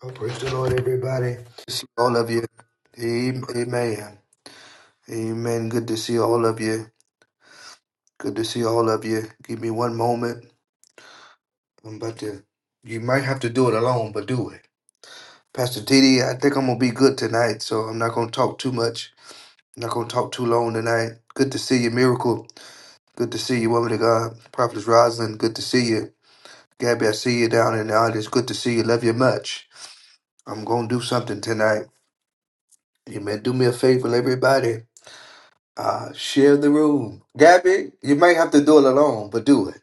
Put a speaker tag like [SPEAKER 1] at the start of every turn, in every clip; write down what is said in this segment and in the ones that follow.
[SPEAKER 1] Oh, praise the Lord, everybody. Good to see all of you. Amen. Amen. Good to see all of you. Good to see all of you. Give me one moment. I'm about to. You might have to do it alone, but do it. Pastor TD, I think I'm gonna be good tonight, so I'm not gonna talk too much. I'm not gonna talk too long tonight. Good to see you, Miracle. Good to see you, woman of God. Prophetess Rosalind, good to see you. Gabby, I see you down in the audience. Good to see you. Love you much. I'm gonna do something tonight. Amen. Do me a favor, everybody. Uh, share the room. Gabby, you might have to do it alone, but do it.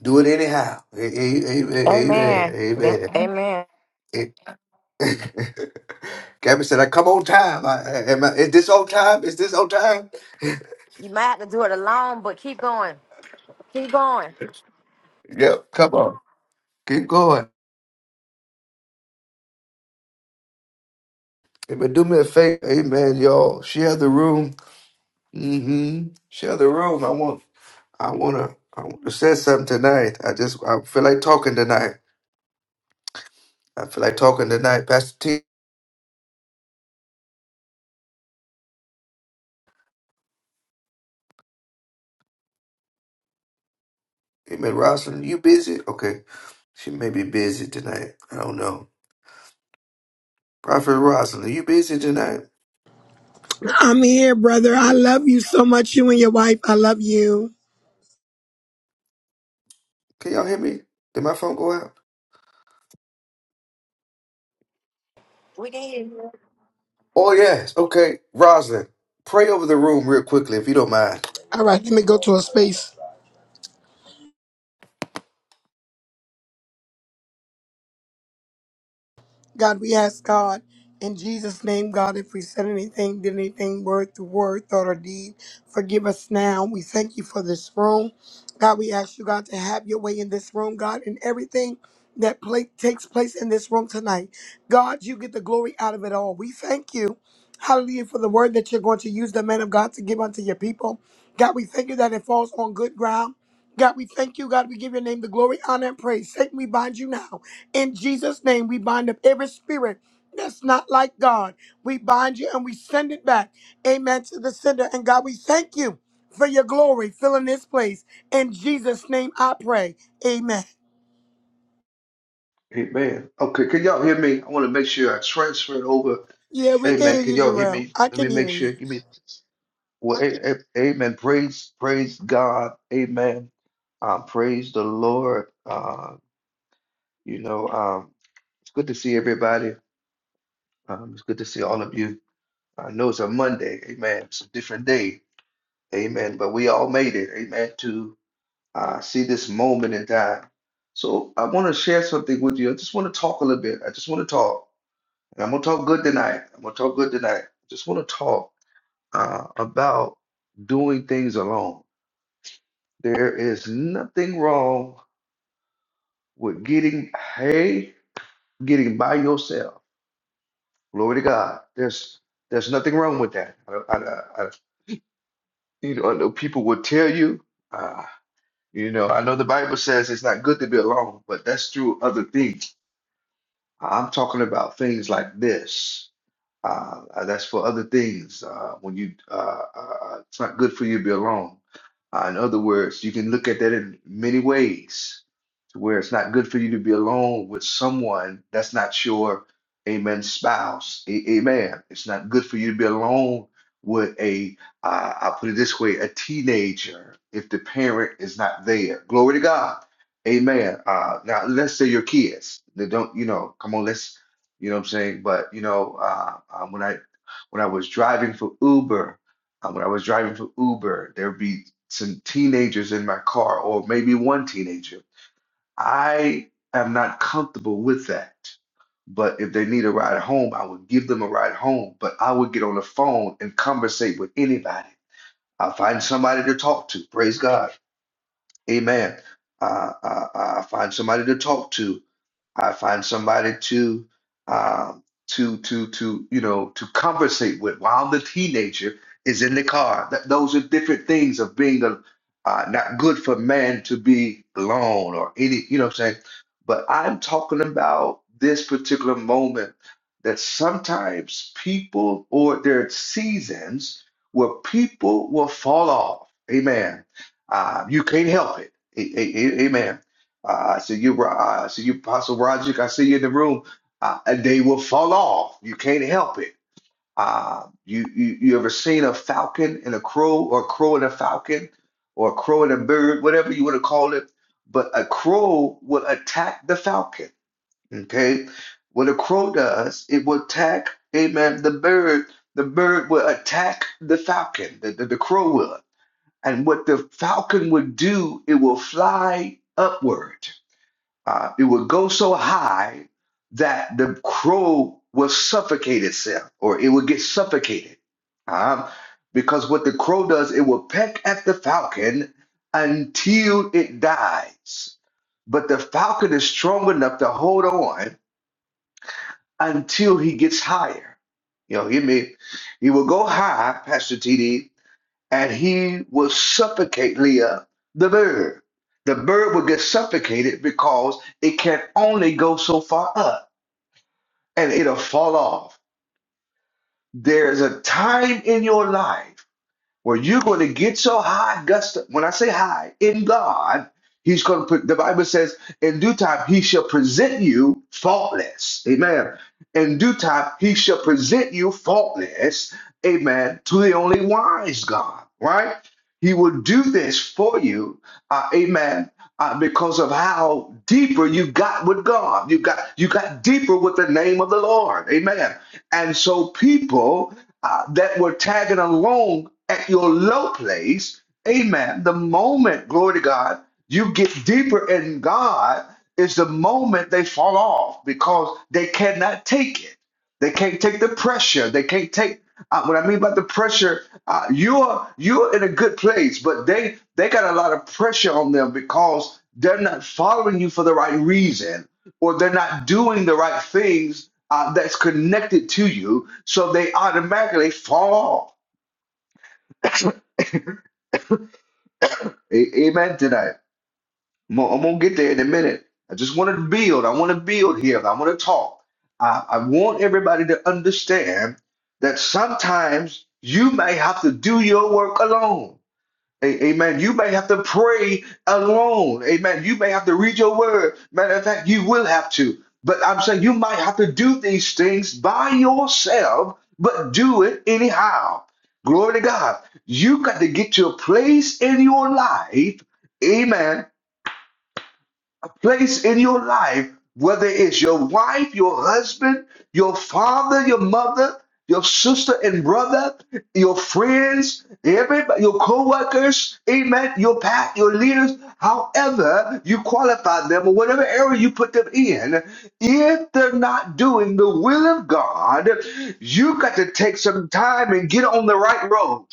[SPEAKER 1] Do it anyhow. A- a- Amen.
[SPEAKER 2] Amen. That-
[SPEAKER 1] Amen. Amen.
[SPEAKER 2] Amen.
[SPEAKER 1] A- Gabby said, I come on time. I, I- am I, is this on time? Is this on time?
[SPEAKER 2] You might have to do it alone, but keep going. Keep going.
[SPEAKER 1] Yep. Come on. Keep going. Hey, But do me a favor. Amen, y'all. Share the room. hmm Share the room. I want, I want to, I want to say something tonight. I just, I feel like talking tonight. I feel like talking tonight. Pastor T. Hey, man, Rosalind, you busy? Okay. She may be busy tonight. I don't know. Prophet Rosalind, you busy tonight?
[SPEAKER 3] I'm here, brother. I love you so much, you and your wife. I love you.
[SPEAKER 1] Can y'all hear me? Did my phone go out?
[SPEAKER 2] We can hear you.
[SPEAKER 1] Oh, yes. Okay. Rosalind, pray over the room real quickly if you don't mind.
[SPEAKER 3] All right, let me go to a space. God, we ask God in Jesus' name, God, if we said anything, did anything, word through word, thought or deed, forgive us now. We thank you for this room. God, we ask you, God, to have your way in this room, God, in everything that pla takes place in this room tonight. God, you get the glory out of it all. We thank you. Hallelujah for the word that you're going to use the man of God to give unto your people. God, we thank you that it falls on good ground. God, we thank you. God, we give your name the glory, honor, and praise. Satan, we bind you now. In Jesus' name, we bind up every spirit that's not like God. We bind you and we send it back. Amen to the sender. And God, we thank you for your glory filling this place. In Jesus' name, I pray. Amen.
[SPEAKER 1] Amen. Okay, can y'all hear me? I want to make sure I transfer it over.
[SPEAKER 3] Yeah, we can
[SPEAKER 1] Amen.
[SPEAKER 3] hear
[SPEAKER 1] Can
[SPEAKER 3] you,
[SPEAKER 1] y'all hear
[SPEAKER 3] Jarrell.
[SPEAKER 1] me?
[SPEAKER 3] I
[SPEAKER 1] Let me
[SPEAKER 3] can hear
[SPEAKER 1] make
[SPEAKER 3] you.
[SPEAKER 1] sure. Give me well. A, a- amen. Praise, praise God. Amen. Uh, praise the Lord. Uh, you know, um, it's good to see everybody. Um, it's good to see all of you. I know it's a Monday, amen. It's a different day, amen. But we all made it, amen, to uh, see this moment in time. So I want to share something with you. I just want to talk a little bit. I just want to talk. And I'm going to talk good tonight. I'm going to talk good tonight. Just want to talk uh, about doing things alone. There is nothing wrong with getting, hey, getting by yourself. Glory to God. There's there's nothing wrong with that. I, I, I You know, I know people will tell you, uh, you know, I know the Bible says it's not good to be alone, but that's through other things. I'm talking about things like this. Uh, uh, that's for other things. Uh, when you, uh, uh, uh, it's not good for you to be alone. Uh, in other words, you can look at that in many ways, to where it's not good for you to be alone with someone that's not your, amen, spouse. A- amen. It's not good for you to be alone with a, uh, I'll put it this way, a teenager if the parent is not there. Glory to God. Amen. Uh, now let's say your kids. They don't, you know, come on, let's you know what I'm saying? But you know, uh, um, when I when I was driving for Uber, uh, when I was driving for Uber, there'd be some teenagers in my car, or maybe one teenager. I am not comfortable with that. But if they need a ride home, I would give them a ride home. But I would get on the phone and conversate with anybody. I'll find somebody to talk to. Praise God. Amen. Uh, uh, uh, I find somebody to talk to I find somebody to um, to to to you know to conversate with while the teenager is in the car. That those are different things of being a uh, not good for man to be alone or any you know what I'm saying. But I'm talking about this particular moment that sometimes people or there are seasons where people will fall off. Amen. Uh, you can't help it. A- a- a- amen uh, I see you, Ro- uh, I see you, Apostle Roderick. I see you in the room. Uh, they will fall off. You can't help it. Uh, you, you you ever seen a falcon and a crow, or a crow and a falcon, or a crow and a bird, whatever you want to call it? But a crow will attack the falcon. Okay, what a crow does, it will attack. Amen. The bird, the bird will attack the falcon. The the, the crow will. And what the falcon would do, it will fly upward uh, it would go so high that the crow would suffocate itself or it would get suffocated. Um, because what the crow does, it will peck at the falcon until it dies. But the falcon is strong enough to hold on until he gets higher. You know, he may he will go high, Pastor TD, and he will suffocate Leah, the bird. The bird will get suffocated because it can only go so far up and it'll fall off. There's a time in your life where you're going to get so high, gust. When I say high in God, He's going to put. The Bible says, "In due time, He shall present you faultless." Amen. In due time, He shall present you faultless. Amen. To the only wise God, right? He will do this for you. Uh, amen. Uh, because of how deeper you got with God, you got you got deeper with the name of the Lord. Amen. And so people uh, that were tagging along at your low place, amen, the moment, glory to God, you get deeper in God is the moment they fall off because they cannot take it. They can't take the pressure. They can't take uh, what I mean by the pressure. Uh, you're you're in a good place, but they they got a lot of pressure on them because they're not following you for the right reason, or they're not doing the right things uh, that's connected to you, so they automatically fall off. A- amen to that. I'm gonna, I'm gonna get there in a minute. I just wanted to build. I want to build here. I want to talk. I, I want everybody to understand that sometimes you may have to do your work alone. A- Amen. You may have to pray alone. Amen. You may have to read your word. Matter of fact, you will have to. But I'm saying you might have to do these things by yourself, but do it anyhow. Glory to God. You got to get to a place in your life. Amen a place in your life, whether it's your wife, your husband, your father, your mother, your sister and brother, your friends, everybody, your co-workers, amen, your path, your leaders, however you qualify them or whatever area you put them in, if they're not doing the will of God, you got to take some time and get on the right road.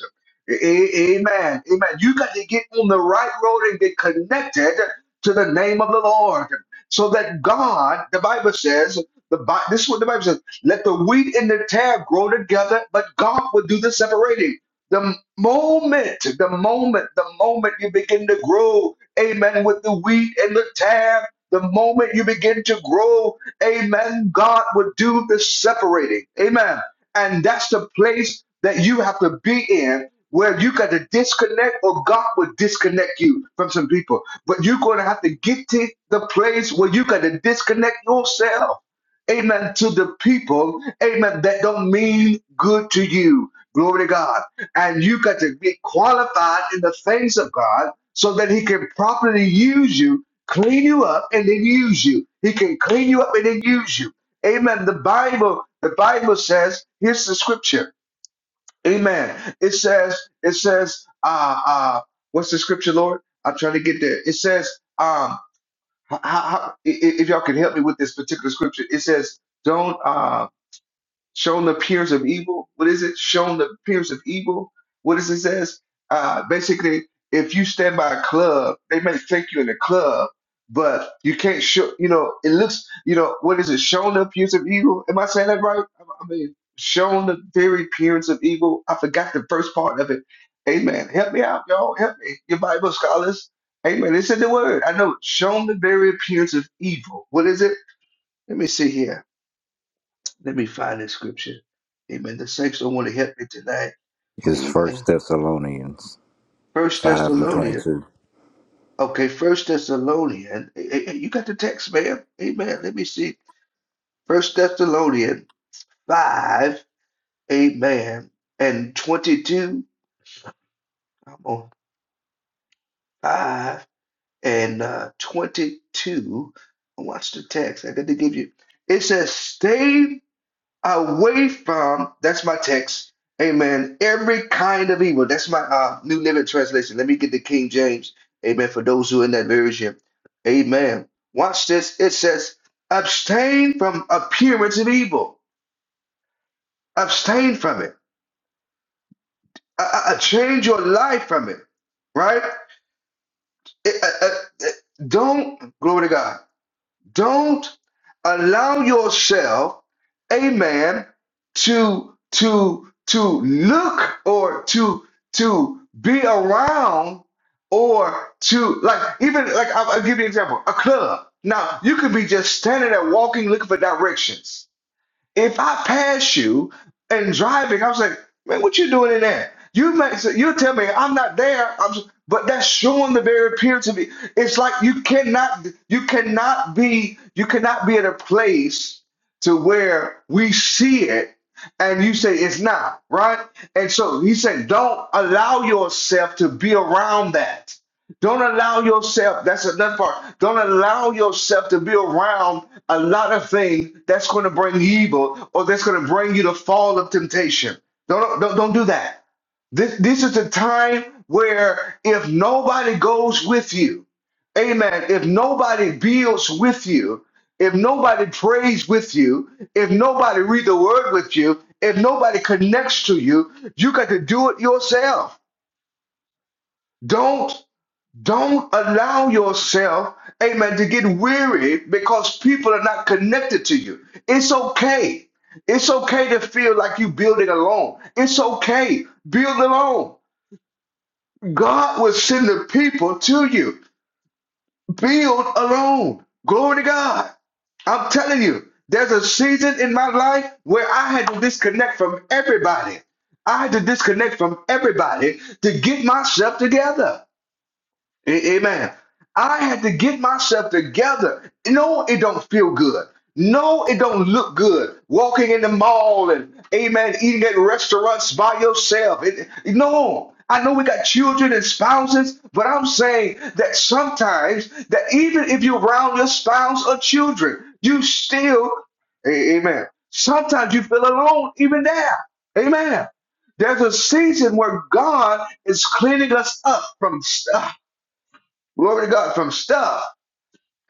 [SPEAKER 1] a- Amen. Amen. You got to get on the right road and get connected to the name of the Lord. So that God, the Bible says, the, Bi- this is what the Bible says, let the wheat and the tare grow together, but God will do the separating. The moment, the moment, the moment you begin to grow, amen, with the wheat and the tare, the moment you begin to grow, amen, God will do the separating. Amen. And that's the place that you have to be in where you got to disconnect or God will disconnect you from some people. But you're going to have to get to the place where you got to disconnect yourself. Amen. To the people, amen, that don't mean good to you. Glory to God. And you got to be qualified in the things of God so that He can properly use you, clean you up, and then use you. He can clean you up and then use you. Amen. The Bible, the Bible says, here's the scripture. Amen. It says, it says, uh, uh, what's the scripture, Lord? I'm trying to get there. It says, um, how, how, i- i- if y'all can help me with this particular scripture, it says, don't, uh, shown the appearance of evil. What is it? Shown the appearance of evil. What does it says? Uh, basically, if you stand by a club, they may take you in the club, but you can't show. You know, it looks. You know, what is it? Shown the appearance of evil. Am I saying that right? I I mean, shown the very appearance of evil. I forgot the first part of it. Amen. Help me out, y'all. Help me. Your Bible scholars. Amen. It's in the word. I know. Shown the very appearance of evil. What is it? Let me see here let me find this scripture. Amen. The saints don't want to help me tonight.
[SPEAKER 4] is First
[SPEAKER 1] Amen.
[SPEAKER 4] Thessalonians
[SPEAKER 1] First
[SPEAKER 4] five and twenty
[SPEAKER 1] Thessalonians.
[SPEAKER 4] two.
[SPEAKER 1] Okay, First Thessalonians. Hey, hey, hey, you got the text, man. Amen. Let me see. First Thessalonians 5. Amen. And 22. I'm on 5 and uh, 22. Watch the text. I got to give you. It says, stay away from that's my text amen every kind of evil that's my uh, new living translation let me get the king james amen for those who are in that version amen watch this it says abstain from appearance of evil abstain from it uh, uh, uh, change your life from it right Uh, uh, uh, uh, don't glory to god Don't allow yourself, amen, to to to look or to to be around or to like even like I'll, I'll give you an example. A club. Now you could be just standing there walking, looking for directions if I pass you and driving, I was like, man, what you doing in there? You may say, you tell me I'm not there. I'm, s- but that's showing the very appearance of it. It's like you cannot, you cannot be, you cannot be at a place to where we see it and you say it's not right. And so he said, don't allow yourself to be around that don't allow yourself, that's another part. Don't allow yourself to be around a lot of things that's going to bring evil or that's going to bring you the fall of temptation. Don't, don't, don't do that. This, this is a time where if nobody goes with you, amen, if nobody builds with you, if nobody prays with you, if nobody read the word with you, if nobody connects to you, you got to do it yourself. Don't don't allow yourself, amen, to get weary because people are not connected to you. It's okay. It's okay to feel like you're building alone. It's okay. Build alone. God will send the people to you. Build alone. Glory to God. I'm telling you, there's a season in my life where I had to disconnect from everybody. I had to disconnect from everybody to get myself together. A- Amen. I had to get myself together. No, it don't feel good. No, it don't look good. Walking in the mall and amen, eating at restaurants by yourself. It, no, I know we got children and spouses, but I'm saying that sometimes that even if you're around your spouse or children, you still, a- amen. Sometimes you feel alone, even there. Amen. There's a season where God is cleaning us up from stuff Glory to God from stuff.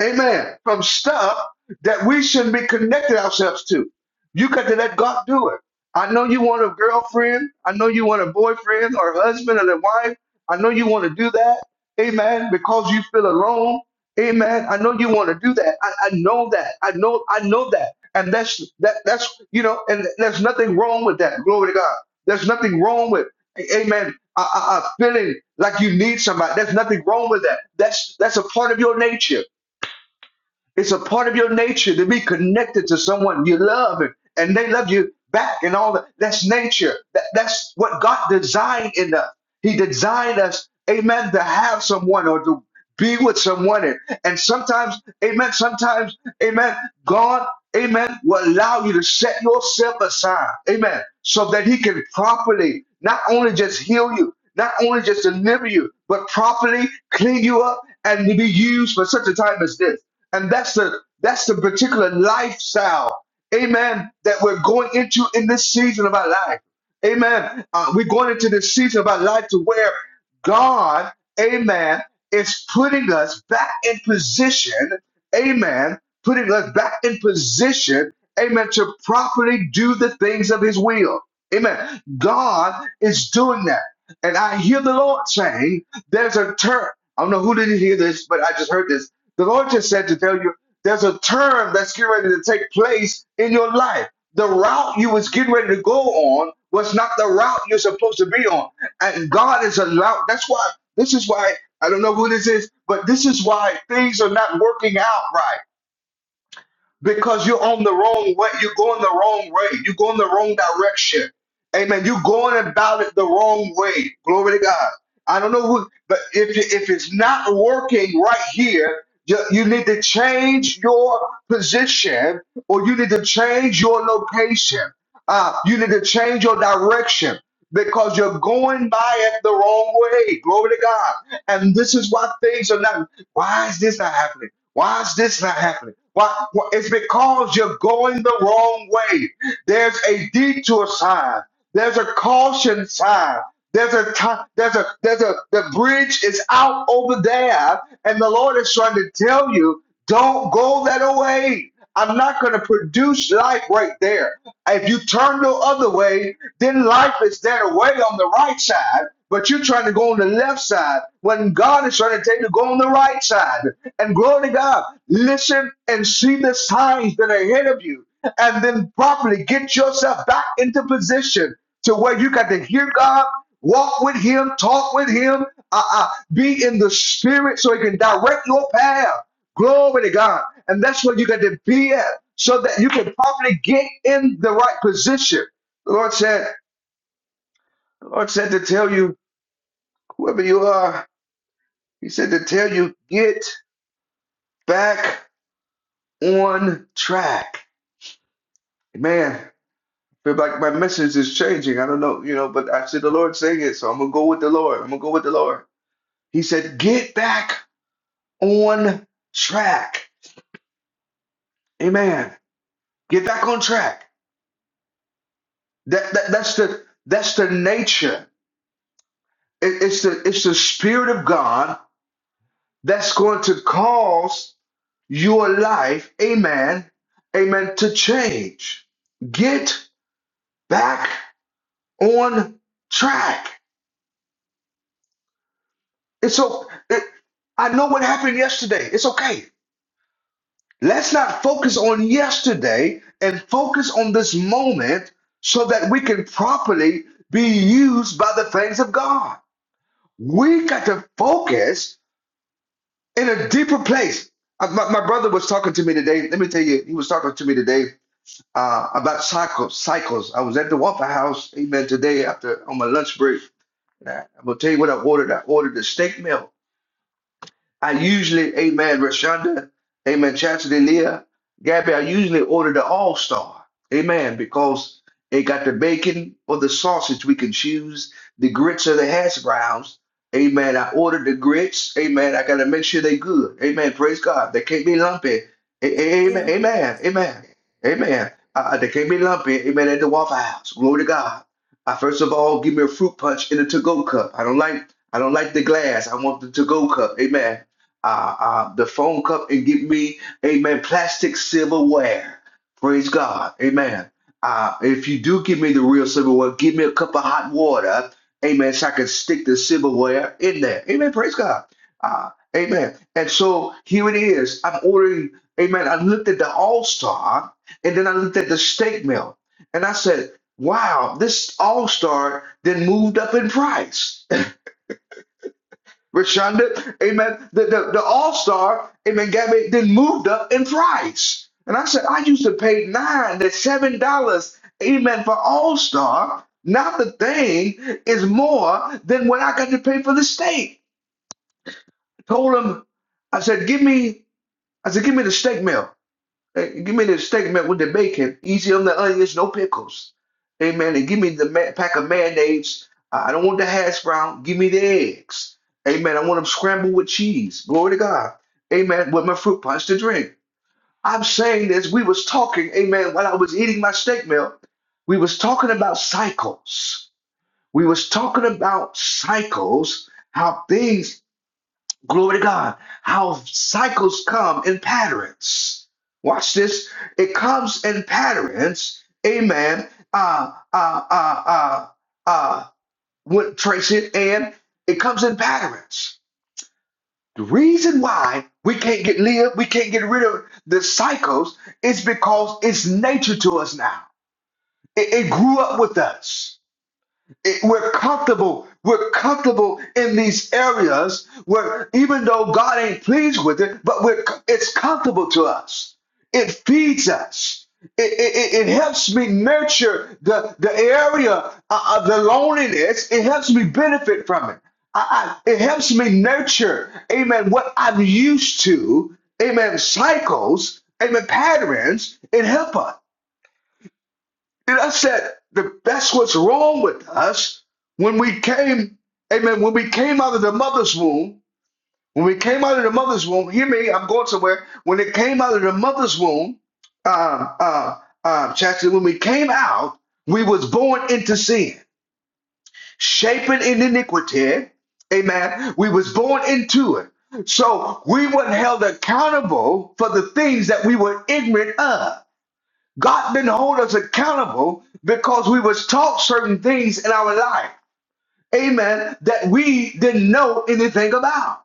[SPEAKER 1] Amen. From stuff that we shouldn't be connected ourselves to. You got to let God do it. I know you want a girlfriend. I know you want a boyfriend or a husband and a wife. I know you want to do that. Amen. Because you feel alone. Amen. I know you want to do that. I, I know that. I know I know that. And that's that that's you know, and there's nothing wrong with that. Glory to God. There's nothing wrong with Amen. I, I, I feeling like you need somebody. There's nothing wrong with that. That's that's a part of your nature. It's a part of your nature to be connected to someone you love and, and they love you back and all that. That's nature. That, that's what God designed in us. He designed us, amen, to have someone or to be with someone. And, and sometimes, amen, sometimes, amen, God, amen, will allow you to set yourself aside, amen, so that He can properly not only just heal you, not only just deliver you, but properly clean you up and to be used for such a time as this. And that's the that's the particular lifestyle, amen, that we're going into in this season of our life. Amen. Uh, we're going into this season of our life to where God, amen, is putting us back in position, amen, putting us back in position, amen, to properly do the things of his will. Amen. God is doing that. And I hear the Lord saying, there's a turn. I don't know who didn't hear this, but I just heard this the Lord just said to tell you there's a term that's getting ready to take place in your life. The route you was getting ready to go on was not the route you're supposed to be on. And God is allowed. That's why, this is why, I don't know who this is, but this is why things are not working out right because you're on the wrong way. You're going the wrong way. You're going the wrong direction. Amen. You're going about it the wrong way. Glory to God. I don't know who, but if you, if it's not working right here, you, you need to change your position or you need to change your location. Uh, you need to change your direction because you're going by it the wrong way. Glory to God. And this is why things are not. Why is this not happening? Why is this not happening? Why? why- It's because you're going the wrong way. There's a detour sign. There's a caution sign. There's a time. There's a there's a the bridge is out over there, and the Lord is trying to tell you, don't go that way. I'm not going to produce life right there. If you turn the other way, then life is there way on the right side, but you're trying to go on the left side when God is trying to tell you to go on the right side. And glory to God, listen and see the signs that are ahead of you, and then properly get yourself back into position to where you got to hear God, walk with Him, talk with Him, uh, uh, be in the Spirit so He can direct your path. Glory to God. And that's where you got to be at so that you can properly get in the right position. The Lord said, the Lord said to tell you, whoever you are, He said to tell you, get back on track. Man, I feel like my message is changing. I don't know, you know, but I see the Lord saying it, so I'm gonna go with the Lord. I'm gonna go with the Lord. He said, get back on track. Amen. Get back on track. That, that that's the that's the nature It- it's the it's the spirit of God that's going to cause your life, amen, amen, to change. Get back on track. It's so it, I know what happened yesterday. It's okay. Let's not focus on yesterday and focus on this moment so that we can properly be used by the things of God. We got to focus in a deeper place. Uh, My, my brother was talking to me today. Let me tell you, he was talking to me today uh, about cycles. Cycles. I was at the Waffle House, amen, today after on my lunch break. And I- I'm gonna tell you what I ordered. I ordered a steak meal I usually, amen, Rashonda, amen, Chastity Leah, Gabby, I usually order the All Star, amen, because it got the bacon or the sausage. We can choose the grits or the hash browns, amen. I ordered the grits, amen. I got to make sure they good, amen. Praise God. They can't be lumpy, A- a- amen,
[SPEAKER 5] Amen.
[SPEAKER 1] amen, amen, amen. Uh, uh, they can't be lumpy, amen, at the Waffle House. Glory to God. I, first of all, give me a fruit punch in a to-go cup. I don't like I don't like the glass. I want the to-go cup. Amen uh, uh, the phone cup and get me, amen, plastic silverware. Praise God. Amen. Uh, if you do give me the real silverware, give me a cup of hot water. Amen. So I can stick the silverware in there. Amen. Praise God. Uh, amen. And so here it is. I'm ordering, amen. I looked at the All Star and then I looked at the steak meal and I said, wow, this All Star then moved up in price. Rashonda, amen. The, the, the all star, amen, Gabby, then moved up in price. And I said, I used to pay nine to seven dollars, amen, for all star. Now the thing is more than what I got to pay for the steak. I told him, I said, give me, I said, give me the steak meal. Hey, give me the steak man with the bacon, easy on the onions, no pickles. Amen. And give me the ma- pack of mayonnaise. I I don't want the hash brown. Give me the eggs. Amen. I want them scrambled with cheese. Glory to God. Amen. With my fruit punch to drink. I'm saying this. We was talking. Amen. While I was eating my steak meal, we was talking about cycles. We was talking about cycles. How things Glory to God. How cycles come in patterns. Watch this. It comes in patterns. Amen. Uh, uh, uh, uh, uh, what, Tracy, and it comes in patterns. The reason why we can't get live, we can't get rid of the cycles is because it's nature to us now. It, it grew up with us it- we're comfortable. We're comfortable in these areas where even though God ain't pleased with it, but we're, co- it's comfortable to us. It feeds us. It, it, it it helps me nurture the, the area uh, of the loneliness. It helps me benefit from it. I, I, it helps me nurture, amen, what I'm used to, amen, cycles, amen, patterns. It helps us. And I said, the, that's what's wrong with us. When we came, amen, when we came out of the mother's womb, when we came out of the mother's womb, hear me, I'm going somewhere. When it came out of the mother's womb, um, uh, uh, Chastity, when we came out, we was born into sin, shapen in iniquity, amen. We was born into it. So we weren't held accountable for the things that we were ignorant of. God didn't hold us accountable because we was taught certain things in our life, amen, that we didn't know anything about.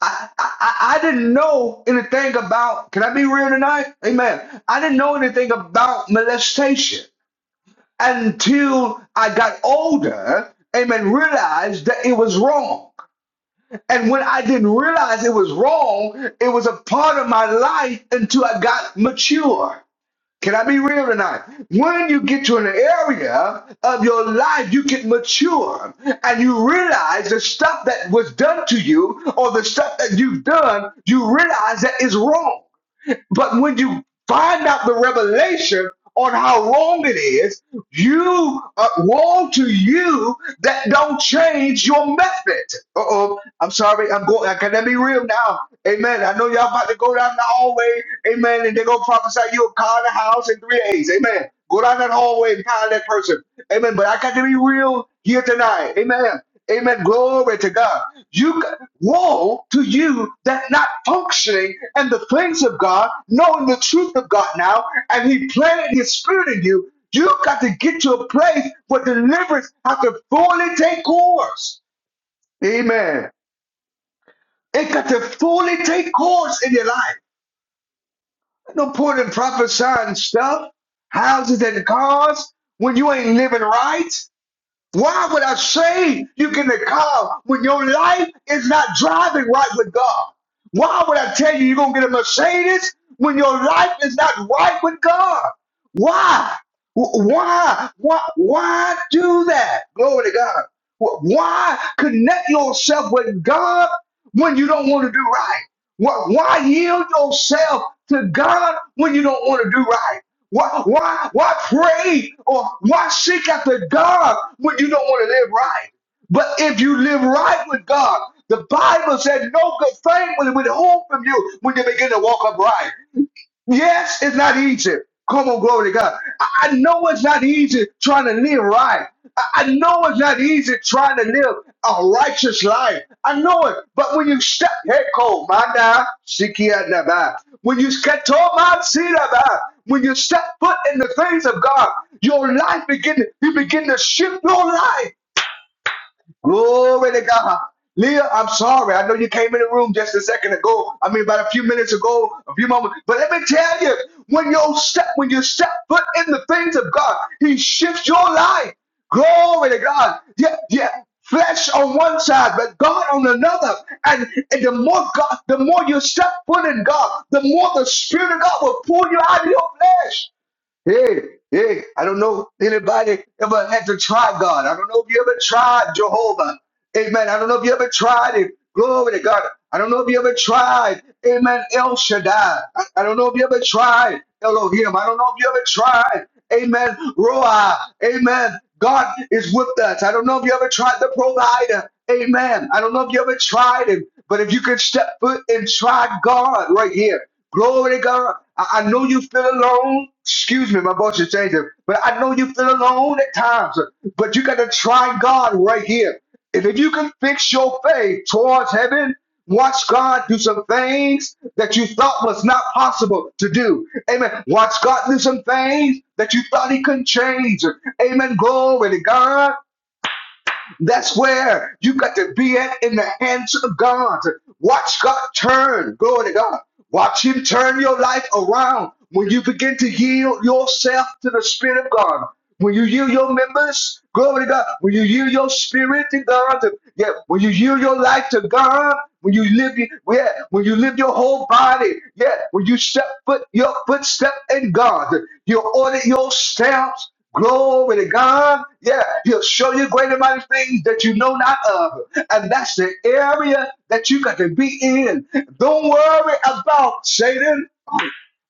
[SPEAKER 1] I, I, I I didn't know anything about, can I be real tonight? Amen. I didn't know anything about molestation until I got older, amen, realized that it was wrong. And when I didn't realize it was wrong, it was a part of my life until I got mature. Can I be real tonight? When you get to an area of your life, you get mature and you realize the stuff that was done to you or the stuff that you've done, you realize that is wrong. But when you find out the revelation on how wrong it is, you uh, woe to you that don't change your method. Uh oh, I'm sorry. I'm going. I can let me real now. Amen. I know y'all about to go down the hallway. Amen. And they go prophesy you a car, and a house, and three A's. Amen. Go down that hallway and find that person. Amen. But I got to be real here tonight. Amen. Amen. Glory to God. You c- woe to you that not functioning and the things of God, knowing the truth of God now, and He planted His Spirit in you. You got to get to a place where deliverance has to fully take course. Amen. It got to fully take course in your life. No point in prophesying stuff, houses and cars, when you ain't living right. Why would I say you get in the car when your life is not driving right with God? Why would I tell you you're going to get a Mercedes when your life is not right with God? Why? Why? Why, why do that? Glory to God. Why connect yourself with God when you don't want to do right? Why yield yourself to God when you don't want to do right? Why, why, why pray or why seek after God when you don't want to live right? But if you live right with God, the Bible said no good thing will withhold from you when you begin to walk upright. Yes, it's not easy. Come on, glory to God. I I know it's not easy trying to live right. I I know it's not easy trying to live a righteous life. I know it. But when you step, hey, Ko, Manda, Sikia, Naba. When you step, Toma, Sinaba. When you step foot in the face of God, your life begin. You begin to shift your life. Glory to God. Leah, I'm sorry. I know you came in the room just a second ago. I mean, about a few minutes ago, a few moments. But let me tell you, when you step, when you step foot in the things of God, He shifts your life. Glory to God. Yeah, yeah. Flesh on one side, but God on another. And, and the more God, the more you step foot in God, the more the Spirit of God will pull you out of your flesh. Hey, hey, I don't know anybody ever had to try God. I don't know if you ever tried Jehovah. Amen. I don't know if you ever tried it. Glory to God. I don't know if you ever tried. Amen. El Shaddai. I, I don't know if you ever tried Elohim. I don't know if you ever tried. Amen. Roa. Amen. God is with us. I don't know if you ever tried the provider. Amen. I don't know if you ever tried him, but if you could step foot and try God right here. Glory to God. I, I know you feel alone. Excuse me, my voice is changing, but I know you feel alone at times, but you got to try God right here is if you can fix your faith towards heaven, watch God do some things that you thought was not possible to do. Amen. Watch God do some things that you thought He couldn't change. Amen. Glory to God. That's where you got to be at in the hands of God. Watch God turn. Glory to God. Watch Him turn your life around when you begin to yield yourself to the Spirit of God. When you yield your members, glory to God. When you yield your spirit to God, to, yeah. When you yield your life to God, when you live, yeah. When you live your whole body, yeah. When you step foot your footstep in God, you order your steps. Glory to God. Yeah, he'll show you great and mighty things that you know not of. And that's the area that you got to be in. Don't worry about Satan.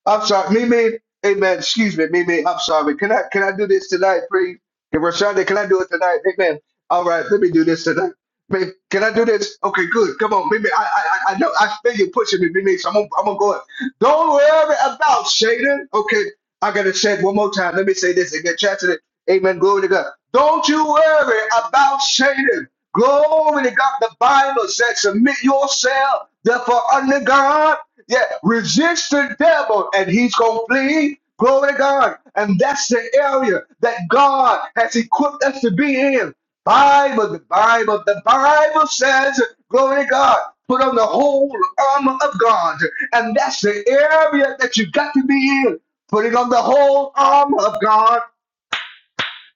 [SPEAKER 1] I'm sorry, me, me, amen. Excuse me, me, me. I'm sorry. Can I can I do this tonight, please? Can Rashonda, can I do it tonight? Amen. All right, let me do this tonight. Babe, can I do this? Okay, good. Come on, baby. I I I I know I feel you pushing me, baby. So I'm gonna, I'm gonna go. in. Don't worry about Satan. Okay, I gotta say it one more time. Let me say this and get chanted. it. Amen. Glory to God. Don't you worry about Satan. Glory to God. The Bible says, submit yourself, therefore, unto God. Yeah, resist the devil, and he's gonna flee. Glory to God. And that's the area that God has equipped us to be in. Bible, the Bible, the Bible says, glory to God, put on the whole armor of God. And that's the area that you got to be in. Putting on the whole armor of God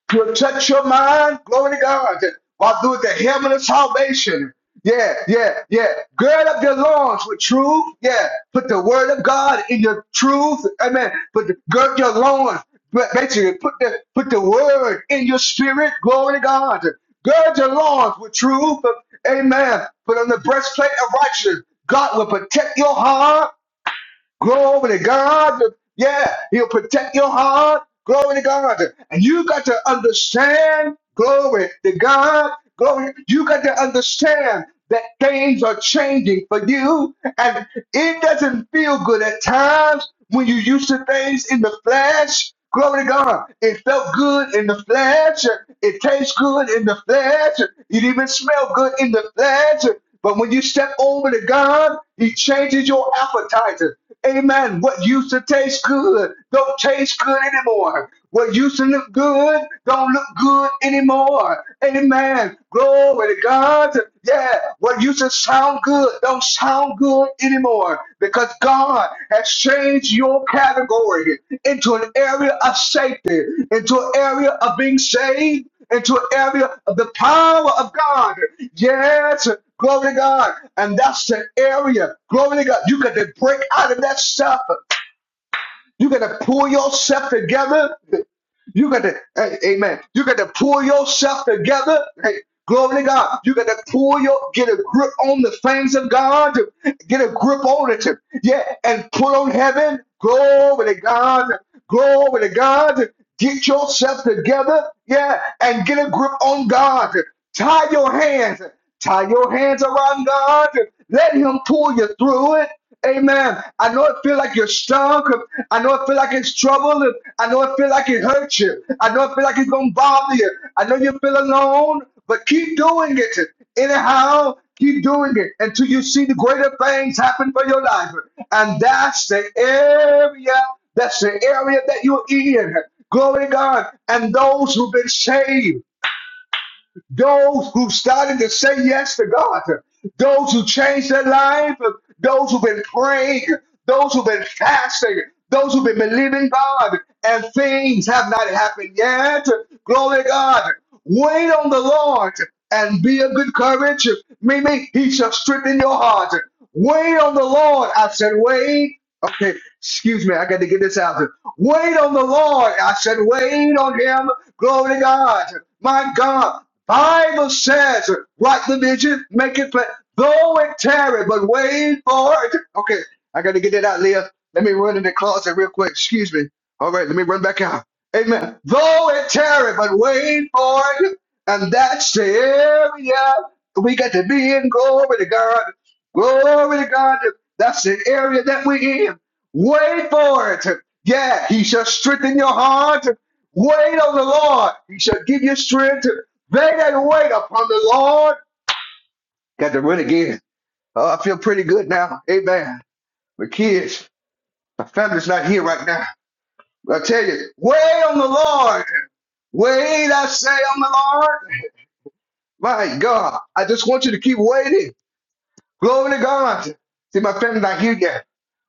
[SPEAKER 1] protect your mind. Glory to God. While through the helmet of salvation. Yeah, yeah, yeah. Gird up your loins with truth. Yeah. Put the word of God in your truth. Amen. Put the, gird your loins. Ba- Basically, put the put the word in your spirit. Glory to God. Gird your loins with truth. Amen. Put on the breastplate of righteousness. God will protect your heart. Glory to God. Yeah, he'll protect your heart. Glory to God. And you got to understand, glory to God. Glory. You got to understand that things are changing for you. And it doesn't feel good at times when you used to things in the flesh. Glory to God. It felt good in the flesh. It tastes good in the flesh. It even smelled good in the flesh. But when you step over to God, He changes your appetite. Amen. What used to taste good don't taste good anymore. What used to look good don't look good anymore. Amen. Glory to God. Yeah. What used to sound good don't sound good anymore because God has changed your category into an area of safety, into an area of being saved, into an area of the power of God. Yes, glory to God. And that's the area, glory to God. You got to break out of that stuff. You got to pull yourself together. You got to, hey, amen. You got to pull yourself together. Hey, glory to God. You got to pull your, get a grip on the things of God. Get a grip on it. Yeah, and pull on heaven. Glory to God. Glory to God. Get yourself together. Yeah, and get a grip on God. Tie your hands. Tie your hands around God. Let Him pull you through it. Amen. I know it feel like you're strong. I know it feel like it's trouble. I know it feel like it hurts you. I know it feel like it's gonna bother you. I know you feel alone, but keep doing it. Anyhow, keep doing it until you see the greater things happen for your life. And that's the area, that's the area that you're in. Glory to God. And those who've been saved those who started to say yes to God, those who changed their life, those who've been praying, those who've been fasting, those who've been believing God, and things have not happened yet. Glory to God. Wait on the Lord and be of good courage. Meaning, He shall strengthen your heart. Wait on the Lord. I said, wait. Okay, excuse me. I got to get this out. Wait on the Lord. I said, wait on Him. Glory to God. My God, Bible says, write the vision, make it plain, though it tarry, but wait for it. Okay, I got to get that out, Leah. Let me run in the closet real quick. Excuse me. All right, let me run back out. Amen. Though it tarry, but wait for it. And that's the area we got to be in. Glory to God. Glory to God. That's the area that we in. Wait for it. Yeah, he shall strengthen your heart. Wait on the Lord. He shall give you strength. They that wait upon the Lord. Got to run again. Oh, I feel pretty good now. Amen. My kids, my family's not here right now. But I tell you, wait on the Lord. Wait, I say on the Lord. My God, I just want you to keep waiting. Glory to God. See, my family's not here yet.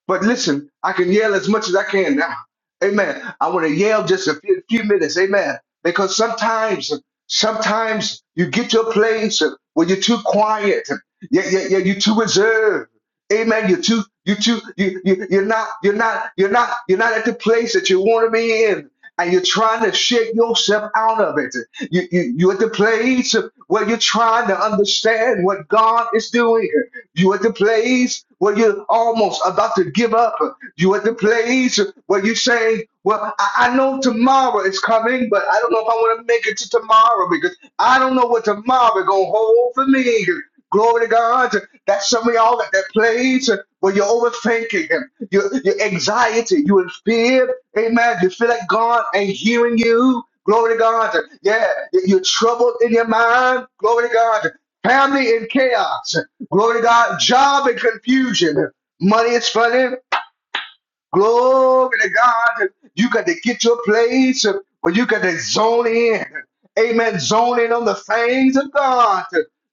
[SPEAKER 1] But listen, I can yell as much as I can now. Amen. I want to yell just a few, few minutes. Amen. Because sometimes, sometimes you get to a place where you're too quiet. Yeah, yeah, yeah. You're too reserved. Amen. You're too, you too, you, you, you're not, you're not, you're not, you're not at the place that you want to be in. And you're trying to shake yourself out of it. You, you, you're at the place where you're trying to understand what God is doing. You're at the place where you're almost about to give up. You're at the place where you say, well, I, I know tomorrow is coming, but I don't know if I want to make it to tomorrow because I don't know what tomorrow is going to hold for me. Glory to God. That's some of y'all at that place where you're overthinking, your, your anxiety, you're in fear. Amen. You feel like God ain't hearing you. Glory to God. Yeah, you- are troubled in your mind. Glory to God. Family in chaos. Glory to God. Job in confusion. Money is funny. Glory to God. You got to get your place where you got to zone in. Amen. Zone in on the things of God.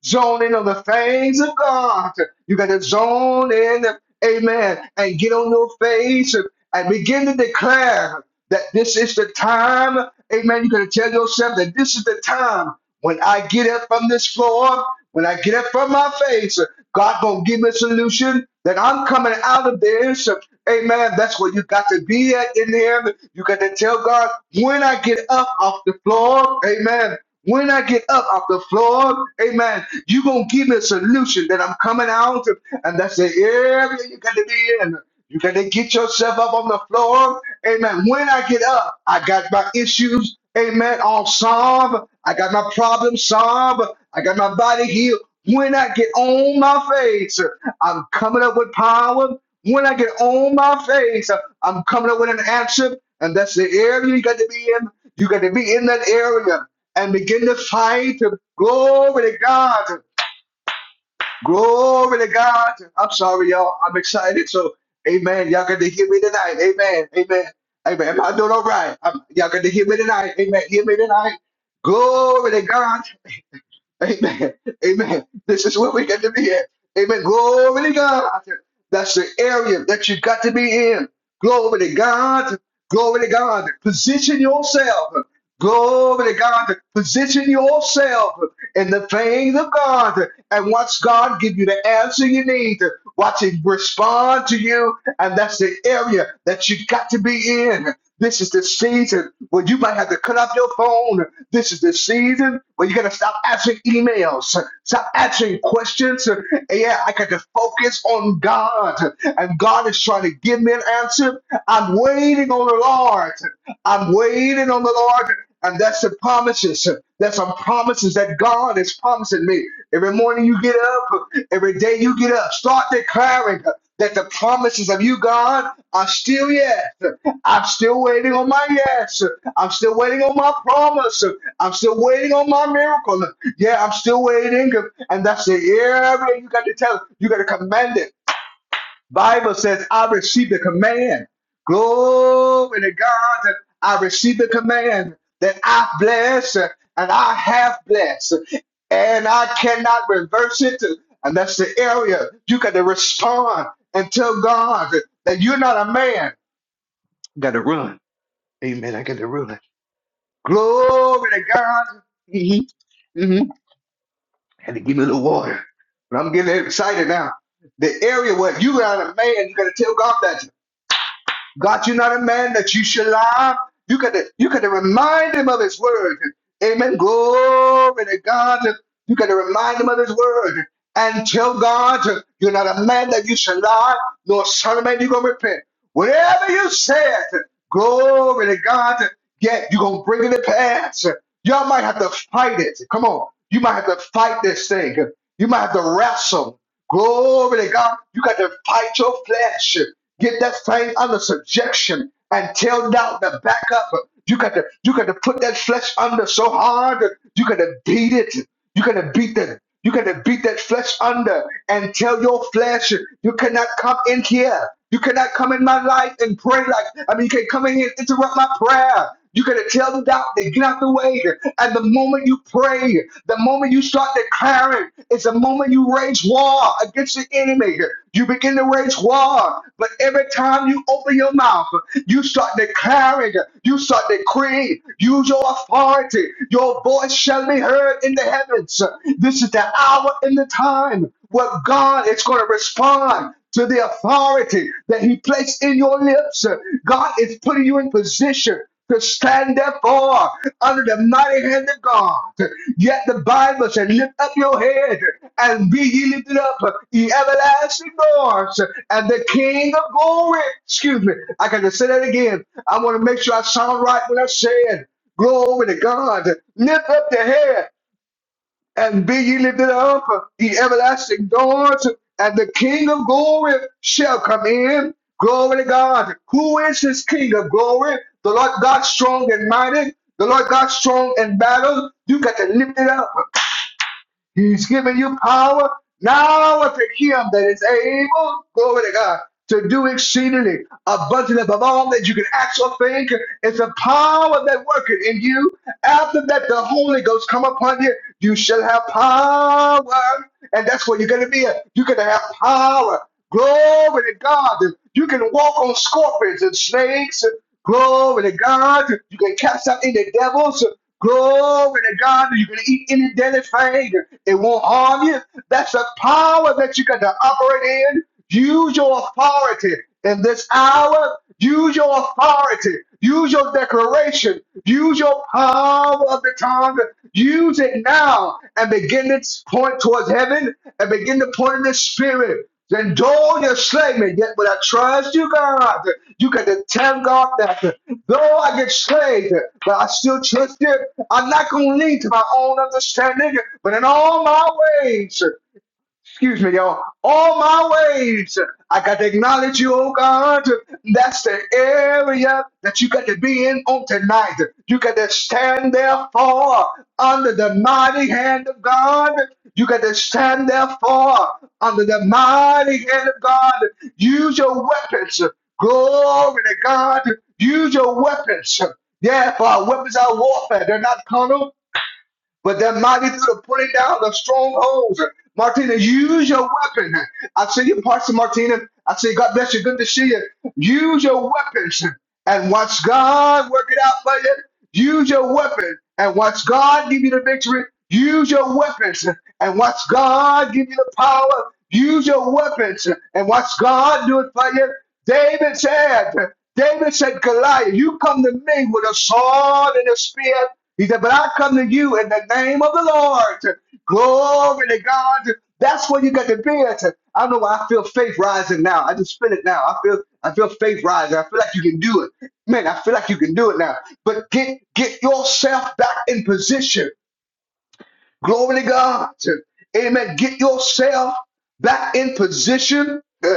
[SPEAKER 1] Zone in on the things of God. You got to zone in. Amen. And get on your face and begin to declare that this is the time. Amen. You got to tell yourself that this is the time when I get up from this floor, when I get up from my face, God gonna give me a solution that I'm coming out of this. Amen. That's where you got to be at in Him. You got to tell God, when I get up off the floor, Amen. When I get up off the floor, Amen. You gonna give me a solution that I'm coming out, of. and that's the area you got to be in. You got to get yourself up on the floor, Amen. When I get up, I got my issues. Amen. All solved. I got my problem solved. I got my body healed. When I get on my face, I'm coming up with power. When I get on my face, I'm coming up with an answer. And that's the area you got to be in. You got to be in that area and begin to fight. Glory to God. Glory to God. I'm sorry, y'all. I'm excited. So, amen. Y'all got to hear me tonight. Amen. Amen. Amen. Am I doing all right? I'm- y'all got to hear me tonight. Amen. Hear me tonight. Glory to God. Amen. Amen. This is where we got to be at. Amen. Glory to God. That's the area that you got to be in. Glory to God. Glory to God. Position yourself. Glory to God. Position yourself in the things of God. And watch God give you the answer you need. Watch Him respond to you. And that's the area that you got to be in. This is the season where you might have to cut off your phone. This is the season where you're going to stop answering emails, stop answering questions. And Yeah, I got to focus on God. And God is trying to give me an answer. I'm waiting on the Lord. I'm waiting on the Lord, and that's the promises. That's some promises that God is promising me. Every morning you get up, every day you get up, start declaring that the promises of you, God, are still yes. I'm still waiting on my yes. I'm still waiting on my promise. I'm still waiting on my miracle. Yeah, I'm still waiting. And that's the area you got to tell. You got to command it. Bible says, I received the command. Glory to God that I received the command that I bless and I have blessed. And I cannot reverse it. And that's the area you got to respond and tell God that you're not a man. Amen. Glory to God. Mm-hmm. Mm-hmm. Had to give me a little water. But I'm getting excited now. The area where you're not a man, you got to tell God that. God, you're not a man that you should lie. You could you could remind him of his word. Amen. Glory to God. You gotta remind him of his word. And tell God, you're not a man that you should lie, nor son of man you're gonna repent. Whatever you said, glory to God, yet you're gonna bring it to pass. Y'all might have to fight it. Come on. You might have to fight this thing. You might have to wrestle. Glory to God. You got to fight your flesh. Get that thing under subjection and tell doubt to back up. You got to you got to put that flesh under so hard that you got to beat it. You got to beat the you got to beat that flesh under and tell your flesh, you cannot come in here. You cannot come in my life and pray like, I mean, you can't come in here and interrupt my prayer. You got to tell the doctor, get out the way. And the moment you pray, the moment you start declaring, it's the moment you raise war against the enemy. You begin to raise war. But every time you open your mouth, you start declaring, you start decreeing, use your authority, your voice shall be heard in the heavens. This is the hour and the time where God is going to respond to the authority that He placed in your lips. God is putting you in position to stand therefore under the mighty hand of God. Yet the Bible said, Lift up your head and be ye lifted up, ye everlasting doors, and the King of glory. Excuse me, I got to say that again. I want to make sure I sound right when I say it. Glory to God. Lift up the head and be ye lifted up, ye everlasting doors, and the King of glory shall come in. Glory to God. Who is this King of glory? The Lord God strong and mighty. The Lord God strong in battle. You got to lift it up. He's given you power now To him that is able, glory to God, to do exceedingly abundantly above all that you can ask or think. It's a power that worketh in you. After that, the Holy Ghost come upon you. You shall have power. And that's what you're going to be. at. You're going to have power. Glory to God. You can walk on scorpions and snakes. Glory to God. You can cast out any devils. Glory to God. You can eat any daily thing. It won't harm you. That's a power that you got to operate in. Use your authority in this hour. Use your authority. Use your declaration. Use your power of the tongue. Use it now and begin to point towards heaven and begin to point in the spirit. Then though you're slain, yet when I trust you, God, you got to tell God that. Though I get slayed, but I still trust it. I'm not going to lean to my own understanding, but in all my ways, Excuse me, y'all. All my ways, I got to acknowledge you, oh God. That's the area that you got to be in on tonight. You got to stand therefore under the mighty hand of God. You got to stand therefore under the mighty hand of God. Use your weapons. Glory to God. Use your weapons. Yeah, for our weapons are warfare. They're not carnal, but that mighty through the pulling down of strongholds. Martina, use your weapon. I see you, Pastor Martina. I say, God bless you. Good to see you. Use your weapons and watch God work it out for you. Use your weapon and watch God give you the victory. Use your weapons and watch God give you the power. Use your weapons and watch God do it for you. David said, David said, Goliath, you come to me with a sword and a spear. He said, but I come to you in the name of the Lord. Glory to God. That's where you got to be at. I don't know why I feel faith rising now. I just feel it now. I feel I feel faith rising. I feel like you can do it. Man, I feel like you can do it now. But get get yourself back in position Glory to God. Amen. Get yourself back in position. Uh,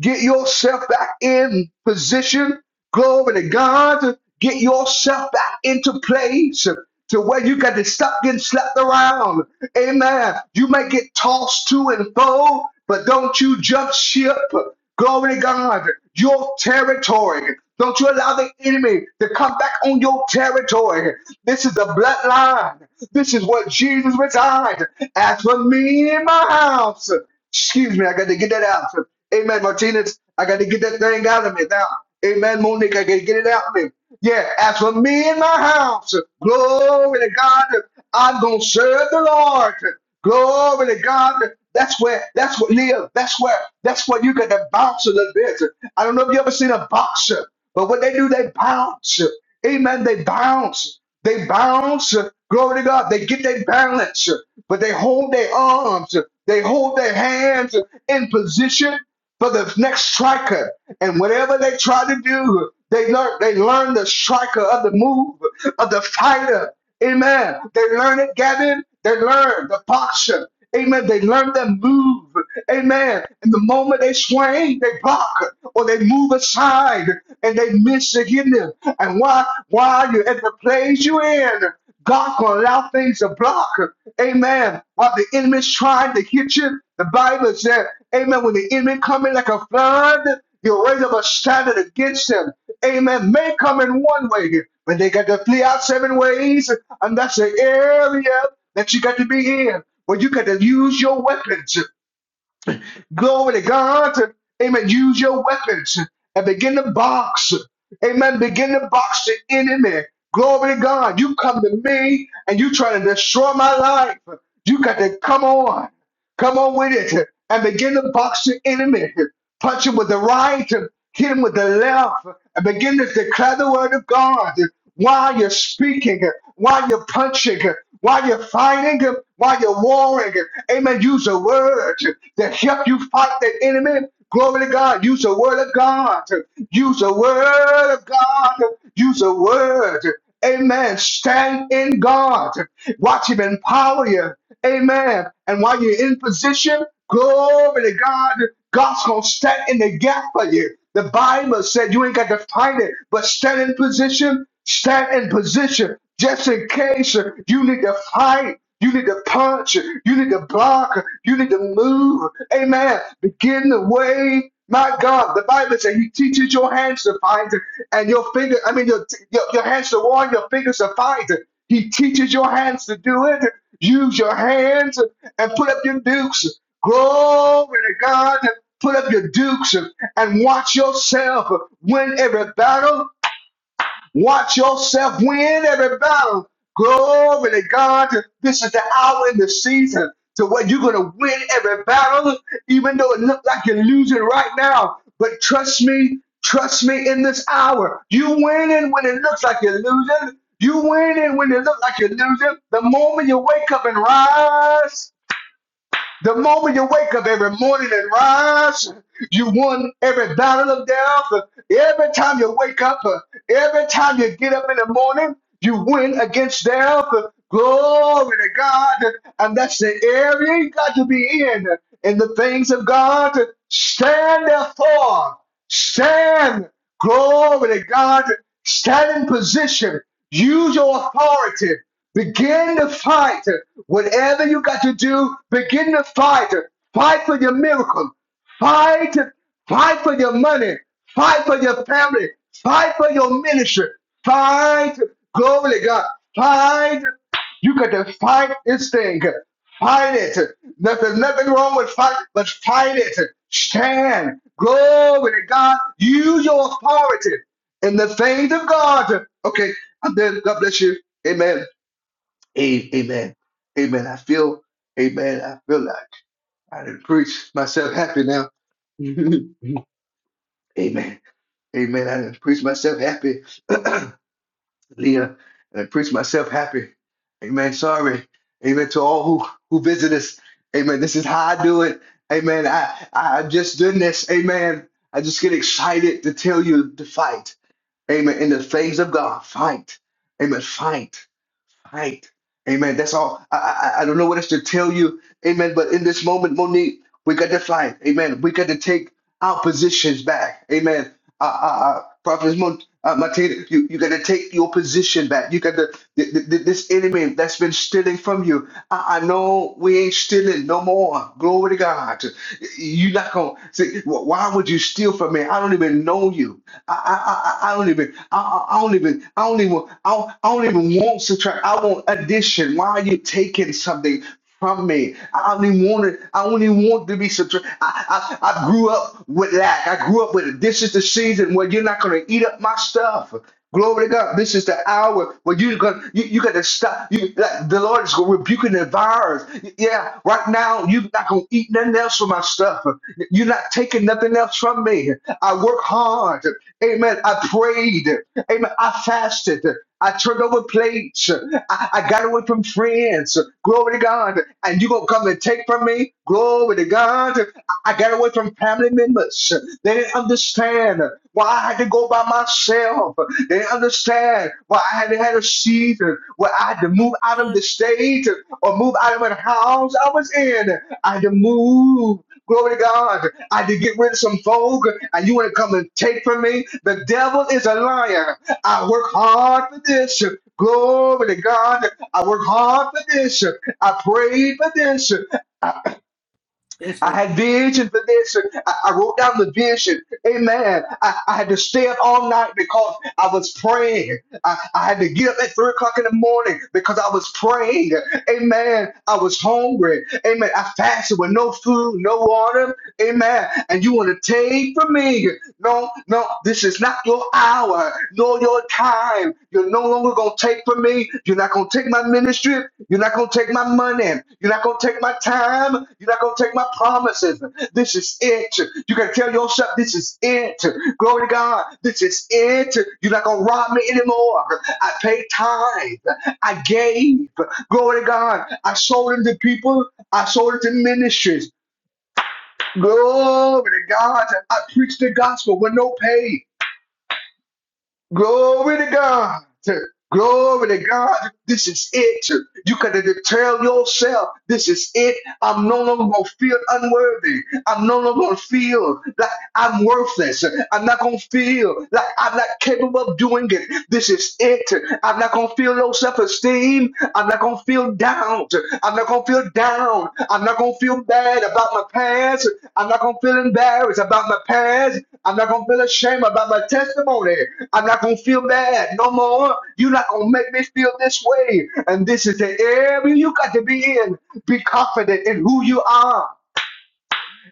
[SPEAKER 1] Get yourself back in position. Glory to God. Get yourself back into place to where you got to stop getting slapped around. Amen. You may get tossed to and fro, but don't you jump ship. Glory to God. Your territory. Don't you allow the enemy to come back on your territory. This is the bloodline. This is what Jesus resigned. As for me and my house. Excuse me, I got to get that out. Amen, Martinez. I got to get that thing out of me now. Amen, Monique. I got to get it out of me. Yeah, as for me and my house, glory to God, I'm going to serve the Lord. Glory to God. That's where, that's what, Leah, that's where, that's where you got to bounce a little bit. I don't know if you ever seen a boxer, but what they do, they bounce. Amen. They bounce. They bounce. Glory to God. They get their balance, but they hold their arms. They hold their hands in position for the next striker. And whatever they try to do, they learn they learn the striker of the move of the fighter. Amen. They learn it, Gavin. They learn the boxer. Amen. They learn the move. Amen. And the moment they swing, they block or they move aside and they miss again. And why? Why you at the place you in? God will allow things to block. Amen. While the enemy's trying to hit you, the Bible said, Amen. When the enemy come in like a flood, you raise up a standard against him. Amen. May come in one way, but they got to flee out seven ways, and that's the area that you got to be in. Where you got to use your weapons. Glory to God. Amen. Use your weapons and begin to box. Amen. Begin to box the enemy. Glory to God. You come to me and you try to destroy my life. You got to come on. Come on with it and begin to box the enemy. Punch him with the right, hit him with the left, and begin to declare the word of God while you're speaking, while you're punching, while you're fighting, while you're warring. Amen. Use a word to help you fight the enemy. Glory to God. Use the word of God. Use the word of God. Use the word. Amen. Stand in God. Watch him empower you. Amen. And while you're in position, glory to God, God's gonna stand in the gap for you. The Bible said you ain't got to fight it, but stand in position, stand in position just in case uh, you need to fight. You need to punch. You need to block. You need to move. Amen. Begin the way. My God, the Bible says He teaches your hands to fight and your finger. I mean, your, your, your hands to war and your fingers to fight. He teaches your hands to do it. Use your hands and put up your dukes. Glory to God. Put up your dukes and watch yourself win every battle Watch yourself win every battle. Glory to God. This is the hour and the season to where you're going to win every battle, even though it looks like you're losing right now. But trust me, trust me in this hour. You winning when it looks like you're losing. You winning when it looks like you're losing. The moment you wake up and rise. The moment you wake up every morning and rise, you won every battle of death. Every time you wake up, every time you get up in the morning, you win against death. Glory to God. And that's the area you got to be in, in the things of God. Stand therefore. Stand. Glory to God. Stand in position. Use your authority. Begin to fight. Whatever you got to do, begin to fight. Fight for your miracle. Fight. Fight for your money. Fight for your family. Fight for your ministry. Fight. Glory to God. Fight. You got to fight this thing. Fight it. There's nothing wrong with fight, but fight it. Stand. Glory to God. Use your authority in the things of God. Okay. I'm done. God bless you. Amen. A- Amen. Amen. I feel, amen. I feel like I didn't preach myself happy now. amen. Amen. I didn't preach myself happy. Leah, I didn't preach myself happy. Amen. Sorry. Amen. To all who, who visit us. Amen. This is how I do it. Amen. I, I I've just doing this. Amen. I just get excited to tell you to fight. Amen. In the things of God, fight. Amen. Fight. Right. Amen. That's all. I, I, I don't know what else to tell you. Amen. But in this moment, Monique, we got to fight. Amen. We got to take our positions back. Amen. Uh, uh, uh, Prophet Mon- uh, Martina, you, you got to take your position back. You got to, th- th- th- this enemy that's been stealing from you. I, I know we ain't stealing no more. Glory to God. You're not going to say, "Wh- why would you steal from me? I don't even know you. I, I, I, I don't even, I, I I don't even, I don't even, I don't, I don't even want subtract. I want addition. Why are you taking something from me. I don't even want it. I don't even want to be subtracted. I, I, I grew up with lack. I grew up with it. This is the season where you're not going to eat up my stuff. Glory to God. This is the hour where you got you, you got to stop. You like, the Lord is rebuking the virus. Yeah, right now you're not gonna eat nothing else from my stuff. You're not taking nothing else from me. I work hard. Amen. I prayed. Amen. I fasted. I turned over plates. I, I got away from friends. Glory to God. And you gonna come and take from me? Glory to God. I got away from family members. They didn't understand why I had to go by myself. They didn't understand why I had to have a season where I had to
[SPEAKER 5] I'm
[SPEAKER 1] move out of the
[SPEAKER 5] on.
[SPEAKER 1] state or move out of the house I was in. I had to move. Glory to God. I had to get rid of some folk, and you want to come and take from me? The devil is a liar. I work hard for this. Glory to God. I work hard for this. I prayed for this. I,
[SPEAKER 5] Yes,
[SPEAKER 1] I
[SPEAKER 5] sir.
[SPEAKER 1] had vision for this. I, I wrote down the vision. Amen. I, I had to stay up all night because I was praying. I, I had to get up at three o'clock in the morning because I was praying. Amen. I was hungry. Amen. I fasted with no food, no water. Amen. And you want to take from me. No, no, this is not your hour, nor your time. You're no longer going to take from me. You're not going to take my ministry. You're not going to take my money. You're not going to take my time. You're not going to take my promises. This is it. You can tell yourself, this is it. Glory to God. This is it. You're not going to rob me anymore. I paid tithe. I gave. Glory to God. I sold it to people. I sold it to ministries. Glory to God. I preached the gospel with no pay. Glory to God. Glory to God. This is it. You can tell yourself, this is it. I'm no longer going to feel unworthy. I'm no longer going to feel like I'm worthless. I'm not going to feel like I'm not capable of doing it. This is it. I'm not going to feel low self esteem. I'm not going to feel down. I'm not going to feel feel down. I'm not gonna feel bad about my past. I'm not gonna feel embarrassed about my past. I'm not gonna feel ashamed about my testimony. I'm not gonna feel bad no more. You're not gonna make me feel this way. And this is the area you got to be in. Be confident in who you are.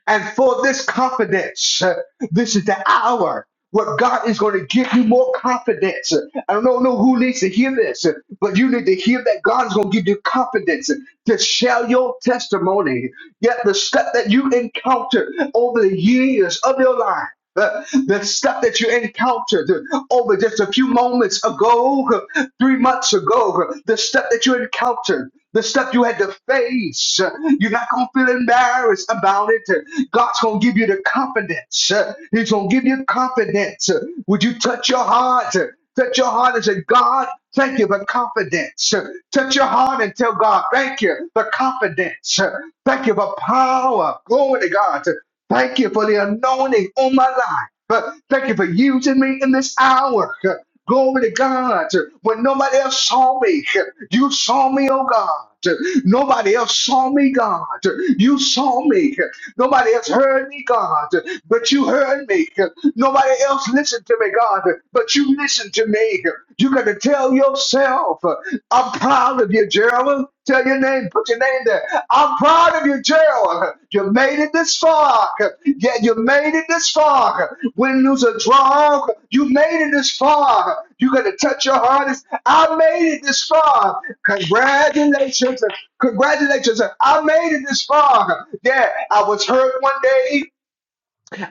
[SPEAKER 1] And for this confidence, uh, this is the hour where God is going to give you more confidence. I don't know who needs to hear this, but you need to hear that God is going to give you confidence to share your testimony. Yet the stuff that you encounter over the years of your life. The, the stuff that you encountered over just a few moments ago, three months ago, the stuff that you encountered, the stuff you had to face, you're not going to feel embarrassed about it. God's going to give you the confidence. He's going to give you confidence. Would you touch your heart? Touch your heart and say, God, thank you for confidence. Touch your heart and tell God, thank you for confidence. Thank you for power. Glory to God. Thank you for the anointing on my life. Uh, Thank you for using me in this hour. Uh, Glory to God. Uh, When nobody else saw me, uh, you saw me, oh God. Uh, Nobody else saw me, God. Uh, You saw me. Uh, Nobody else heard me, God. Uh, But you heard me. Uh, Nobody else listened to me, God. Uh, But you listened to me. Uh, You got to tell yourself. I'm proud of you, Gerald. Tell your name, put your name there. I'm proud of you, Gerald. You made it this far. Yeah, you made it this far. When there's a draw, you made it this far. You gotta touch your heart. It's, I made it this far. Congratulations. Congratulations. I made it this far. Yeah, I was hurt one day.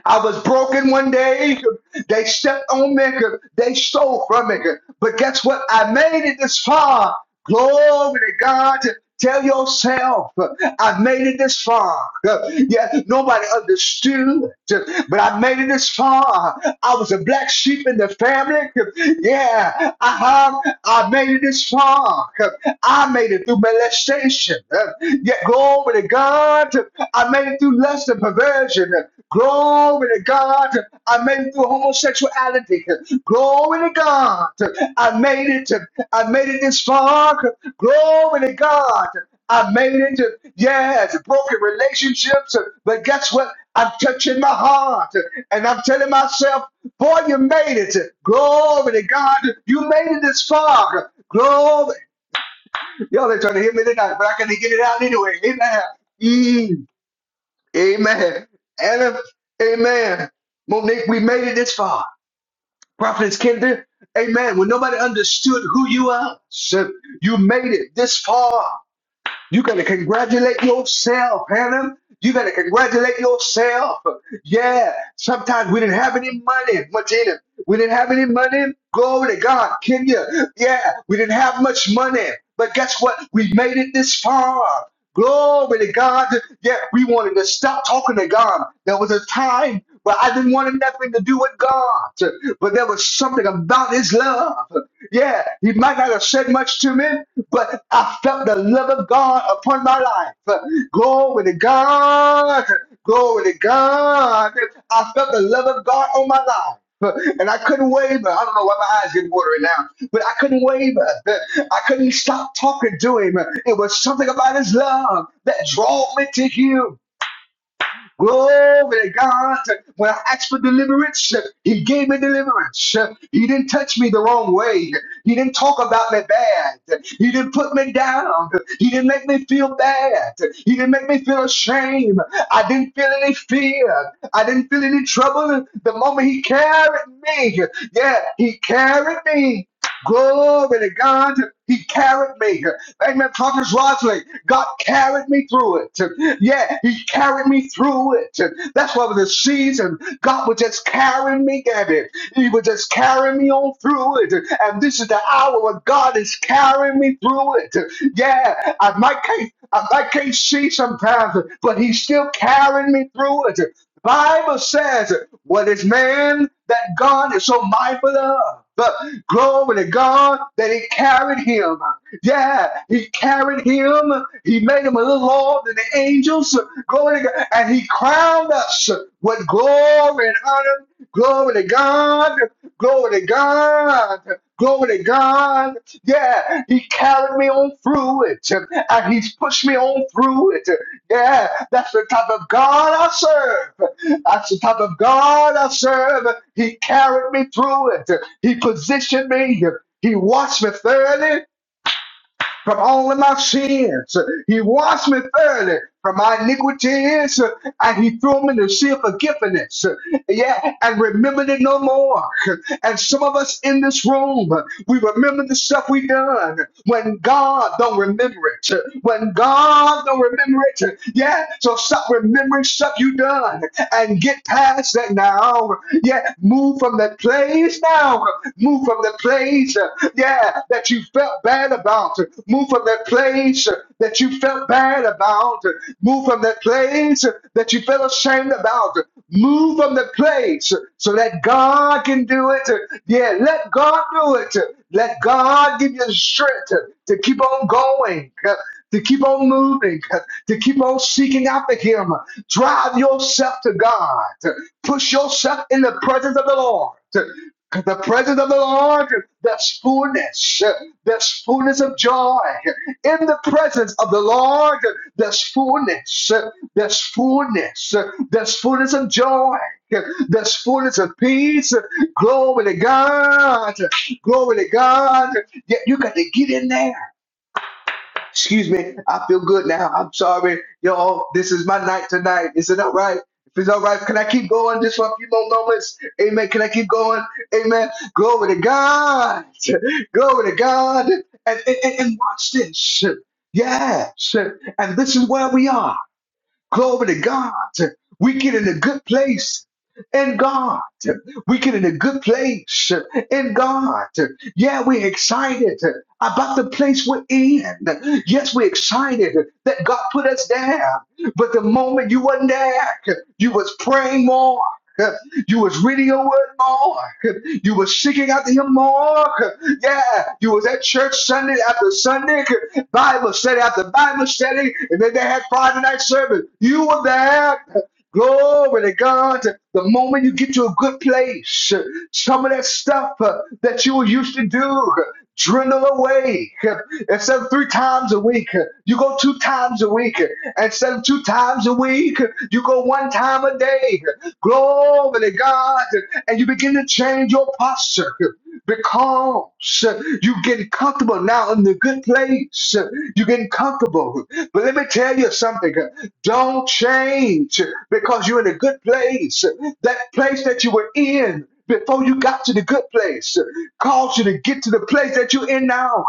[SPEAKER 1] I was broken one day. They stepped on me. They stole from me. But guess what? I made it this far. Glory to God. Tell yourself, I made it this far. Yeah, nobody understood, but I made it this far. I was a black sheep in the family. Yeah, uh-huh. I made it this far. I made it through molestation. Yeah, glory Glory to God. I made it through lust and perversion. Glory to God. I made it through homosexuality. Glory to God. I made it. I made it this far. Glory to God. I made it. Yes, broken relationships. But guess what? I'm touching my heart and I'm telling myself, boy, you made it. Glory to God. You made it this far. Glory. Y'all they trying to hit me tonight, but I couldn't get it out anyway. Amen. Mm, amen. Adam, amen. Monique, we made it this far. Prophetess Kinder, amen. When nobody understood who you are, so you made it this far. You gotta congratulate yourself, Hannah. You gotta congratulate yourself. Yeah. Sometimes we didn't have any money, much in it. We didn't have any money. Glory to God, Can you? Yeah, we didn't have much money. But guess what? We made it this far. Glory to God. Yeah, we wanted to stop talking to God. There was a time where I didn't want nothing to do with God, but there was something about His love. Yeah, he might not have said much to me, but I felt the love of God upon my life. Glory to God. Glory to God. I felt the love of God on my life. And I couldn't waver. I don't know why my eyes getting watery now, but I couldn't waver. I couldn't stop talking to him. It was something about his love that drew me to him. Glory to God. When I asked for deliverance, He gave me deliverance. He didn't touch me the wrong way. He didn't talk about me bad. He didn't put me down. He didn't make me feel bad. He didn't make me feel ashamed. I didn't feel any fear. I didn't feel any trouble. The moment He carried me, yeah, He carried me. Glory to God. He carried me. Amen. Prophet Rosley, God carried me through it. Yeah, He carried me through it. That's why with the season, God was just carrying me, Gabby. He was just carrying me on through it. And this is the hour where God is carrying me through it. Yeah, I might can't, I might can't see sometimes, but He's still carrying me through it. Bible says, "What is man that God is so mindful of?" But glory to God that He carried him. Yeah, he carried him. He made him a little lower than the angels. Glory to God. And he crowned us with glory and honor. Glory to God. Glory to God. Glory to God. Yeah, he carried me on through it. And he's pushed me on through it. Yeah, that's the type of God I serve. That's the type of God I serve. He carried me through it. He positioned me. He washed me thoroughly from all of my sins. He washed me thoroughly from my iniquities, and he threw me to sea of forgiveness. Yeah, and remembered it no more. And some of us in this room, we remember the stuff we done when God don't remember it. When God don't remember it. Yeah, so stop remembering stuff you done and get past that now. Yeah, move from that place now. Move from the place yeah, that you felt bad about. Move from that place that you felt bad about. Move from that place that you felt ashamed about. Move from the place so that God can do it. Yeah, let God do it. Let God give you the strength to keep on going, to keep on moving, to keep on seeking after Him. Drive yourself to God. Push yourself in the presence of the Lord. The presence of the Lord, there's fullness, there's fullness of joy. In the presence of the Lord, there's fullness, there's fullness, there's fullness of joy, there's fullness of peace. Glory to God, glory to God. Yet you got to get in there. Excuse me, I feel good now. I'm sorry, y'all. This is my night tonight. Is it all right? If it's all right, can I keep going just for a few more moments? Amen. Can I keep going? Amen. Glory to God. Glory to God. And, and, and and watch this. Yeah. And this is where we are. Glory to God. We get in a good place in God. We get in a good place in God. Yeah, we're excited about the place we're in. Yes, we're excited that God put us there. But the moment you wasn't there, you was praying more. You was reading your word more. You was seeking after him more. Yeah. You was at church Sunday after Sunday, Bible study after Bible study, and then they had Friday night service. You were there. Glory to God. The moment you get to a good place, some of that stuff uh, that you were used to do. Dwindle away. Instead of three times a week, you go two times a week. Instead of two times a week, you go one time a day. Glory to God. And you begin to change your posture because you get comfortable now in the good place. You're getting comfortable. But let me tell you something. Don't change because you're in a good place. That place that you were in before you got to the good place caused you to get to the place that you're in now.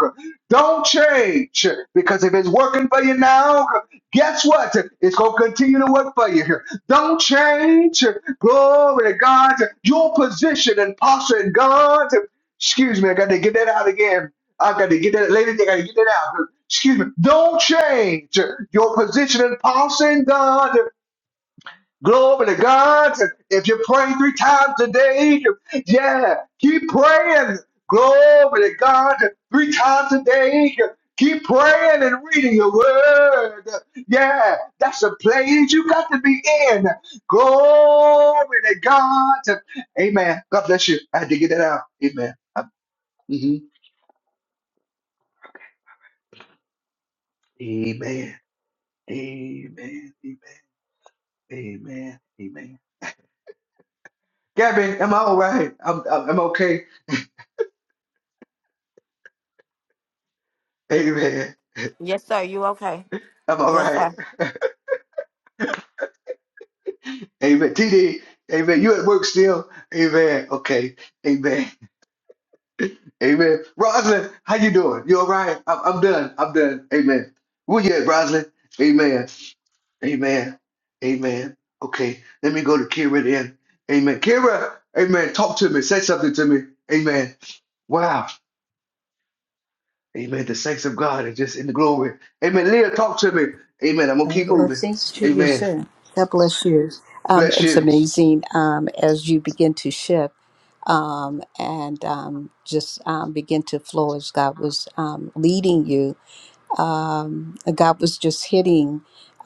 [SPEAKER 1] Don't change because if it's working for you now, guess what? It's going to continue to work for you. Don't change. Glory to God. Your position and posture in God. Excuse me, I got to get that out again. I got to get that, ladies, I got to get that out. Excuse me. Don't change your position and posture in God Glory to God. If you pray three times a day, yeah, keep praying. Glory to God. Three times a day, keep praying and reading your word. Yeah, that's the place you got to be in. Glory to God. Amen. God bless you. I had to get that out. Amen. Mhm. Amen. Amen. Amen. Amen. Amen. Gabby, am I all right? I'm, I'm I'm okay. Amen.
[SPEAKER 2] Yes, sir. You okay?
[SPEAKER 1] I'm all
[SPEAKER 2] Yes,
[SPEAKER 1] right.
[SPEAKER 2] sir.
[SPEAKER 1] Amen. TD, amen. You at work still? Amen. Okay. Amen. Amen. Roslyn, how you doing? You all right? I'm, I'm done. I'm done. Amen. Where you at, Roslyn? Amen. Amen. Amen. Okay. Let me go to Kira then. Amen. Kira, amen. Talk to me. Say something to me. Amen. Wow. Amen. The saints of God are just in the glory. Amen. Leah, talk to me. Amen. I'm going to
[SPEAKER 6] Uh,
[SPEAKER 1] keep moving.
[SPEAKER 6] blessings to you,
[SPEAKER 1] Amen.
[SPEAKER 6] sir. God bless you. Um,
[SPEAKER 1] Bless
[SPEAKER 6] it's
[SPEAKER 1] you.
[SPEAKER 6] amazing um, as you begin to shift um, and um, just um, begin to flow as God was um, leading you. Um, God was just hitting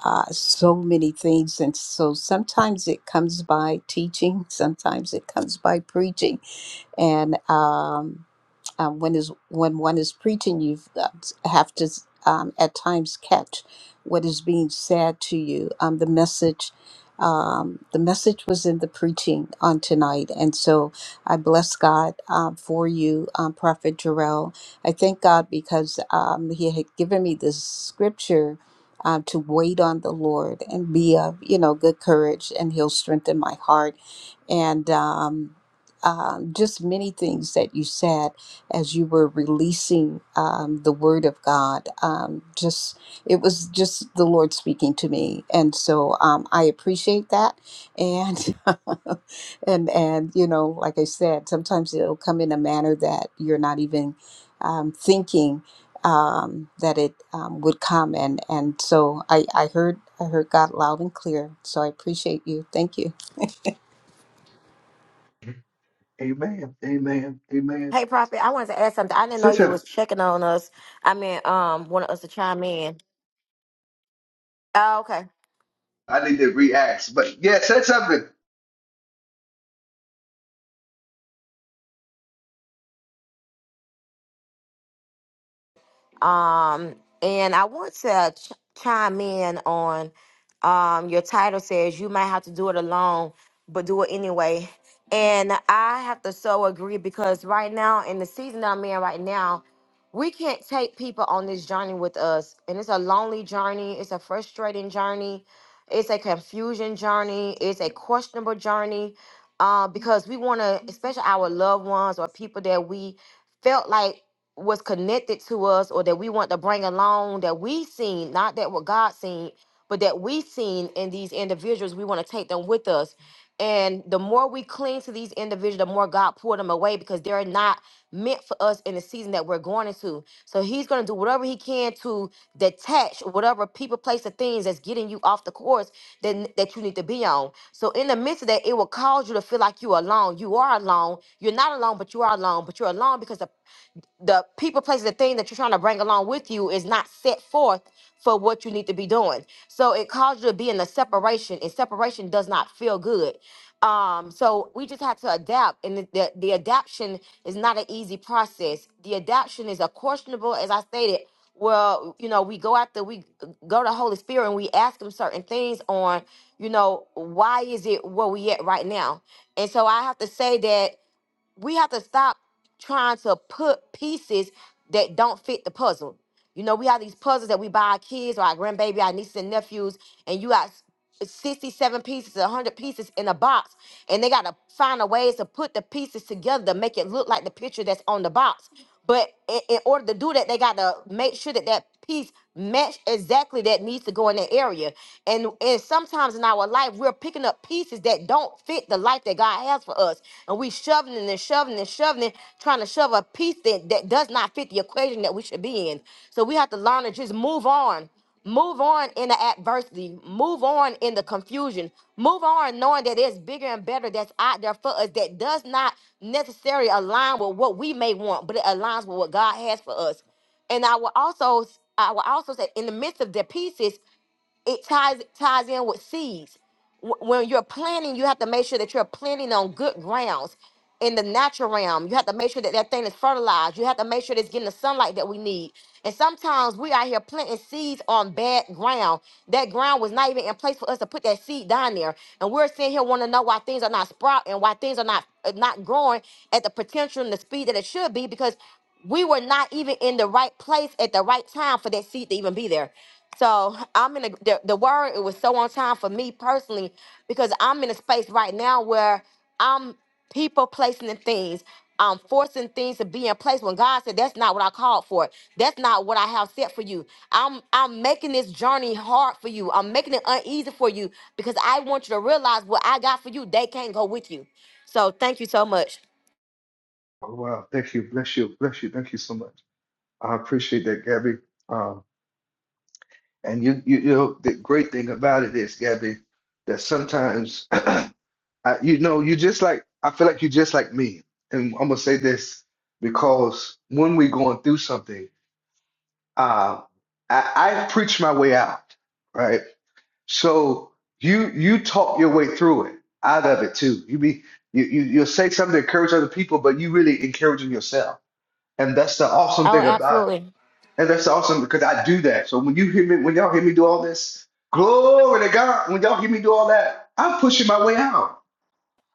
[SPEAKER 6] uh, so many things. And so sometimes it comes by teaching, sometimes it comes by preaching. And um, um, when is when one is preaching, you have to um, at times catch what is being said to you. Um, the message, um, the message was in the preaching on tonight, and so I bless God um, for you, um, Prophet Jarrell. I thank God because um, He had given me this scripture. Um, to wait on the Lord and be of you know good courage, and He'll strengthen my heart. And um, um, just many things that you said as you were releasing um, the word of God. Um, just it was just the Lord speaking to me, and so um, I appreciate that. And and and you know, like I said, sometimes it'll come in a manner that you're not even um, thinking um, that it um, would come, and and so I I heard I heard God loud and clear. So I appreciate you. Thank you.
[SPEAKER 1] Amen. Amen. Amen.
[SPEAKER 2] Hey, Prophet, I wanted to ask something. I didn't know
[SPEAKER 1] Sit
[SPEAKER 2] you was
[SPEAKER 1] up.
[SPEAKER 2] checking on us. I mean, um, wanted us to chime in. Oh, okay.
[SPEAKER 1] I need to react. But yeah, said something.
[SPEAKER 2] Um, and I want to ch- chime in on um, your title says you might have to do it alone, but do it anyway. And I have to so agree because right now, in the season I'm in right now, we can't take people on this journey with us. And it's a lonely journey, it's a frustrating journey, it's a confusion journey, it's a questionable journey. Uh, because we want to, especially our loved ones or people that we felt like was connected to us or that we want to bring along that we seen, not that what God seen, but that we seen in these individuals, we want to take them with us. And the more we cling to these individuals, the more God pour them away because they're not meant for us in the season that we're going into. So He's going to do whatever He can to detach whatever people, place, or things that's getting you off the course that, that you need to be on. So in the midst of that, it will cause you to feel like you're alone. You are alone. You're not alone, but you are alone. But you're alone because the the people, places, the thing that you're trying to bring along with you is not set forth for what you need to be doing. So it caused you to be in a separation, and separation does not feel good. Um, so we just had to adapt, and the, the, the adaption is not an easy process. The adaption is a questionable, as I stated. Well, you know, we go after we go to Holy Spirit and we ask him certain things on, you know, why is it where we at right now? And so I have to say that we have to stop trying to put pieces that don't fit the puzzle. You know, we have these puzzles that we buy our kids or our grandbaby, our nieces and nephews, and you got s- 67 pieces, 100 pieces in a box, and they got to find a ways to put the pieces together to make it look like the picture that's on the box. But i- in order to do that, they got to make sure that that piece match exactly that needs to go in that area. And and sometimes in our life, we're picking up pieces that don't fit the life that God has for us. And we shoving it and shoving it and shoving it, trying to shove a piece that, that does not fit the equation that we should be in. So we have to learn to just move on. Move on in the adversity. Move on in the confusion. Move on knowing that there's bigger and better that's out there for us that does not necessarily align with what we may want, but it aligns with what God has for us. And I will also I will also say in the midst of their pieces, it ties it ties in with seeds. Wh- When you're planting, you have to make sure that you're planting on good grounds. In the natural realm, you have to make sure that that thing is fertilized. You have to make sure that it's getting the sunlight that we need. And sometimes we out here planting seeds on bad ground. That ground was not even in place for us to put that seed down there. And we're sitting here wanting to know why things are not sprouting, why things are not uh, not growing at the potential and the speed that it should be because we were not even in the right place at the right time for that seed to even be there. So I'm in a, the the word. It was so on time for me personally because I'm in a space right now where I'm people placing and things. I'm forcing things to be in place when God said that's not what I called for. That's not what I have set for you. I'm I'm making this journey hard for you. I'm making it uneasy for you because I want you to realize what I got for you. They can't go with you. So thank you so much.
[SPEAKER 1] Oh, wow. Thank you. Bless you. Bless you. Thank you so much. I appreciate that, Gabby. Um, and you, you, you know, the great thing about it is, Gabby, that sometimes, I, you know, you just like, I feel like you just like me. And I'm going to say this because when we're going through something, uh, I, I preach my way out, right? So you you talk your way through it, out of it too. You be you, you you'll say something to encourage other people, but you really encouraging yourself. And that's the awesome
[SPEAKER 2] Oh,
[SPEAKER 1] thing about
[SPEAKER 2] absolutely.
[SPEAKER 1] and that's awesome because I do that. So when you hear me, when y'all hear me do all this, glory to God, when y'all hear me do all that, I'm pushing my way out.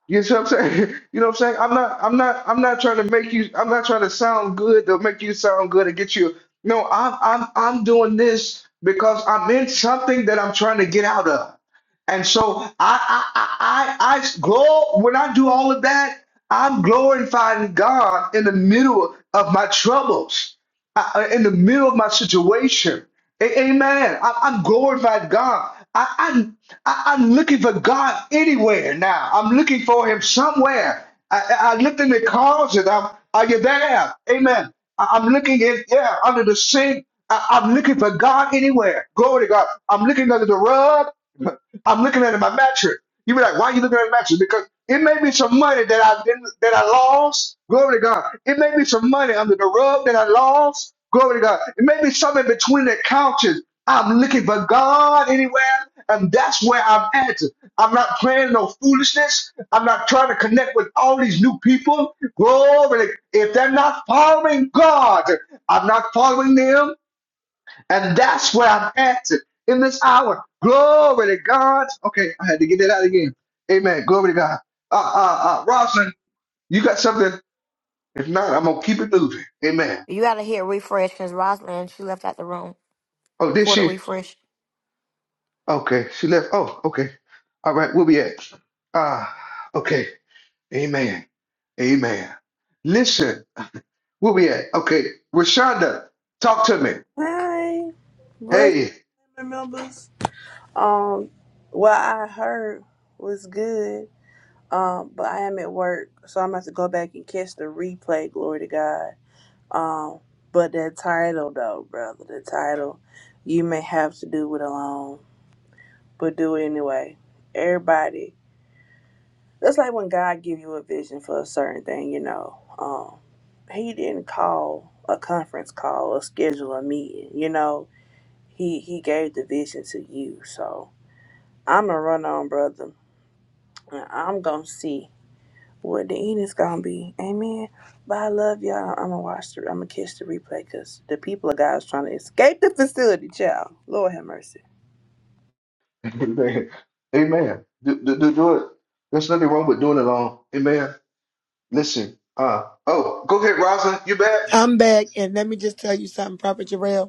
[SPEAKER 1] You know what I'm saying? You know what I'm saying? I'm not I'm not I'm not trying to make you I'm not trying to sound good to make you sound good and get you. No, I'm I'm I'm doing this because I'm in something that I'm trying to get out of. And so I I I I, I glow when I do all of that, I'm glorifying God in the middle of my troubles, I, in the middle of my situation. A- Amen. I- I'm glorifying God. I- I'm I- I'm looking for God anywhere now. I'm looking for Him somewhere. I, I I looked in the closet. I'm, are you there? Amen. I- I'm looking in yeah under the sink. I- I'm looking for God anywhere. Glory to God. I'm looking under the rug. I'm looking under my mattress. You be like, why are you looking at the mattress? Because it may be some money that I didn't, that I lost. Glory to God. It may be some money under the rug that I lost. Glory to God. It may be something between the couches. I'm looking for God anywhere, and that's where I'm at. I'm not playing no foolishness. I'm not trying to connect with all these new people. Glory. If they're not following God, I'm not following them. And that's where I'm asking in this hour. Glory to God. Okay, I had to get that out again. Amen. Glory to God. Uh, uh, uh, Rosalind, you got something? If not, I'm going to keep it moving. Amen.
[SPEAKER 2] You gotta hear refresh because Rosalind she left out the room
[SPEAKER 1] Oh, did
[SPEAKER 2] for the
[SPEAKER 1] she?
[SPEAKER 2] refresh.
[SPEAKER 1] Okay, she left. Oh, okay. All right, we'll be at. Ah, okay. Amen. Amen. Listen, we'll be at. Okay, Rashonda, talk to me.
[SPEAKER 5] Hi. Bless
[SPEAKER 1] Hey.
[SPEAKER 5] the members. Um, what I heard was good. Um, but I am at work, so I'm gonna have to go back and catch the replay. Glory to God. Um, but that title though, brother, the title, you may have to do it alone, but do it anyway. Everybody, that's like when God give you a vision for a certain thing, you know. Um, He didn't call a conference call or schedule a meeting, you know. He he gave the vision to you. So I'm a run on, brother, and I'm gonna see what the end is gonna be. Amen. But I love y'all. I'm gonna watch the. I'm gonna catch the replay because the people of God's trying to escape the facility, child. Lord have mercy.
[SPEAKER 1] Amen. Amen. Do, do, do, do it. There's nothing wrong with doing it all. Amen. Listen, uh, oh, go ahead, Rosa. You back?
[SPEAKER 3] I'm back, and let me just tell you something, Prophet Jarrell.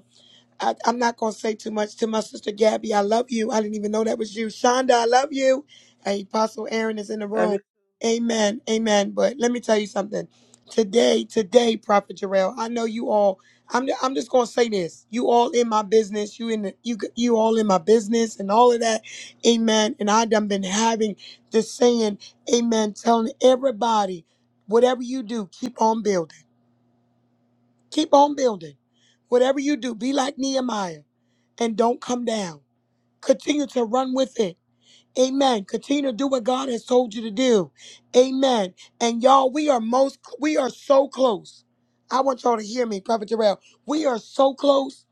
[SPEAKER 3] I, I'm not going to say too much to my sister Gabby. I love you. I didn't even know that was you. Shonda, I love you. And Apostle Aaron is in the
[SPEAKER 5] Love you.
[SPEAKER 3] room. Amen. Amen. But let me tell you something. Today, today, Prophet Jarrell, I know you all. I'm, I'm just going to say this. You all in my business. You in the, you you all in my business and all of that. Amen. And I done been having this saying, amen, telling everybody, whatever you do, keep on building. Keep on building. Whatever you do, be like Nehemiah and don't come down. Continue to run with it. Amen. Continue to do what God has told you to do. Amen. And y'all, we are most we are so close. I want y'all to hear me, Prophet Terrell. We are so close.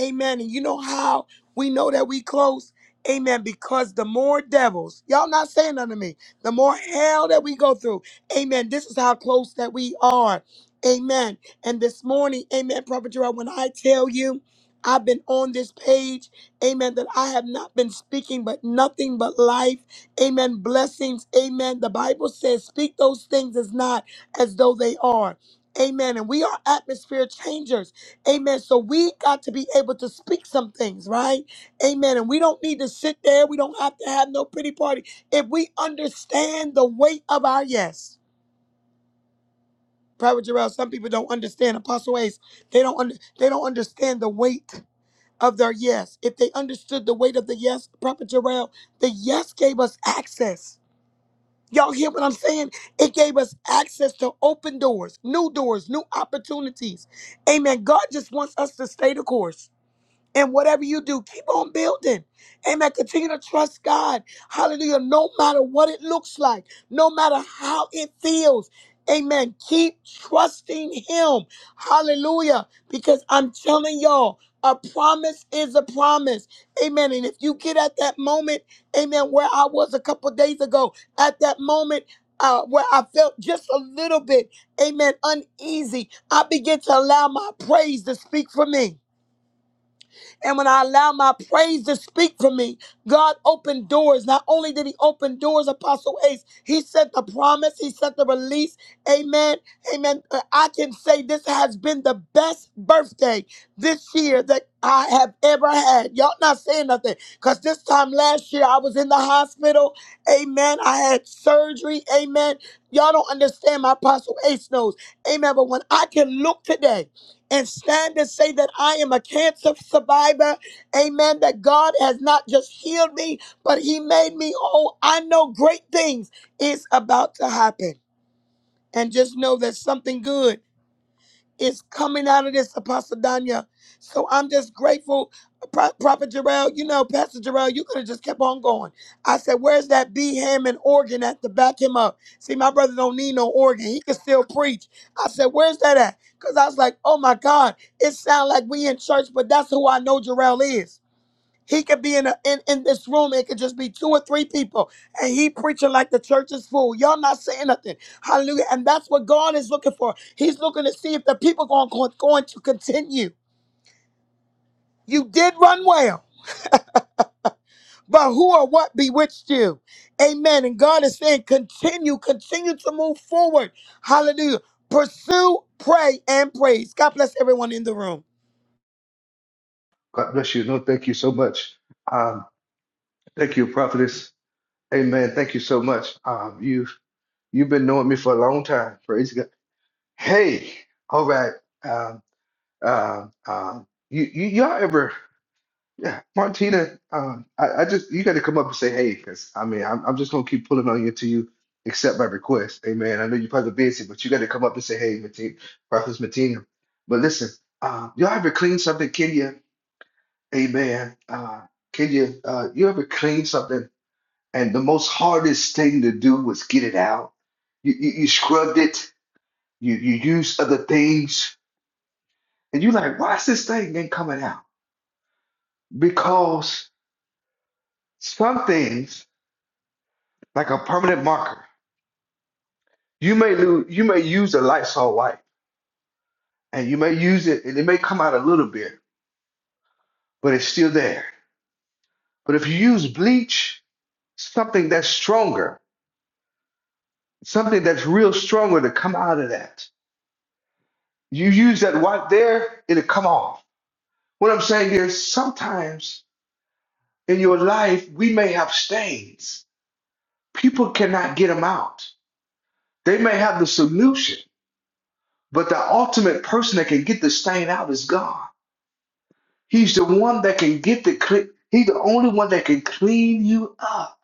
[SPEAKER 3] Amen. And you know how we know that we close? Amen. Because the more devils, y'all not saying nothing to me, the more hell that we go through. Amen. This is how close that we are. Amen. And this morning, amen, Prophet Terrell, when I tell you, I've been on this page. Amen. That I have not been speaking, but nothing but life. Amen. Blessings. Amen. The Bible says, speak those things as not as though they are. Amen. And we are atmosphere changers. Amen. So we got to be able to speak some things, right? Amen. And we don't need to sit there. We don't have to have no pretty party. If we understand the weight of our yes. Private Jarrell, some people don't understand. Apostle Ace, they don't under, they don't understand the weight of their yes. If they understood the weight of the yes, Prophet Jarrell, the yes gave us access. Y'all hear what I'm saying? It gave us access to open doors, new doors, new opportunities. Amen. God just wants us to stay the course. And whatever you do, keep on building. Amen. Continue to trust God. Hallelujah. No matter what it looks like, no matter how it feels. Amen. Keep trusting Him. Hallelujah. Because I'm telling y'all, a promise is a promise. Amen. And if you get at that moment, amen, where I was a couple days ago, at that moment, uh, where I felt just a little bit, amen, uneasy, I began to allow my praise to speak for me. And when I allow my praise to speak for me, God opened doors. Not only did He open doors, Apostle Ace, He sent the promise, He sent the release. Amen. Amen. Uh, I can say this has been the best birthday this year that I have ever had. Y'all not saying nothing because this time last year I was in the hospital. Amen. I had surgery. Amen. Y'all don't understand my Apostle Ace knows. Amen. But when I can look today, and stand and say that I am a cancer survivor. Amen. That God has not just healed me, but He made me whole. I know great things is about to happen. And just know there's something good is coming out of this, Apostle Danya. So I'm just grateful, Pro- Prophet Jarrell. You know, Pastor Jarrell, you could have just kept on going. I said, "Where's that B ham and organ at to back him up?" See, my brother don't need no organ; he can still preach. I said, "Where's that at?" Because I was like, "Oh my God, it sounds like we in church, but that's who I know Jarrell is." He could be in, a, in in this room. It could just be two or three people, and he preaching like the church is full. Y'all not saying nothing. Hallelujah! And that's what God is looking for. He's looking to see if the people going going, going to continue. You did run well, but who or what bewitched you? Amen. And God is saying, continue, continue to move forward. Hallelujah! Pursue, pray, and praise. God bless everyone in the room.
[SPEAKER 1] God bless you. No, thank you so much. Um, thank you, prophetess. Amen. Thank you so much. Um, you you've been knowing me for a long time. Praise God. Hey, all right. Um, um, um, you, you y'all ever? Yeah, Martina, uh, I, I just you got to come up and say hey, because I mean I'm, I'm just gonna keep pulling on you until you accept my request. Amen. I know you're probably busy, but you got to come up and say hey, Martina, Prophetess Martina. But listen, uh, y'all ever clean something, Kenya? Amen. Uh, Kenya, uh, you ever clean something, and the most hardest thing to do was get it out. You you, you scrubbed it. You you used other things, and you're like, why's this thing ain't coming out? Because something. like a permanent marker. You may lose, you may use a Lysol wipe, and you may use it, and it may come out a little bit, but it's still there. But if you use bleach, something that's stronger, something that's real stronger to come out of that. You use that wipe there, it'll come off. What I'm saying is, sometimes in your life we may have stains. People cannot get them out. They may have the solution, but the ultimate person that can get the stain out is God. He's the one that can get the clean. He's the only one that can clean you up.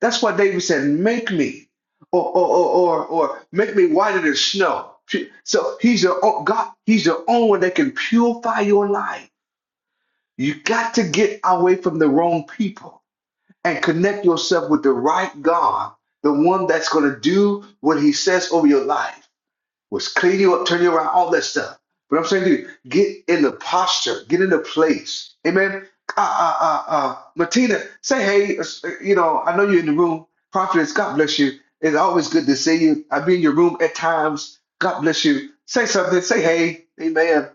[SPEAKER 1] That's why David said, "Make me, or or or or, or make me whiter than snow." Pu- So he's the o- God. He's the only one that can purify your life. You got to get away from the wrong people and connect yourself with the right God, the one that's going to do what He says over your life was clean you up, turn you around, all that stuff. But I'm saying to you, get in the posture, get in the place. Amen. Uh, uh, uh, uh, Martina, say hey. uh, You know, I know you're in the room. Prophetess, God bless you. It's always good to see you. I be in your room at times. God bless you. Say something. Say hey. Amen.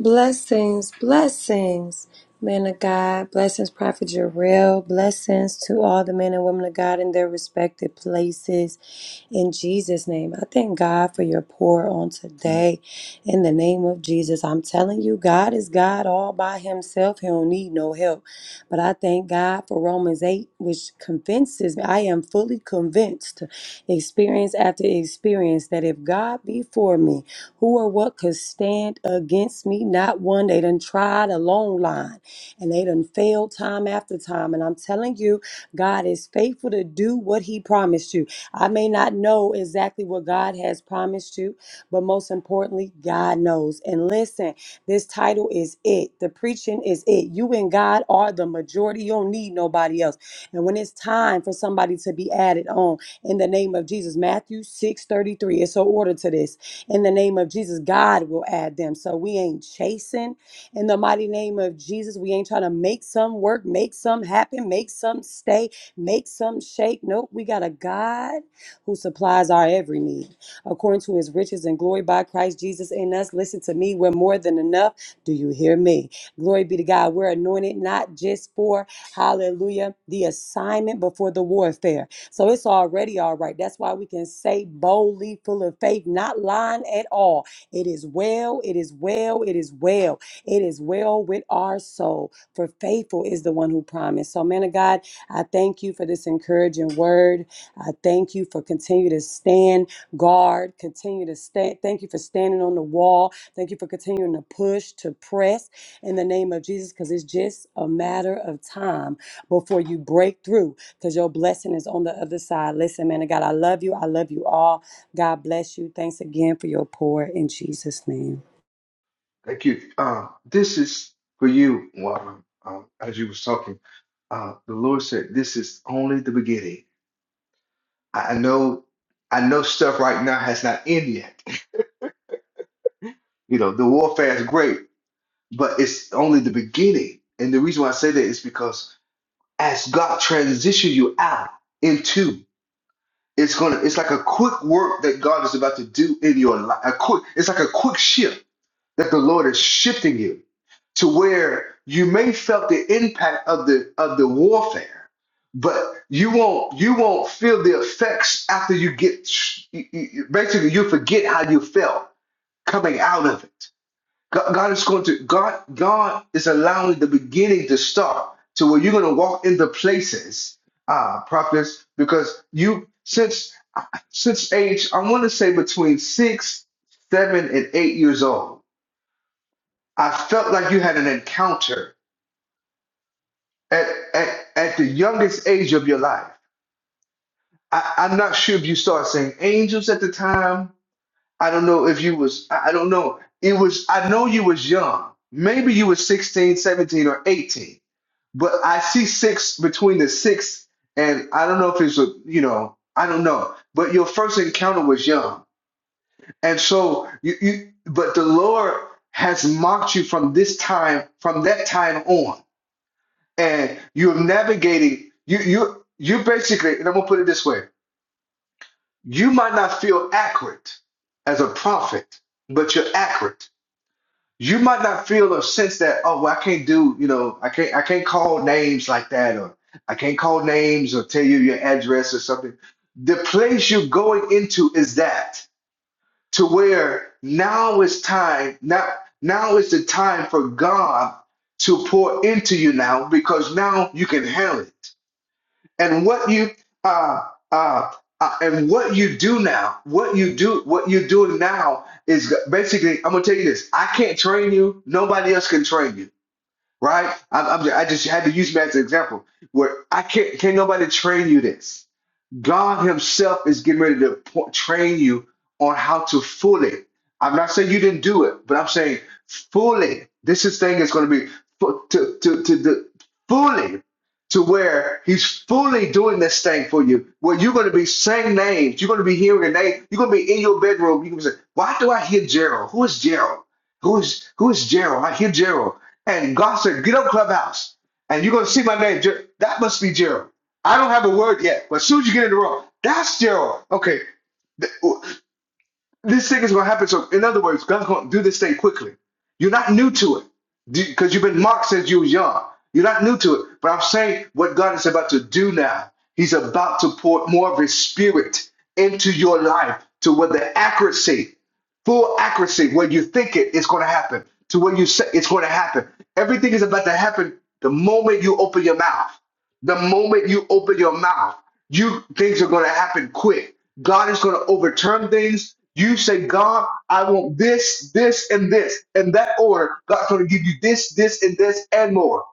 [SPEAKER 7] Blessings, blessings, man of God, blessings, Prophet Jarrell, blessings to all the men and women of God in their respective places in Jesus' name. I thank God for your pour on today. In the name of Jesus, I'm telling you, God is God all by himself. He don't need no help. But I thank God for Romans 8, which convinces me. I am fully convinced, experience after experience, that if God be for me, who or what could stand against me? Not one. They done tried a long line and they done failed time after time. And I'm telling you, God is faithful to do what he promised you. I may not know exactly what God has promised you, but most importantly, God knows. And listen, this title is it. The preaching is it. You and God are the majority. You don't need nobody else. And when it's time for somebody to be added on, in the name of Jesus, Matthew 6 33. it's an order to this. In the name of Jesus, God will add them. So we ain't chasing. In the mighty name of Jesus, we ain't trying to make some work, make some happen, make some stay, make some shake. Nope, we got a God who supplies our every need. According to his riches and glory by Christ Jesus in us, listen to me, we're more than enough. Do you hear me? Glory be to God. We're anointed not just for, hallelujah, the assignment, but for the warfare. So it's already all right. That's why we can say boldly, full of faith, not lying at all. It is well, it is well, it is well. It is well with our soul, for faithful is the one who promised. So, man of God, I thank you for this encouraging word. I thank you for continue to stand guard, continue to stand. Thank you for standing on the wall. Thank you for continuing to push, to press in the name of Jesus, because it's just a matter of time before you break through, because your blessing is on the other side. Listen, man of God, I love you. I love you all. God bless you. Thanks again for your pour in Jesus' name.
[SPEAKER 1] Thank you. Uh, this is for you, Warren. Um, as you was talking, uh, the Lord said, "This is only the beginning." I I know, I know stuff right now has not ended yet You know, the warfare is great, but it's only the beginning. And the reason why I say that is because as God transitions you out into, it's gonna, it's like a quick work that God is about to do in your life. A quick, it's like a quick shift that the Lord is shifting you to where you may felt the impact of the of the warfare, but you won't you won't feel the effects after you get. you- you- Basically, you forget how you felt coming out of it God, God is going to God. God is allowing the beginning to start to where you're going to walk into places, ah, prophets, because you since since age, I want to say between six, seven, and eight years old, I felt like you had an encounter at at, at the youngest age of your life. I, I'm not sure if you started seeing angels at the time. I don't know if you was. I I don't know. It was. I know you was young. Maybe you was 16, 17, or 18 but I see six between the six and I don't know if it's a you know I don't know, but your first encounter was young, and so you, you but the Lord has mocked you from this time from that time on, and you're navigating you you you basically and I'm gonna put it this way: you might not feel accurate as a prophet, but you're accurate you might not feel a sense that oh well, I can't do you know I can't I can't call names like that or I can't call names or tell you your address or something. The place you're going into is that to where now is time now now is the time for God to pour into you now because now you can handle it and what you uh, uh, uh, and what you do now, what you do, what you're doing now is basically. I'm gonna tell you this. I can't train you. Nobody else can train you, right? I, I'm, I just had to use me as an example. Where I can't, can't nobody train you this. God Himself is getting ready to po- train you on how to fully. I'm not saying you didn't do it, but I'm saying fully. This is thing is going to be fu- to to to the fully to where He's fully doing this thing for you. Where you're going to be saying names, you're going to be hearing a name, you're going to be in your bedroom. You're going to say, "Why do I hear Gerald? Who is Gerald? Who is who is Gerald? I hear Gerald." And God said, "Get up, clubhouse." and you're gonna see my name. Jer- that must be Gerald. I don't have a word yet, but as soon as you get in the room, that's Gerald. Okay, th- this thing is going to happen. So, in other words, God's going to do this thing quickly. You're not new to it because you've been marked since you were young. You're not new to it, but I'm saying what God is about to do now. He's about to pour more of His Spirit into your life to where the accuracy, full accuracy, where you think it is going to happen, to where you say it's going to happen. Everything is about to happen the moment you open your mouth. The moment you open your mouth, you things are going to happen quick. God is going to overturn things. You say, God, I want this, this, and this, and that order. God's going to give you this, this, and this, and more.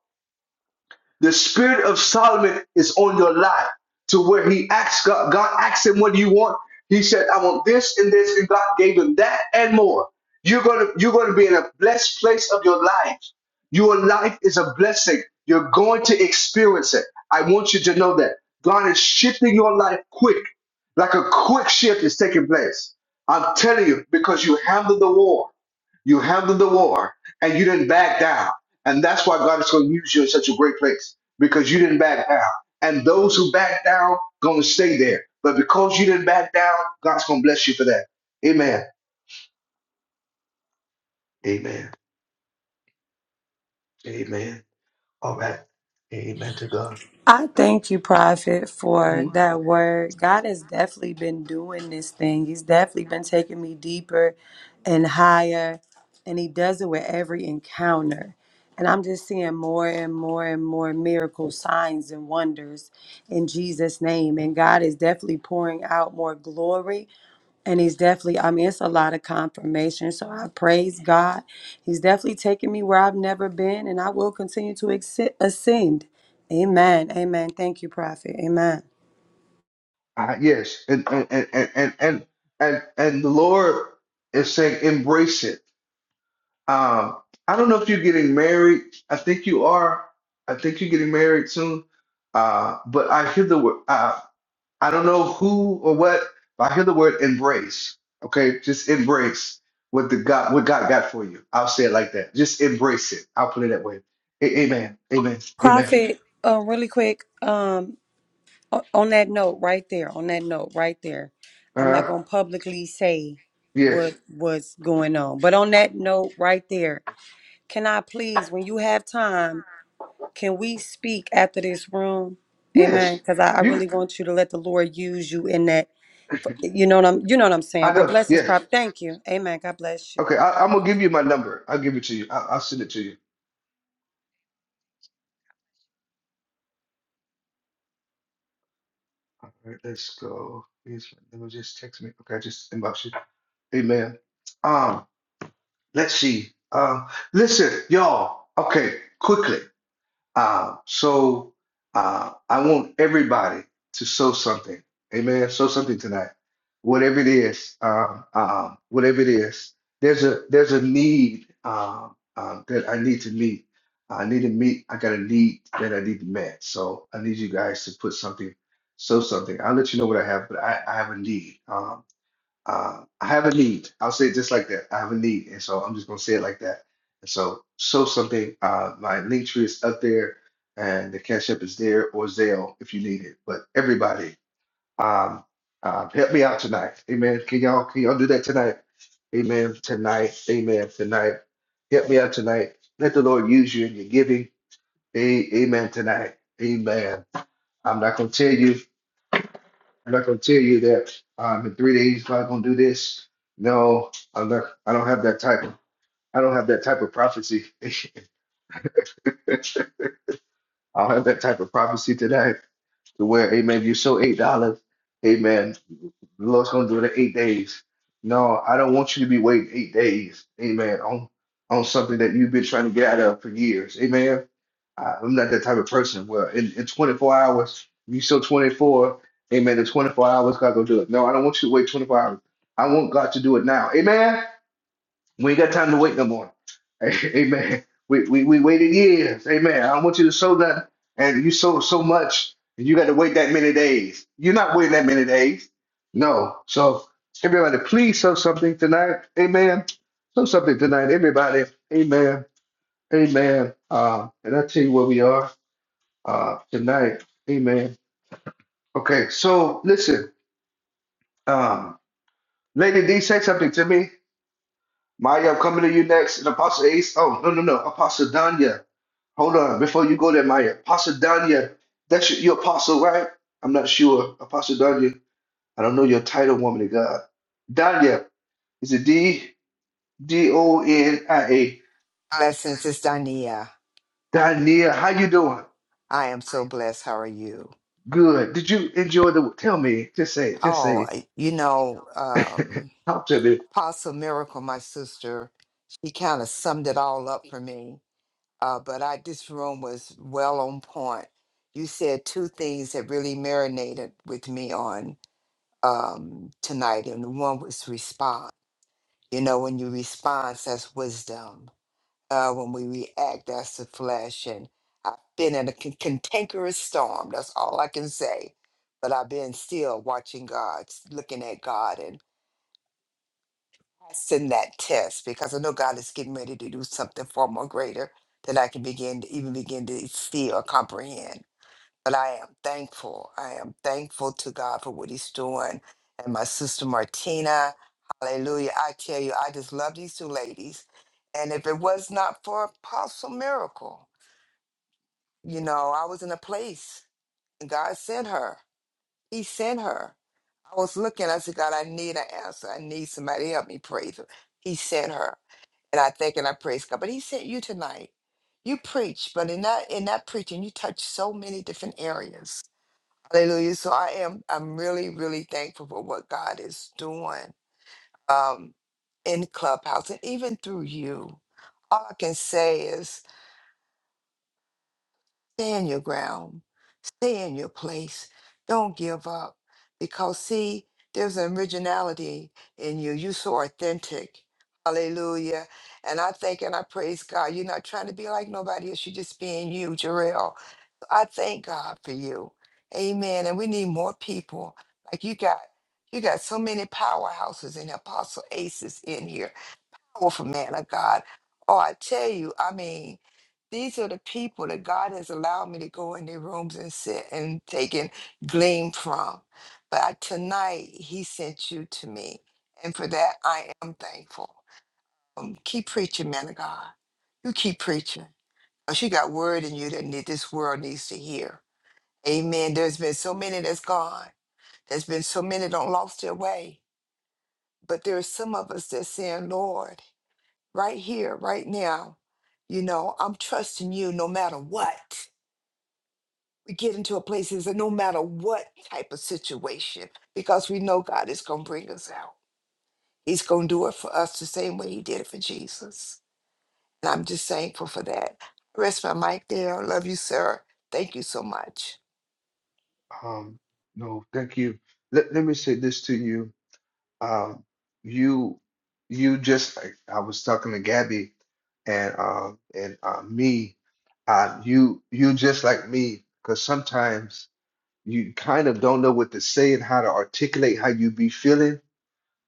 [SPEAKER 1] The spirit of Solomon is on your life to where he asked God, God asked him, What do you want? He said, I want this and this, and God gave him that and more. You're gonna you're gonna be in a blessed place of your life. Your life is a blessing. You're going to experience it. I want you to know that. God is shifting your life quick, like a quick shift is taking place. I'm telling you, because you handled the war. You handled the war and you didn't back down. And that's why God is going to use you in such a great place because you didn't back down. And those who back down going to stay there. But because you didn't back down, God's going to bless you for that. Amen. Amen. Amen. All right. Amen to God.
[SPEAKER 7] I thank you, Prophet, for
[SPEAKER 1] Mhm.
[SPEAKER 7] that word. God has definitely been doing this thing. He's definitely been taking me deeper and higher, and He does it with every encounter. And I'm just seeing more and more and more miracles, signs, and wonders in Jesus' name. And God is definitely pouring out more glory and he's definitely, I mean, it's a lot of confirmation. So I praise God. He's definitely taken me where I've never been, and I will continue to exi- ascend. Amen. Amen. Thank you, Prophet. Amen.
[SPEAKER 1] Uh, yes. And and, and and and and and the Lord is saying embrace it Um, I don't know if you're getting married. I think you are. I think you're getting married soon. Uh, but I hear the word. Uh, I don't know who or what, but I hear the word embrace. Okay, just embrace what the God, what God got for you. I'll say it like that. Just embrace it. I'll put it that way. A- amen. Amen. Amen.
[SPEAKER 7] Prophet, uh, really quick, um, o- on that note right there, on that note right there,
[SPEAKER 1] Uh
[SPEAKER 7] I'm not
[SPEAKER 1] huh.
[SPEAKER 7] going to publicly say
[SPEAKER 1] Yes.
[SPEAKER 7] what what's going on, but on that note right there, can I please, when you have time, Can we speak after this room? Amen.
[SPEAKER 1] Yes.
[SPEAKER 7] Because I, I
[SPEAKER 1] You.
[SPEAKER 7] really want you to let the Lord use you in that. You know what I'm. You know what I'm saying.
[SPEAKER 1] I
[SPEAKER 7] Well,
[SPEAKER 1] do.
[SPEAKER 7] blessings,
[SPEAKER 1] Yes.
[SPEAKER 7] prop. Thank you. Amen. God bless
[SPEAKER 1] Okay.
[SPEAKER 7] you.
[SPEAKER 1] I, I'm gonna give you my number. I'll give it to you. I, I'll send it to you. All right. Let's go. Here's my number. Just text me. Okay. I just inbox you. Amen. Um, let's see. Uh, listen, y'all. Okay, quickly. Uh, so uh, I want everybody to sow something. Amen. Sow something tonight. Whatever it is. Uh, uh, whatever it is. There's a there's a need uh, uh, that I need to meet. I need to meet. I got a need that I need to met. So I need you guys to put something, sow something. I'll let you know what I have, but I, I have a need. Um uh, I have a need. I'll say it just like that. I have a need, and so I'm just gonna say it like that. And so, so something. Uh, my link tree is up there, and the Cash App is there or Zelle if you need it. But everybody, um, uh, help me out tonight, Amen. Can y'all can y'all do that tonight, Amen. Tonight, Amen. Tonight, help me out tonight. Let the Lord use you in your giving, A- Amen. Tonight, Amen. I'm not gonna tell you. I'm not gonna tell you that um, in three days God gonna do this. No, I'm not. I don't have that type of. I don't have that type of prophecy. I don't have that type of prophecy today. To where, Amen. You sow eight dollars, Amen. The Lord's gonna do it in eight days. No, I don't want you to be waiting eight days, amen, on on something that you've been trying to get out of for years. Amen. I, I'm not that type of person. Well, in, in 24 hours, you still 24, amen. In 24 hours, God gonna do it. No, I don't want you to wait 24 hours. I want God to do it now. Amen. We ain't got time to wait no more. Amen. We, we we waited years. Amen. I don't want you to sow that, and you sow so much, and you got to wait that many days. You're not waiting that many days. No. So everybody, please sow something tonight. Amen. Sow something tonight, everybody. Amen. Amen. Uh, and I tell you where we are uh, tonight. Amen. Okay. So listen, um, Lady D, say something to me. Maya, I'm coming to you next. And Apostle Ace. Oh no no no, Apostle Danya. Hold on, before you go there, Maya. Apostle Danya, that's your, your apostle, right? I'm not sure. Apostle Danya, I don't know your title, woman of God. Danya, is it D D O N I A?
[SPEAKER 8] Blessings, it's Dania.
[SPEAKER 1] Danya, how you doing?
[SPEAKER 8] I am so blessed. How are you?
[SPEAKER 1] Good. Did you enjoy the? Tell me. Just say. it, Just
[SPEAKER 8] Oh,
[SPEAKER 1] say.
[SPEAKER 8] you know,
[SPEAKER 1] it.
[SPEAKER 8] um,
[SPEAKER 1] Talk to me.
[SPEAKER 8] Apostle Miracle, my sister, she kind of summed it all up for me. Uh, but I, this room was well on point. You said two things that really marinated with me on um, tonight, and one was respond. You know, when you respond, that's wisdom uh, when we react, that's the flesh. And I've been in a con- cantankerous storm. That's all I can say. But I've been still watching God, s- looking at God and passing that test because I know God is getting ready to do something far more greater than I can begin to even begin to see or comprehend. But I am thankful. I am thankful to God for what He's doing. And my sister Martina, hallelujah. I tell you, I just love these two ladies. And if it was not for Apostle Miracle, You know, I was in a place and God sent her. He sent her. I was looking, I said, God, I need an answer. I need somebody to help me pray. through." He sent her. And I think and I praise God. But he sent you tonight. You preach, but in that in that preaching, you touch so many different areas. Hallelujah. So I am I'm really, really thankful for what God is doing um in Clubhouse and even through you. All I can say is Stand your ground. Stay in your place. Don't give up. Because, see, there's an originality in you. You're so authentic. Hallelujah. And I thank and I praise God. You're not trying to be like nobody else. You're just being you, Jarrell. I thank God for you. Amen. And we need more people. Like you got you got so many powerhouses and apostle aces in here powerful man of God. Oh, I tell you, I mean, these are the people that God has allowed me to go in their rooms and sit and take and glean from. But I, tonight, He sent you to me. And for that, I am thankful. Um, keep preaching, man of God. You keep preaching. 'Cause you got word in you that need, this world needs to hear. Amen. There's been so many that's gone. There's been so many that lost their way. But there are some of us that's saying, Lord, right here, right now. You know, I'm trusting you no matter what. We get into a place that no matter what type of situation, because we know God is going to bring us out. He's going to do it for us the same way He did it for Jesus. And I'm just thankful for that. Rest my mic there. I love you, sir. Thank you so much.
[SPEAKER 1] Um. No, thank you. Let Let me say this to you. Um, you you just like, I was talking to Gabby and uh, and uh, me. Uh, you you just like me because sometimes you kind of don't know what to say and how to articulate how you be feeling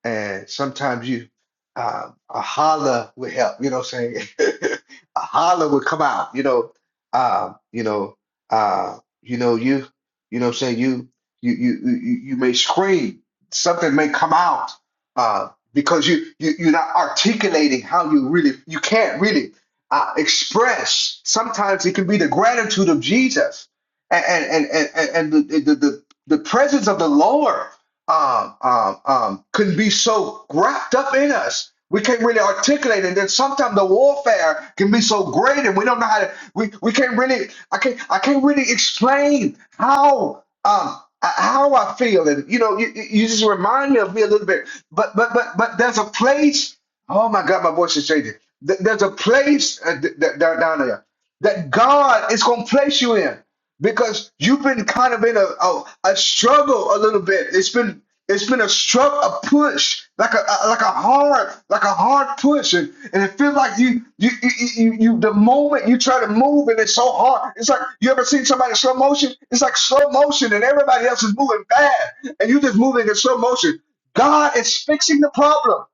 [SPEAKER 1] and sometimes you uh, a holler would help. You know what I'm saying? a holler would come out. You know, um, you know, uh, you know, you, you know, what I'm saying you, you, you, you, you may scream. Something may come out uh, because you, you, you're not articulating how you really, you can't really uh, express. Sometimes it can be the gratitude of Jesus and and and and, and the, the the the presence of the Lord um, um, um, can be so wrapped up in us. We can't really articulate, it. and then sometimes the warfare can be so great, and we don't know how to. We, we can't really. I can't. I can't really explain how um uh, how I feel, and you know, you, you you just remind me of me a little bit. But but but but there's a place. Oh my God, my voice is changing. Th- There's a place uh, th- th- down down there that God is going to place you in because you've been kind of in a, a, a struggle a little bit. It's been it's been a struggle, a push, like a, a- like a hard like a hard push, and, and it feels like you you, you you you the moment you try to move and it's so hard. It's like you ever seen somebody in slow motion? It's like slow motion, and everybody else is moving fast, and you're just moving in slow motion. God is fixing the problem.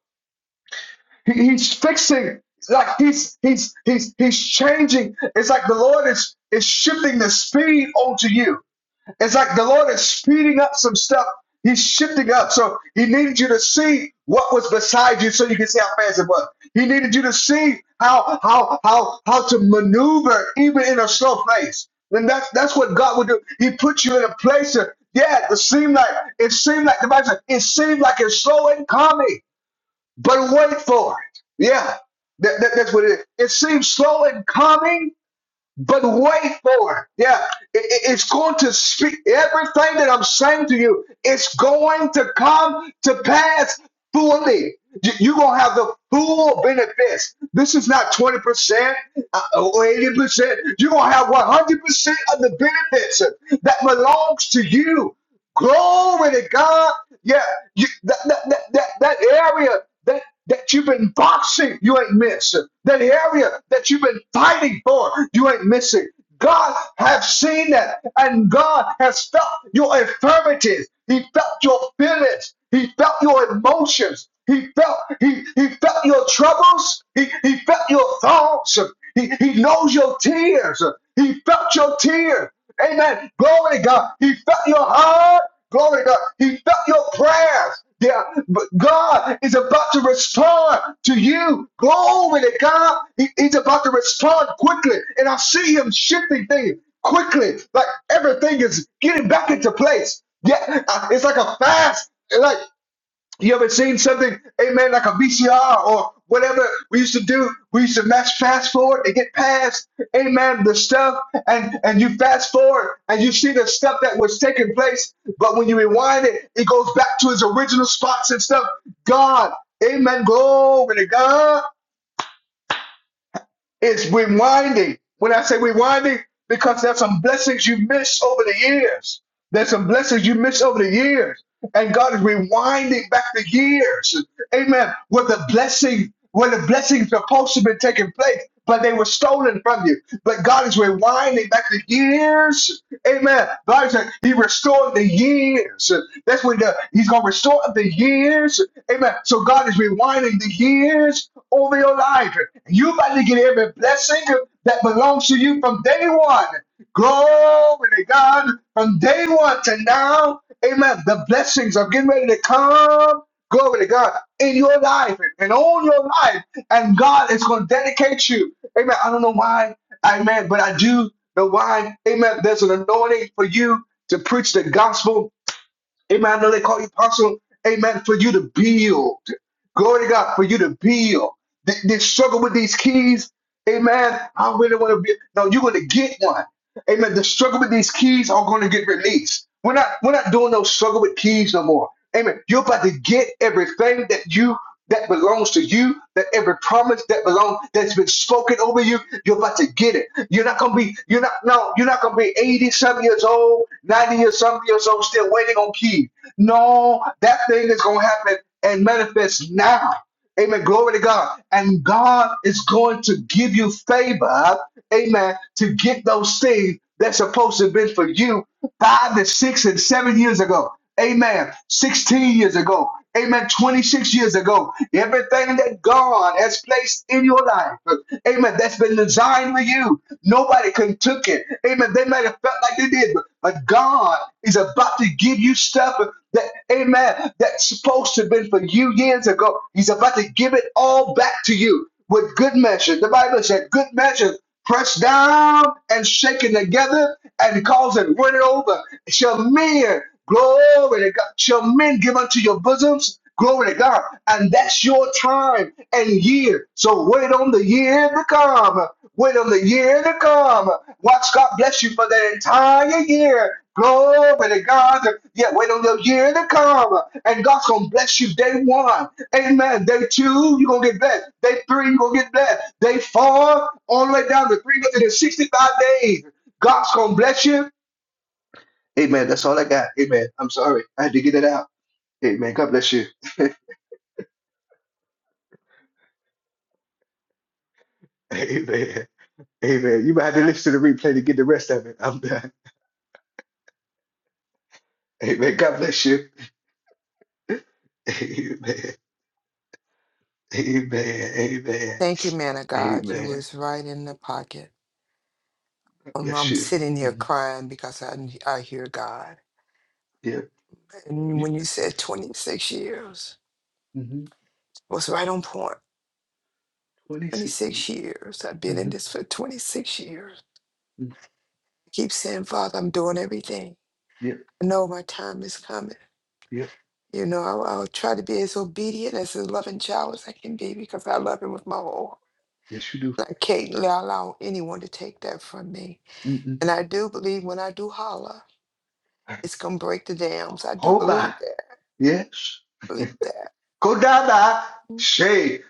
[SPEAKER 1] He, he's fixing like he's he's he's he's changing. It's like the Lord is is shifting the speed onto you. It's like the Lord is speeding up some stuff. He's shifting up. So he needed you to see what was beside you so you can see how fast it was. He needed you to see how how how how to maneuver even in a slow place. And that's that's what God would do. He put you in a place that, yeah, it seemed like it seemed like the Bible said, it seemed like it's slow and coming, but wait for it. Yeah. That, that- that's what it is. It seems slow and coming, but wait for it. Yeah, it, it- it's going to speak. Everything that I'm saying to you, it's going to come to pass fully. You- You're going to have the full benefits. This is not 20% uh, or 80%. You're going to have 100% of the benefits that belongs to you. Glory to God. Yeah, you, that, that, that, that, that area that, that you've been boxing, you ain't missing. That area that you've been fighting for, you ain't missing. God has seen that, and God has felt your infirmities. He felt your feelings. He felt your emotions. He felt he, he felt your troubles. He, he felt your thoughts. He, he knows your tears. He felt your tears. Amen. Glory to God. He felt your heart. Glory to God. He felt your prayers. Yeah, but God is about to respond to you. Glory to God. He- he's about to respond quickly. And I see him shifting things quickly. Like everything is getting back into place. Yeah, uh, it's like a fast. Like you ever seen something, amen, like a VCR or whatever we used to do? We used to mash fast forward and get past, amen, the stuff, and and you fast forward and you see the stuff that was taking place. But when you rewind it, it goes back to its original spots and stuff. God, amen, glory to God is rewinding. When I say rewinding, because there's some blessings you missed over the years. There's some blessings you missed over the years. And God is rewinding back the years. Amen. Where the blessing, where the blessings supposed to be taking place, but they were stolen from you. But God is rewinding back the years. Amen. God is He restored the years. That's when the, He's gonna restore the years. Amen. So God is rewinding the years over your life. You about to get every blessing that belongs to you from day one. Glory to God. From day one to now, amen. The blessings are getting ready to come. Glory to God in your life and all your life. And God is going to dedicate you. Amen. I don't know why. Amen. But I do know why. Amen. There's an anointing for you to preach the gospel Amen. I know they call you apostle. Amen. For you to build. Glory to God. For you to build. Th- This struggle with these keys. Amen. I really want to be. No, you're going to get one. Amen. The struggle with these keys are going to get released. We're not. We're not doing no struggle with keys no more. Amen. You're about to get everything that you that belongs to you, that every promise that belongs that's been spoken over you, you're about to get it. You're not gonna be, you're not no, you're not gonna be 80 some years old, 90 years some years old, still waiting on keys. No, that thing is gonna happen and manifest now. Amen. Glory to God. And God is going to give you favor, amen, to get those things that's supposed to have been for you five to six and seven years ago. Amen. 16 years ago. Amen. 26 years ago. Everything that God has placed in your life. Amen. That's been designed for you. Nobody can took it. Amen. They might have felt like they did, but but God is about to give you stuff that, amen, that's supposed to have been for you years ago. He's about to give it all back to you with good measure. The Bible said, good measure, pressed down and shaken together and causing running over. Shall men, glory to God, shall men give unto your bosoms? Glory to God. And that's your time and year. So wait on the year to come. Wait on the year to come. Watch God bless you for that entire year. Glory to God. Yeah, wait on the year to come. And God's going to bless you day one. Amen. Day two, you're going to get blessed. Day three, you're going to get blessed. Day four, all the way down to 365 days. God's going to bless you. Amen. That's all I got. Amen. I'm sorry. I had to get it out. Amen. God bless you. Amen. Amen. You might have to listen to the replay to get the rest of it. I'm done. Amen. God bless you. Amen. Amen. Amen.
[SPEAKER 8] Thank you, man of God. You
[SPEAKER 1] Amen.
[SPEAKER 8] was
[SPEAKER 1] God
[SPEAKER 8] right in the pocket. Um,
[SPEAKER 1] Bless
[SPEAKER 8] I'm
[SPEAKER 1] you.
[SPEAKER 8] sitting here
[SPEAKER 1] Mhm.
[SPEAKER 8] crying because I, I hear God.
[SPEAKER 1] Yep.
[SPEAKER 8] And
[SPEAKER 1] You
[SPEAKER 8] when you
[SPEAKER 1] got
[SPEAKER 8] said
[SPEAKER 1] this.
[SPEAKER 8] 26 years,
[SPEAKER 1] hmm
[SPEAKER 8] it was right on point
[SPEAKER 1] 26 years.
[SPEAKER 8] 26 years. I've been in
[SPEAKER 1] hmm
[SPEAKER 8] this for 26 years. I keep saying, Father, I'm doing everything.
[SPEAKER 1] Yep.
[SPEAKER 8] I know my time is coming.
[SPEAKER 1] Yep.
[SPEAKER 8] You know, I'll, I'll try to be as obedient, as a loving child as I can be because I love him with my whole heart.
[SPEAKER 1] Yes, you do.
[SPEAKER 8] And I can't allow anyone to take that from me.
[SPEAKER 1] Mm-mm.
[SPEAKER 8] And I do believe when I do holler, it's going to break the dams. I do
[SPEAKER 1] Hold
[SPEAKER 8] believe
[SPEAKER 1] by.
[SPEAKER 8] that.
[SPEAKER 1] Yes.
[SPEAKER 8] I believe that.
[SPEAKER 1] Kodama
[SPEAKER 8] Mm.
[SPEAKER 1] Shay.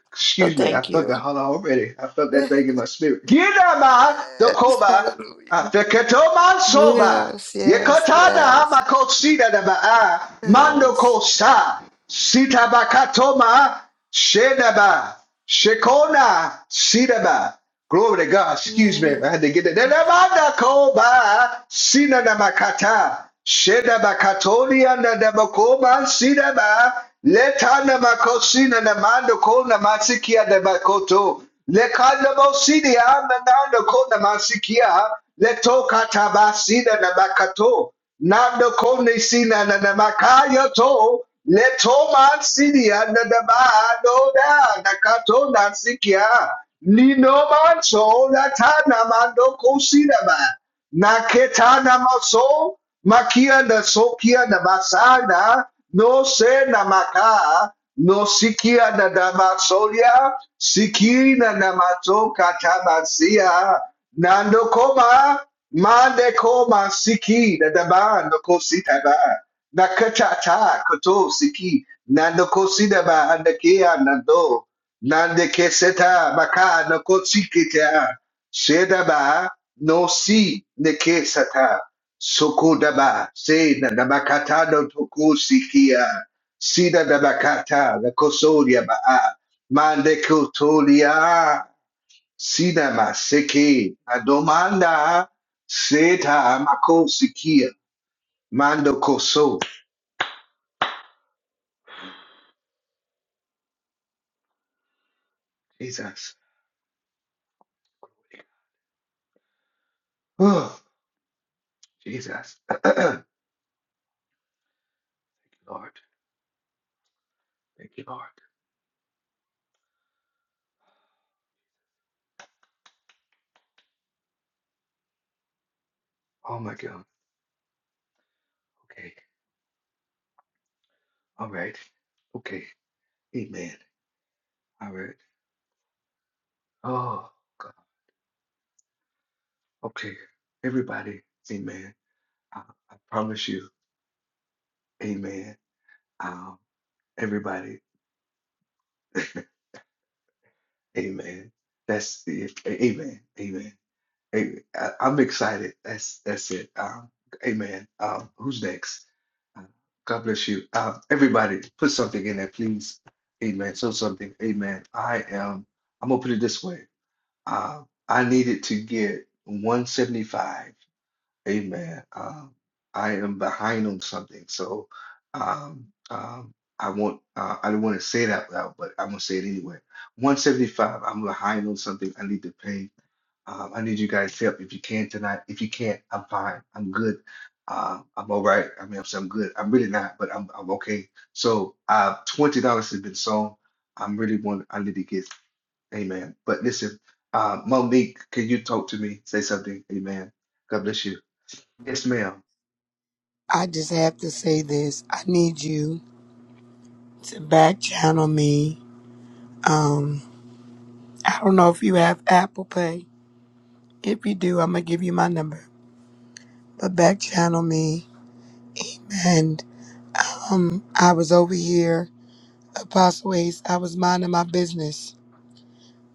[SPEAKER 8] So
[SPEAKER 1] Excuse me, I
[SPEAKER 8] thank
[SPEAKER 1] felt that
[SPEAKER 8] you.
[SPEAKER 1] holler already. I felt that thing in my spirit. Gidama
[SPEAKER 8] Yes.
[SPEAKER 1] Dokoma
[SPEAKER 8] Hallelujah.
[SPEAKER 1] Afeketoma Soba.
[SPEAKER 8] Yes, yes,
[SPEAKER 1] Yekotana
[SPEAKER 8] yes,
[SPEAKER 1] Makosida Daba Mando
[SPEAKER 8] yes.
[SPEAKER 1] Kosa Sitabakatoma Shedaba Shekona Sidaba. Glory to God. Excuse me.
[SPEAKER 8] Mm.
[SPEAKER 1] I had to get that. Nelemanda koba sina na makata. Sheda bakatolia na na makoba sina ba. Leta na makosina na mando ko na masikia na makoto. Lekanda mosidi ya na nando ko na masikia. Leto katabasina na na makato. Nando kone sina na na makaya to leto man sidia na na ba no da na kato na sikia ni no man so la ta na mando kosina ba Naketa namaso, makia na sokia na basana, no se namaka, no sikia na damasolia, siki na namato katamasia, nando koma, mande koma siki na dama no kosita ba, nakachata koto siki, nando kosita ba andakia nando, nande keseta maka no kosikita. Shedaba no si nekesata. Sokodaba se na nabakata no toku sikia. Sida nabakata la kosodia baa. Mande kotolia. Sida maseke. La domanda seta mako Mando koso. Jesus. Oh, Jesus. Thank you, Lord. Thank you, Lord. Oh my God. Okay. All right. Okay. Amen. All right. Oh, God. okay. Everybody, amen. I, I promise you, amen. Um, everybody, amen. That's it. A- Amen. Amen. Amen. i am excited. That's that's it. Um, amen. Um, who's next? Uh, God bless you. Um, everybody, put something in there, please. Amen. So something. Amen. I am. I'm gonna put it this way. Uh, I needed to get 175. Amen. Um, I am behind on something, so um, um, I want uh, I don't want to say it out loud, but I'm gonna say it anyway. 175. I'm behind on something. I need to pay. Um, I need you guys' help if you can tonight. If you can't, I'm fine. I'm good. Uh, I'm all right. I mean, I'm, I'm good. I'm really not, but I'm I'm okay. So uh, twenty dollars has been sold. I'm really want. I need to get. Amen. But listen, uh, Monique, can you talk to me? Say something. Amen. God bless you. Yes, ma'am.
[SPEAKER 3] I just have to say this. I need you to back channel me. Um. I don't know if you have Apple Pay. If you do, I'm gonna give you my number. But back channel me. And um, I was over here, Apostle Ace. I was minding my business,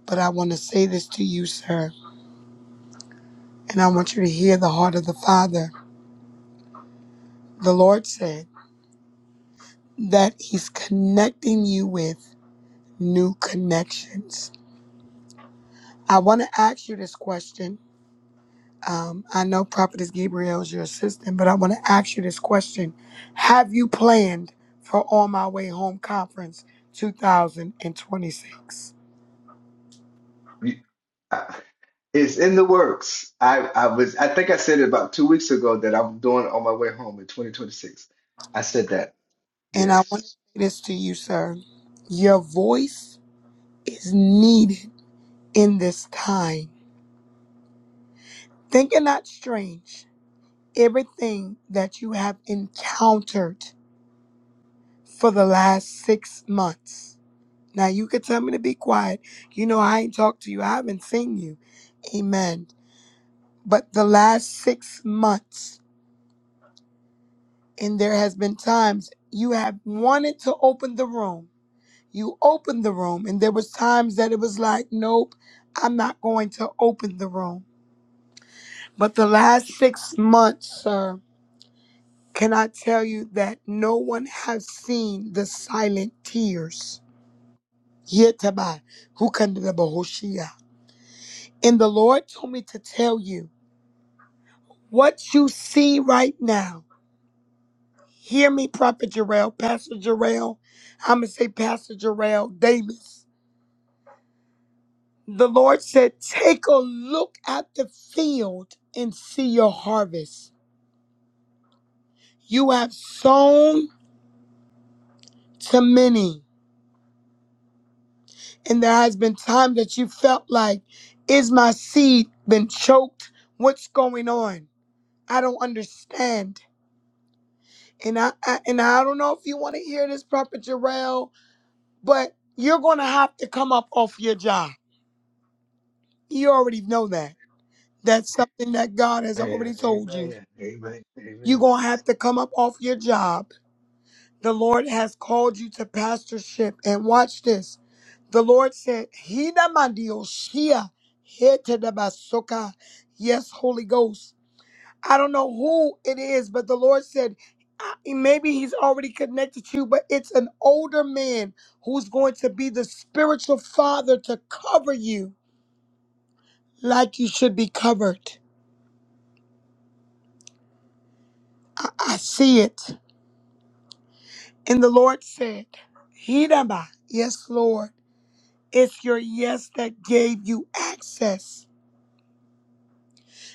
[SPEAKER 3] but I want to say this to you, sir, and I want you to hear the heart of the Father. The Lord said that He's connecting you with new connections. I want to ask you this question. Um, I know Prophetess Gabriel is your assistant, but I want to ask you this question. Have you planned for On My Way Home Conference 2026?
[SPEAKER 1] You- I- It's in the works. I, I was I think I said it about two weeks ago that I'm doing it on my way home in 2026. I said that.
[SPEAKER 3] And I want to
[SPEAKER 1] Yes.
[SPEAKER 3] say this to you, sir. Your voice is needed in this time. Think it not strange. Everything that you have encountered for the last six months. Now, you could tell me to be quiet. You know, I ain't talked to you, I haven't seen you. Amen but the last six months, and there has been times you have wanted to open the room. You opened the room, and there was times that it was like, nope, I'm not going to open the room. But the last six months, sir, can I tell you that no one has seen the silent tears? Yetabai, hukandanabahoshia. And the Lord told me to tell you what you see right now. Hear me, Prophet Jarrell, Pastor Jarrell. I'm going to say Pastor Jarrell Davis. The Lord said, Take a look at the field and see your harvest. You have sown to many. And there has been time that you felt like, Is my seed been choked? What's going on? I don't understand. And I, I and I don't know if you want to hear this, Prophet Jarrell, but you're gonna have to come up off your job. You already know that That's something that God has already
[SPEAKER 1] Amen.
[SPEAKER 3] told you.
[SPEAKER 1] Amen. Amen.
[SPEAKER 3] You're
[SPEAKER 1] Amen.
[SPEAKER 3] going to have to come up off your job. The Lord has called you to pastorship. And watch this. The Lord said, Hina mandio shia, hete de basoka." Yes, Holy Ghost. I don't know who it is, but the Lord said, I- maybe he's already connected to you, but it's an older man who's going to be the spiritual father to cover you like you should be covered. I I see it. And the Lord said, Hidaba, yes, Lord, it's your yes that gave you access.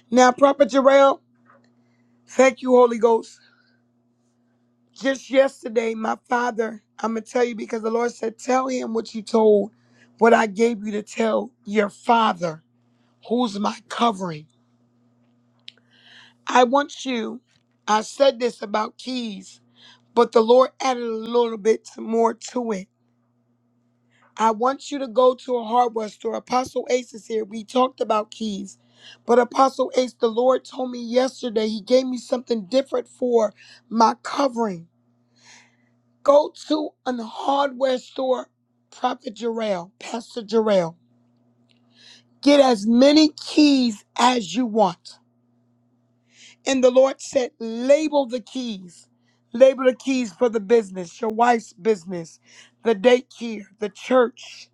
[SPEAKER 3] Now, Prophet Jarrell, thank you, Holy Ghost. Just yesterday, my father, I'm going to tell you because the Lord said, Tell him what you told, what I gave you to tell your father, who's my covering. I want you, I said this about keys, but the Lord added a little bit more to it I want you to go to a hardware store. Apostle Ace is here. We talked about keys. But Apostle Ace, the Lord told me yesterday, He gave me something different for my covering. Go to a hardware store, Prophet Jarrell, Pastor Jarrell. Get as many keys as you want. And the Lord said, label the keys. Label the keys for the business, your wife's business, the daycare, the church.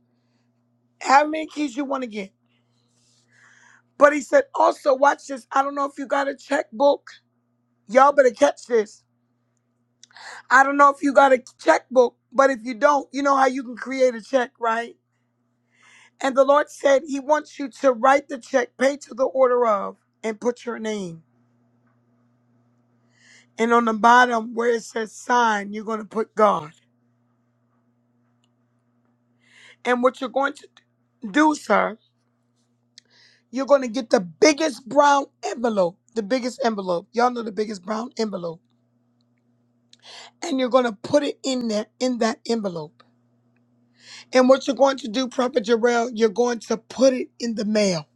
[SPEAKER 3] How many keys you want to get? But he said, also, watch this. I don't know if you got a checkbook. Y'all better catch this. I don't know if you got a checkbook, but if you don't, you know how you can create a check, right? And the Lord said, He wants you to write the check, pay to the order of, and put your name. And on the bottom where it says sign, you're going to put God. And what you're going to do, sir, you're going to get the biggest brown envelope, the biggest envelope. Y'all know the biggest brown envelope. And you're going to put it in there, in that envelope And what you're going to do, Prophet Jarrell, you're going to put it in the mail.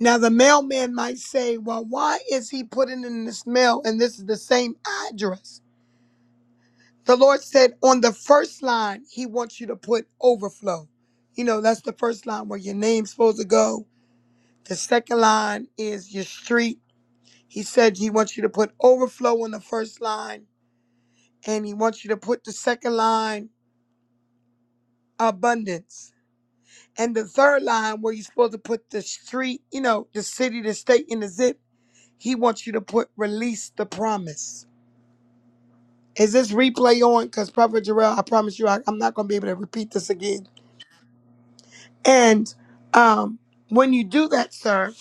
[SPEAKER 3] Now, the mailman might say, Well, why is he putting in this mail and this is the same address? The Lord said on the first line, He wants you to put overflow. You know, that's the first line where your name's supposed to go. The second line is your street. He said He wants you to put overflow on the first line, and He wants you to put the second line abundance. And the third line where you're supposed to put the street, you know, the city, the state, and the zip, he wants you to put release the promise. Is this replay on? Because Prophet Jarrell, I promise you, I, I'm not going to be able to repeat this again. And um, when you do that, sir,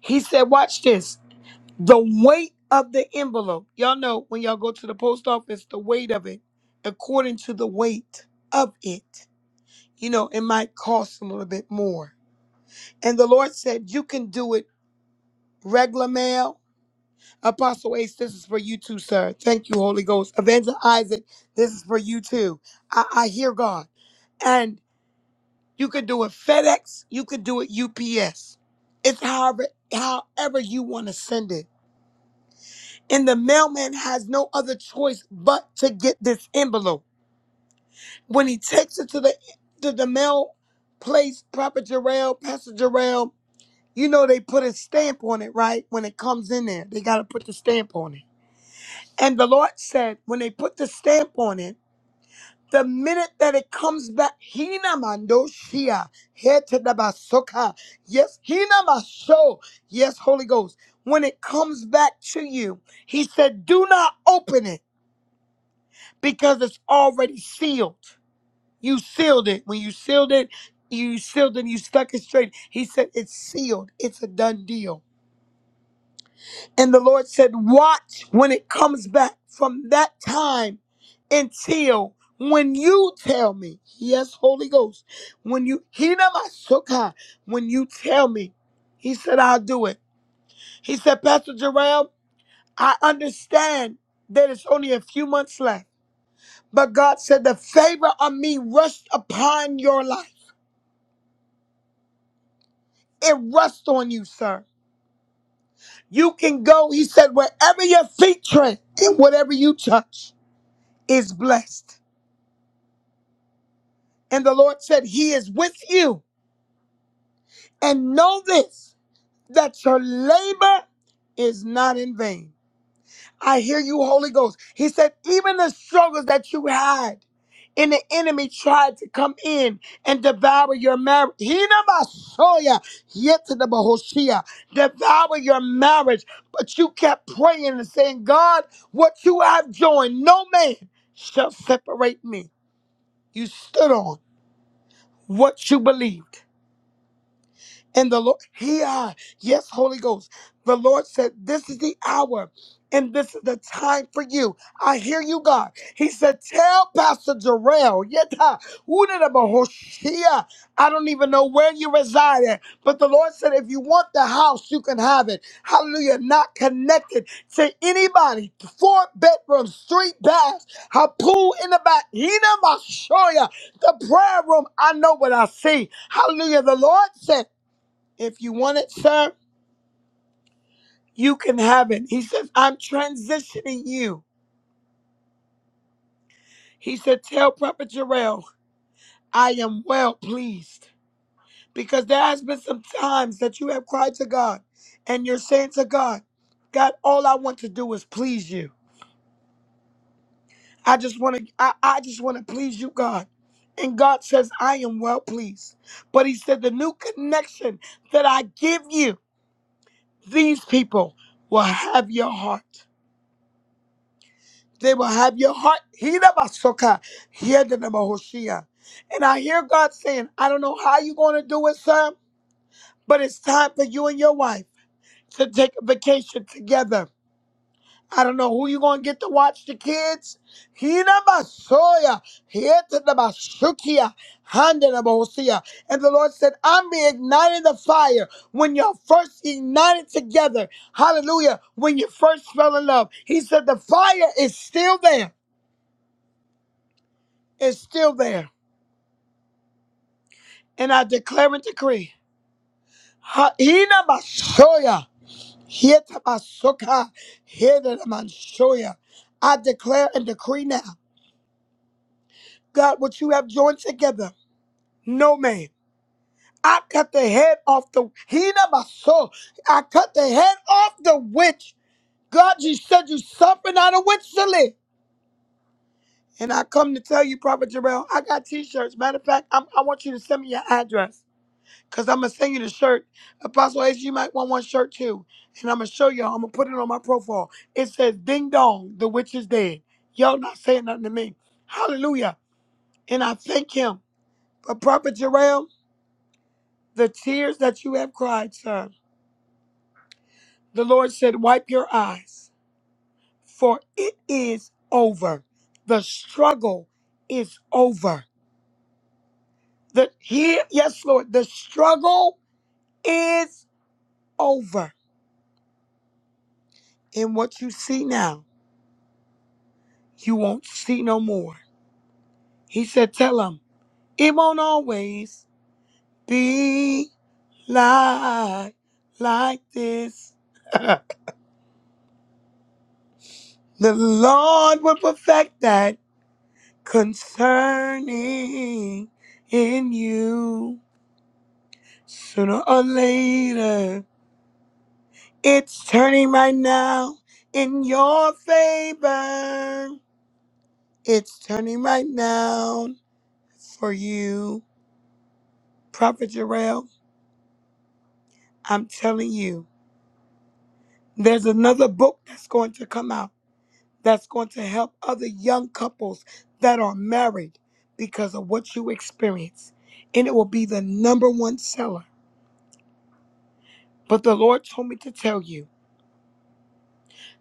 [SPEAKER 3] he said, watch this. The weight of the envelope. Y'all know when y'all go to the post office, the weight of it, according to the weight of it, you know, it might cost a little bit more. And the Lord said, you can do it regular mail. Apostle Ace, this is for you too, sir. Thank you, Holy Ghost. Avenger Isaac, this is for you too. I, I hear God. And you could do it FedEx, you could do it UPS. It's however however you want to send it. And the mailman has no other choice but to get this envelope. When he takes it to the to the mail place, Prophet Jarrell, Pastor Jarrell, you know they put a stamp on it, right? When it comes in there, they gotta put the stamp on it. And the Lord said, when they put the stamp on it, the minute that it comes back, Hina Mandoshia, Hetadabasoka. Yes, Hina Masho. Yes, Holy Ghost. When it comes back to you, he said, do not open it because it's already sealed. You sealed it. When you sealed it, you sealed it, you stuck it straight. He said, it's sealed. It's a done deal. And the Lord said, Watch when it comes back from that time until when you tell me, yes, Holy Ghost, when you Hinamasuka, when you tell me, he said, I'll do it. He said, Pastor Jerome, I understand that it's only a few months left. But God said, The favor of me rest upon your life. It rests on you, sir. You can go, he said, wherever your feet tread and whatever you touch is blessed. And the Lord said, He is with you. And know this, that your labor is not in vain. I hear you, Holy Ghost. He said, Even the struggles that you had and the enemy tried to come in and devour your marriage. Hinabasoya, yetadabahoshia, Devour your marriage. But you kept praying and saying, God, what you have joined, no man shall separate me. You stood on what you believed And the Lord, here, yes, Holy Ghost. The Lord said, This is the hour and this is the time for you. I hear you, God. He said, Tell Pastor Jarrell, yeta, wudadabahoshia. I don't even know where you reside at, but the Lord said, If you want the house, you can have it. Hallelujah. Not connected to anybody. Four bedrooms, three baths, a pool in the back. Hina mashoya. The prayer room, I know what I see. Hallelujah. The Lord said, if you want it, sir, you can have it. He says, I'm transitioning you. He said, Tell Prophet Jarrell, I am well pleased. Because there has been some times that you have cried to God and you're saying to God, God, all I want to do is please you. I just want to, I, I just want to please you, God. And God says, I am well pleased. But he said, the new connection that I give you, these people will have your heart. They will have your heart. Hirabasoka, Hiedanabahoshia. And I hear God saying, I don't know how you're going to do it, sir, but it's time for you and your wife to take a vacation together. I don't know who you're going to get to watch the kids. Hirabasoya, Hiedanabashukia, Handanabahoshia. And the Lord said, I'm reigniting the fire when you're first ignited together. Hallelujah. When you first fell in love. He said, the fire is still there. is still there. And I declare and decree. Hina Mashoya. Hieta Masoka. Hina Mashoya. I declare and decree now. God, what you have joined together, no man. I cut the head off the Hina Maso. I cut the head off the witch. God, you said you suffered not a witch to live. And I come to tell you, Prophet Jarrell, I got t-shirts. Matter of fact, I'm, I want you to send me your address. Cause I'm gonna send you the shirt. Apostle Ace, you might want one shirt too. And I'm gonna show y'all. I'm gonna put it on my profile. It says Ding Dong, the witch is dead. Y'all not saying nothing to me. Hallelujah. And I thank him. But Prophet Jerrell, the tears that you have cried, sir. The Lord said, Wipe your eyes, for it is over. The struggle is over. The here, yes, Lord, the struggle is over. And what you see now. you won't see no more. He said, Tell him, it won't always be like, like this. the Lord will perfect that concerning in you. Sooner or later, it's turning right now in your favor. It's turning right now for you. Prophet Jarrell, I'm telling you. There's another book that's going to come out that's going to help other young couples that are married because of what you experience. And it will be the number one seller. But the Lord told me to tell you,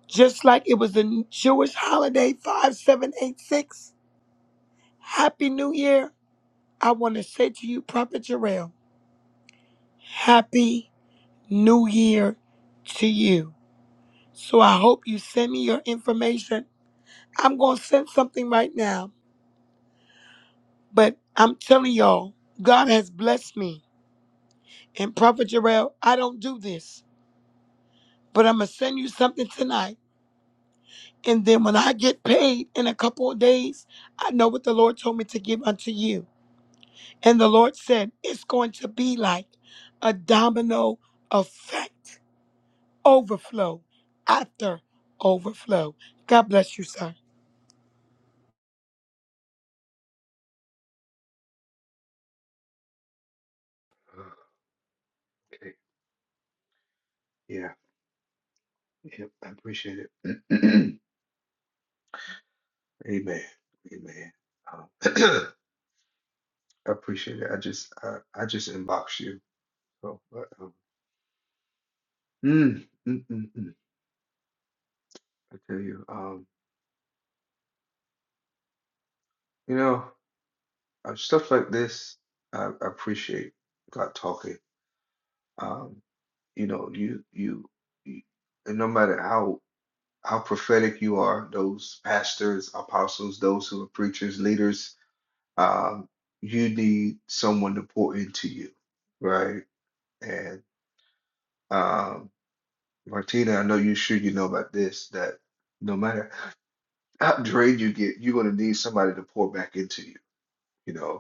[SPEAKER 3] just like it was the Jewish holiday 5786, Happy New Year. I want to say to you, Prophet Jarrell, Happy New Year to you. So I hope you send me your information. I'm going to send something right now But I'm telling y'all, God has blessed me. And Prophet Jarrell, I don't do this, but I'm going to send you something tonight. And then when I get paid in a couple of days, I know what the Lord told me to give unto you. And the Lord said, it's going to be like a domino effect, overflow after overflow. God bless you, sir.
[SPEAKER 1] Okay. Yeah. Yep. I appreciate it. Amen. Amen. Um, I appreciate it. I just I, I just inbox you. So, but, um, mm, mm, mm, mm. I tell you, um, you know. Uh, stuff like this, I, I appreciate God talking. Um, you know, you, you you and no matter how how prophetic you are, those pastors, apostles, those who are preachers, leaders, um, you need someone to pour into you, right? And um, Martina, I know you sure you know about this that no matter how drained you get, you're gonna need somebody to pour back into you. You know,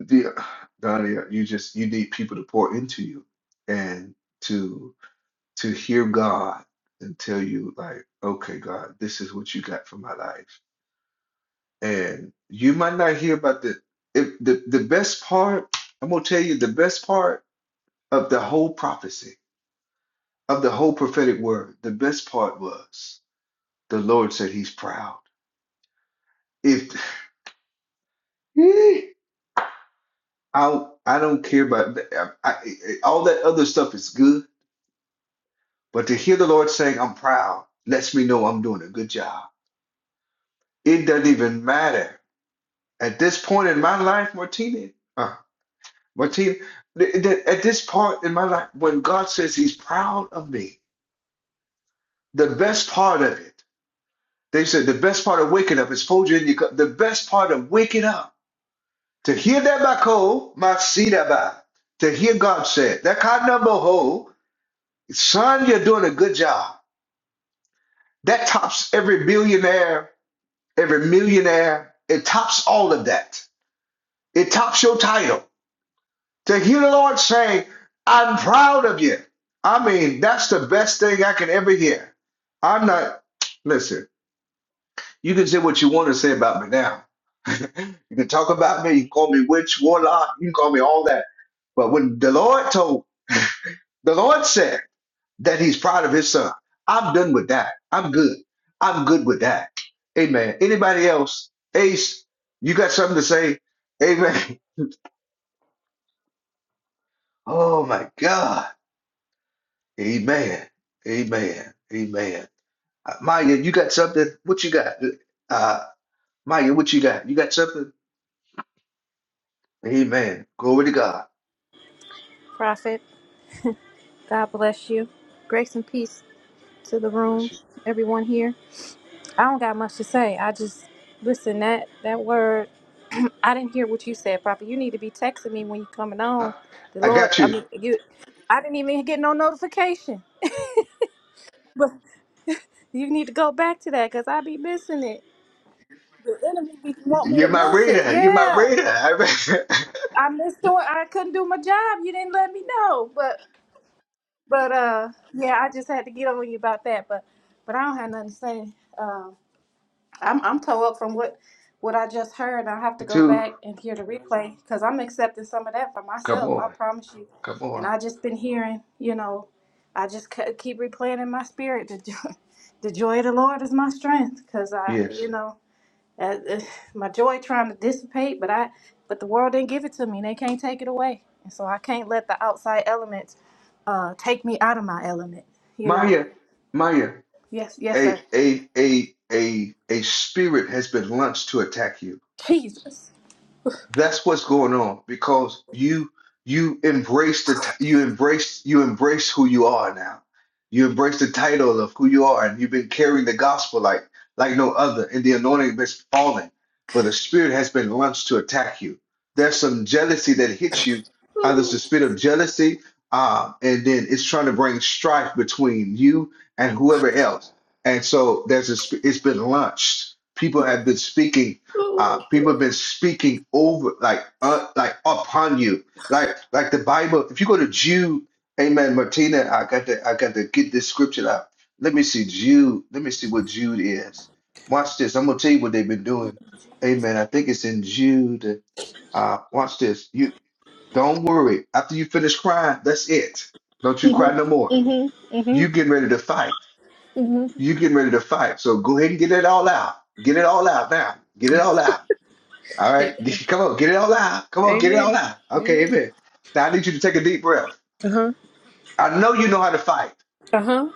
[SPEAKER 1] the Donnie, you just you need people to pour into you and to to hear God and tell you like, okay, God, this is what you got for my life. And you might not hear about the if the the best part, I'm gonna tell you the best part of the whole prophecy, of the whole prophetic word, the best part was the Lord said he's proud. If I I don't care about I, I, all that other stuff is good But to hear the Lord saying, I'm proud, lets me know I'm doing a good job. It doesn't even matter. At this point in my life, Martina, uh, Martina, th- th- at this part in my life, when God says he's proud of me, the best part of it, they said the best part of waking up is fold you in your cup. The best part of waking up, to hear that by cold, my seat about, to hear God say it, that kind of number ho, son, you're doing a good job. That tops every billionaire every millionaire. It tops all of that. It tops your title. To hear the Lord say, I'm proud of you. I mean, that's the best thing I can ever hear. I'm not, listen, you can say what you want to say about me now. you can talk about me, you can call me witch, warlock, you can call me all that. But when the Lord told, the Lord said, that he's proud of his son. I'm done with that. I'm good. I'm good with that. Amen. Anybody else? Ace, you got something to say? Amen. Oh my God. Amen. Amen. Amen. Uh, Maya, you got something? What you got? Uh, Maya, what you got? You got something? Amen. Glory to God.
[SPEAKER 9] Prophet, God bless you. Grace and peace to the
[SPEAKER 1] Bless
[SPEAKER 9] room,
[SPEAKER 1] you.
[SPEAKER 9] everyone here. I don't got much to say. I just listen that that word. I didn't hear what you said, Prophet. You need to be texting me when you coming on. The
[SPEAKER 1] I
[SPEAKER 9] Lord,
[SPEAKER 1] got
[SPEAKER 9] I
[SPEAKER 1] you.
[SPEAKER 9] mean, you. I didn't even get no notification. But you need to go back to that because I be missing it. The enemy be- want me
[SPEAKER 1] You're
[SPEAKER 9] to
[SPEAKER 1] my
[SPEAKER 9] miss it.
[SPEAKER 1] reader. You're my
[SPEAKER 9] Yeah,
[SPEAKER 1] reader. I read-
[SPEAKER 9] I missed doing. I couldn't do my job. You didn't let me know, but But uh, yeah, I just had to get on you about that. But but I don't have nothing to say. Um, I'm I'm tore up from what what I just heard. I have to
[SPEAKER 1] Me
[SPEAKER 9] go
[SPEAKER 1] too.
[SPEAKER 9] back and hear the replay because I'm accepting some of that for
[SPEAKER 1] Come
[SPEAKER 9] myself. I
[SPEAKER 1] on.
[SPEAKER 9] promise you.
[SPEAKER 1] Come
[SPEAKER 9] And
[SPEAKER 1] on.
[SPEAKER 9] I just been hearing, you know, I just c- keep replaying in my spirit. The joy, the joy of the Lord is my strength. Cause I, you
[SPEAKER 1] Yes.
[SPEAKER 9] know. Uh, uh, my joy trying to dissipate, but I, but the world didn't give it to me. They can't take it away, and so I can't let the outside elements uh, take me out of my element. You know.
[SPEAKER 1] Maya, Maya.
[SPEAKER 9] Yes, yes,
[SPEAKER 1] a
[SPEAKER 9] sir.
[SPEAKER 1] a a a a spirit has been launched to attack you.
[SPEAKER 9] Jesus.
[SPEAKER 1] That's what's going on because you you embrace the t- you embrace you embrace who you are now. You embrace the title of who you are, and you've been carrying the gospel like like no other, and the anointing has fallen, but the spirit has been launched to attack you. There's some jealousy that hits you. Either it's the
[SPEAKER 9] Ooh,
[SPEAKER 1] spirit of jealousy, uh, and then it's trying to bring strife between you and whoever else. And so there's a, sp- it's been launched. People have been speaking
[SPEAKER 9] ooh.
[SPEAKER 1] uh, people have been speaking over like uh, like upon you like like the bible if you go to jude amen martina i got to i got to get this scripture out let me see jude let me see what jude is watch this i'm gonna tell you what they've been doing amen i think it's in jude uh watch this you don't worry after you finish crying that's it don't you cry no more you getting ready to fight you getting ready to fight so go ahead and get it all out get it all out now get it all out all right. Come on, get it all out. Come on, get it all out. Okay, amen. Now I need you to take a deep breath. I know you know how to fight.
[SPEAKER 9] Uh huh.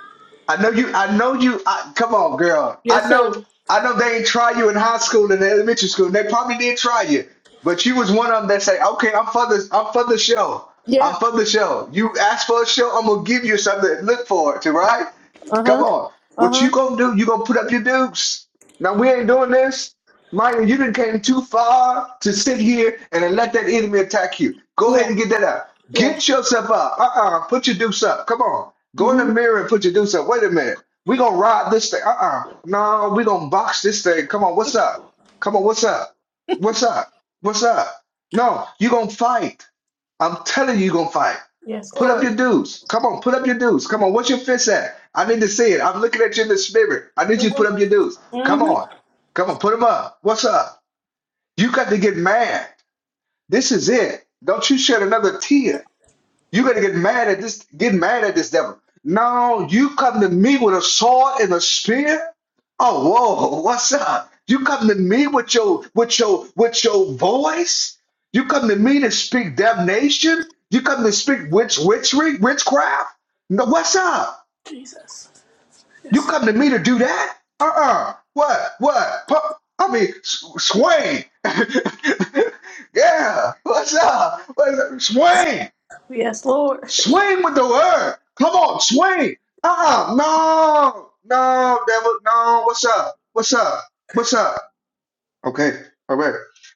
[SPEAKER 1] I know you, I know you, I, come on, girl.
[SPEAKER 9] Yes,
[SPEAKER 1] I
[SPEAKER 9] sir.
[SPEAKER 1] know, I know they ain't try you in high school and elementary school. They probably did try you. But you was one of them that say, okay, I'm for this, I'm for the show. I'm
[SPEAKER 9] Yeah.
[SPEAKER 1] for the show. You ask for a show, I'm gonna give you something to look forward to, right?
[SPEAKER 9] Uh
[SPEAKER 1] Come
[SPEAKER 9] huh.
[SPEAKER 1] on.
[SPEAKER 9] Uh
[SPEAKER 1] What you
[SPEAKER 9] huh.
[SPEAKER 1] gonna do, you gonna put up your dukes. Now we ain't doing this. Michael, you didn't came too far to sit here and let that enemy attack you. Go ahead
[SPEAKER 9] Yeah,
[SPEAKER 1] and get that up.
[SPEAKER 9] yeah.
[SPEAKER 1] Get yourself up. Uh-uh. Put your deuce up. Come on. Go in the
[SPEAKER 9] hmm
[SPEAKER 1] mirror and put your deuce up. Wait a minute. we gonna ride this thing. Uh-uh. No, we gonna box this thing. Come on, what's up? Come on, what's up? What's up? What's up? No, you gonna fight. I'm telling you, you're gonna fight.
[SPEAKER 9] Yes,
[SPEAKER 1] Put up
[SPEAKER 9] Lord.
[SPEAKER 1] your dues. Come on, put up your dues. Come on, what's your fist at? I need to see it. I'm looking at you in the spirit. I need you to put up your dues. Come
[SPEAKER 9] hmm
[SPEAKER 1] on. Come on, put them up. What's up? You got to get mad. This is it. Don't you shed another tear. You're gonna get mad at this, get mad at this devil. No, you come to me with a sword and a spear. Oh, whoa, what's up? You come to me with your with your with your voice. You come to me to speak damnation. You come to speak witch witchery, witchcraft. No, what's up?
[SPEAKER 9] Jesus.
[SPEAKER 1] You
[SPEAKER 9] Yes,
[SPEAKER 1] come to me to do that? Uh-uh. What? What? Pu- I mean, S- Swain. yeah. What's up? What's up? Swain.
[SPEAKER 9] Lord. Yes, Lord.
[SPEAKER 1] Swing with the word. Come on, swing. Uh-uh. No, no, devil, no. What's up? What's up? What's up? Okay. All right.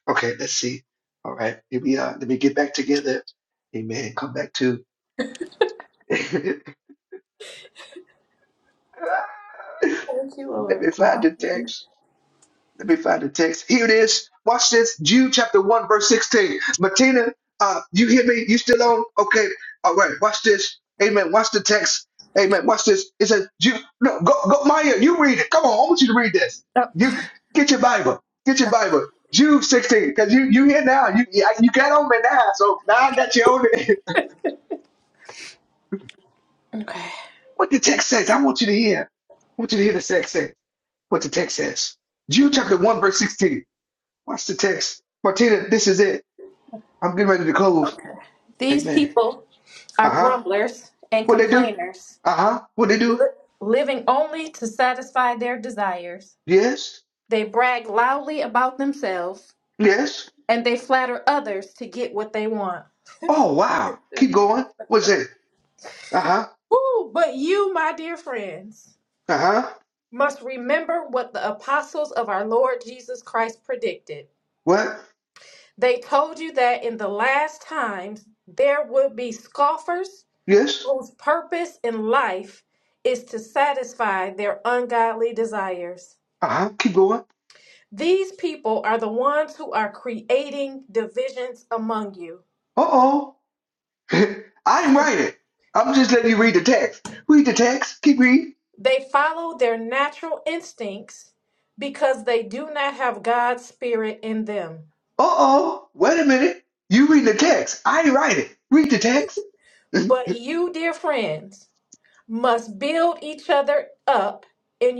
[SPEAKER 1] Okay, let's see. All right. Let me uh let me get back together. Amen. Come back to let
[SPEAKER 9] Thank you, Lord.
[SPEAKER 1] me find
[SPEAKER 9] Uh,
[SPEAKER 1] the text. Let me find the text. Here it is. Watch this. Jude chapter 1, verse 16. Martina, uh, you hear me? You still on? Okay. All right. Watch this. Amen. Watch the text. Amen. Watch this. It says, Jude, no, go, go, Maya, you read it. Come on. I want you to read this.
[SPEAKER 9] Oh,
[SPEAKER 1] You get your Bible. Get your Bible. Jude 16. Because you you here now. You yeah, you got on me now. So now I got you on it.
[SPEAKER 9] okay.
[SPEAKER 1] what the text says. I want you to hear. I want you to hear the text say. What the text says. Jude chapter 1, verse 16. Watch the text. Martina, this is it. I'm getting ready to close.
[SPEAKER 9] Okay. These
[SPEAKER 1] Amen.
[SPEAKER 9] people. are
[SPEAKER 1] Uh huh.
[SPEAKER 9] grumblers and
[SPEAKER 1] What they do?
[SPEAKER 9] complainers,
[SPEAKER 1] Uh huh. What they
[SPEAKER 9] li-
[SPEAKER 1] do?
[SPEAKER 9] living only to satisfy their desires.
[SPEAKER 1] Yes.
[SPEAKER 9] They brag loudly about themselves
[SPEAKER 1] Yes.
[SPEAKER 9] and they flatter others to get what they want.
[SPEAKER 1] Oh wow. Keep going. What's that? Uh huh.
[SPEAKER 9] Woo! But you, my dear friends,
[SPEAKER 1] Uh huh.
[SPEAKER 9] must remember what the apostles of our Lord Jesus Christ predicted.
[SPEAKER 1] What?
[SPEAKER 9] They told you that in the last times there would be scoffers
[SPEAKER 1] Yes.
[SPEAKER 9] whose purpose in life is to satisfy their ungodly desires.
[SPEAKER 1] Uh huh. Keep going. Uh
[SPEAKER 9] These people are the ones who are creating division.
[SPEAKER 1] oh. I didn't write it. I'm just letting you read the text. Read the text. Keep reading.
[SPEAKER 9] They follow their tricks, become
[SPEAKER 1] Uh oh. Wait a minute. You read the text. I didn't write it. Read the text. uh
[SPEAKER 9] but mum up in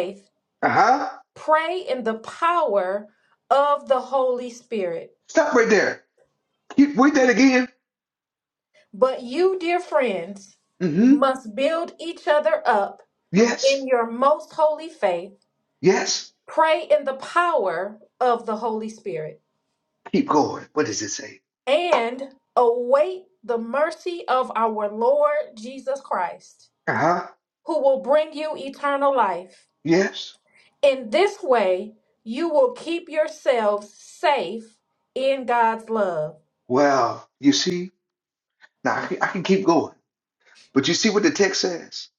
[SPEAKER 9] faith.
[SPEAKER 1] huh.
[SPEAKER 9] Pray in the power of the Holy Spirit.
[SPEAKER 1] Stop right there. Keep read that again.
[SPEAKER 9] But you, dear friends,
[SPEAKER 1] Mm hmm.
[SPEAKER 9] must build each other up
[SPEAKER 1] Yes.
[SPEAKER 9] in your most holy faith.
[SPEAKER 1] Yes.
[SPEAKER 9] Pray in the power of the Holy Spirit
[SPEAKER 1] Keep going. What does it say?
[SPEAKER 9] and await the mercy of our Lord Jesus Christ,
[SPEAKER 1] Uh-huh.
[SPEAKER 9] who will bring you eternal life.
[SPEAKER 1] Yes.
[SPEAKER 9] In this way, you will keep yourselves safe in God's love.
[SPEAKER 1] Well, you see, now I can, I can keep going, but you see what the text says?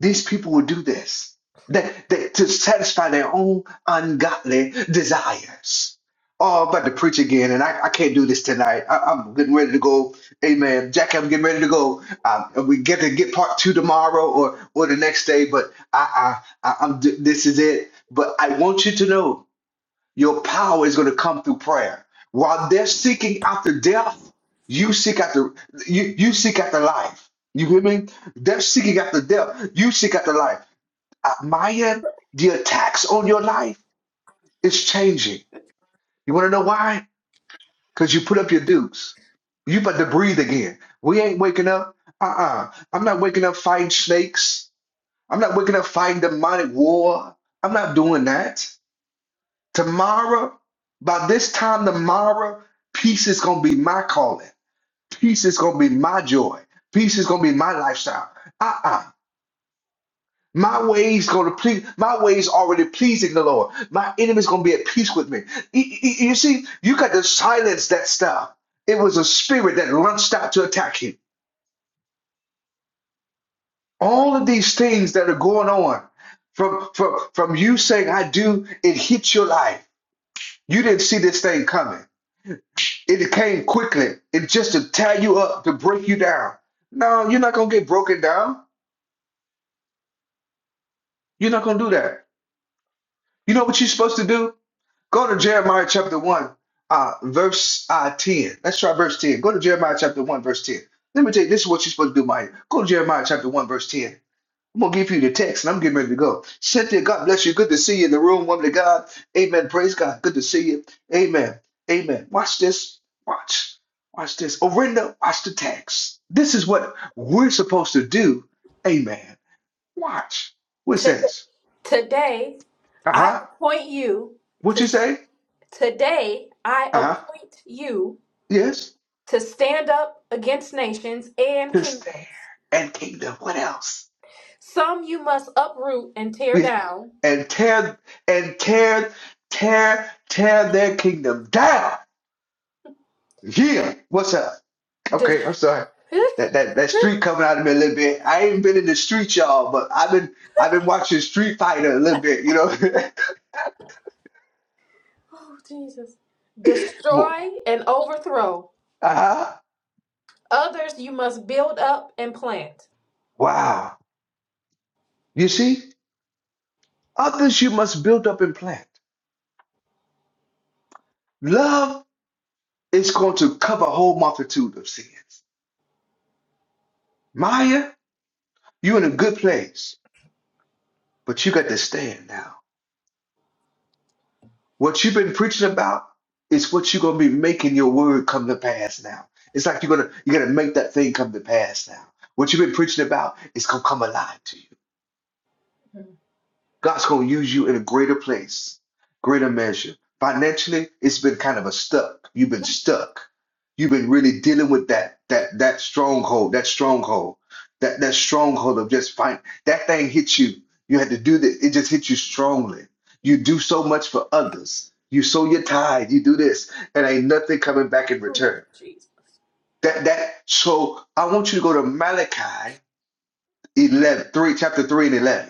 [SPEAKER 1] These people will do this that, that to satisfy their own ungodly desires. Oh, I'm about to preach again, and I, I can't do this tonight. I, I'm getting ready to go. Amen. Jackie, I'm getting ready to go. Um, we get to get part two tomorrow or or the next day, but I, I, I I'm this is it. But I want you to know Your power is going to come through prayer. While they're seeking after death, you seek after you, you seek after life. You hear me? They're seeking after death. You seek after life. Uh, Maya, the attacks on your life is changing. You want to know why? Because you put up your dukes. You about to breathe again. We ain't waking up. Uh-uh. I'm not waking up fighting snakes. I'm not waking up fighting demonic war. I'm not doing that. Tomorrow, by this time tomorrow, peace is gonna be my calling. Peace is gonna be my joy. Peace is gonna be my lifestyle. Uh-uh. My ways gonna please. My ways already pleasing the Lord. My enemy's gonna be at peace with me. E- e- You see, you got to silence that stuff. It was a spirit that launched out to attack you. All of these things that are going on, from from from you saying I do, it hits your life. You didn't see this thing coming. It came quickly. It just to tie you up, to break you down. No, you're not gonna get broken down. You're not gonna do that. You know what you're supposed to do? Go to Jeremiah chapter one, uh, verse uh, ten. Let's try verse ten. Go to Jeremiah chapter one, verse ten. Let me tell you, this is what you're supposed to do, Maya. Go to Jeremiah chapter one, verse ten. I'm gonna give you the text and I'm getting ready to go. Cynthia, God bless you. Good to see you in the room, woman of God. Amen. Praise God. Good to see you. Amen. Amen. Watch this. Watch. Watch this. Orinda, watch the text. This is what we're supposed to do. Amen. Watch. What it
[SPEAKER 9] To-
[SPEAKER 1] says?
[SPEAKER 9] today, I
[SPEAKER 1] Uh-huh.
[SPEAKER 9] appoint you
[SPEAKER 1] What
[SPEAKER 9] to
[SPEAKER 1] you say?
[SPEAKER 9] today I
[SPEAKER 1] Uh-huh.
[SPEAKER 9] appoint you
[SPEAKER 1] Yes.
[SPEAKER 9] to stand up against nations and
[SPEAKER 1] To stare
[SPEAKER 9] kingdoms.
[SPEAKER 1] and kingdom. What else?
[SPEAKER 9] Some you must uproot and tear
[SPEAKER 1] Yeah.
[SPEAKER 9] down,
[SPEAKER 1] And tear and tear, tear, tear their kingdom down. Yeah. What's up?
[SPEAKER 9] des-
[SPEAKER 1] Okay, I'm sorry. That that that
[SPEAKER 9] oh
[SPEAKER 1] street coming out of me a little bit. I ain't been in the street, y'all, but I've been I've been watching Street Fighter a little bit, you know.
[SPEAKER 9] Jesus,
[SPEAKER 1] Mo-
[SPEAKER 9] destroy and overthrow.
[SPEAKER 1] uh-huh.
[SPEAKER 9] Others you must build up and plant.
[SPEAKER 1] Wow. You see, others you must build up and plant. Love is going to cover a whole multitude of sins. Maya, you're in a good place, but you got to stand now. What you've been preaching about is what you're gonna be making your word come to pass now. It's like you're gonna you're gonna make that thing come to pass now. What you've been preaching about is gonna come alive to you. God's going to use you in a greater place, greater measure. Financially, it's been kind of a stuck. You've been stuck. You've been really dealing with that that that stronghold, that stronghold, that that stronghold of just fine. That thing hits you. You had to do that. It just hits you strongly. You do so much for others. You sow your tithe. You do this, and ain't nothing coming back in return.
[SPEAKER 9] Jesus.
[SPEAKER 1] That that. So I want you to go to Malachi 11 3, chapter three and eleven.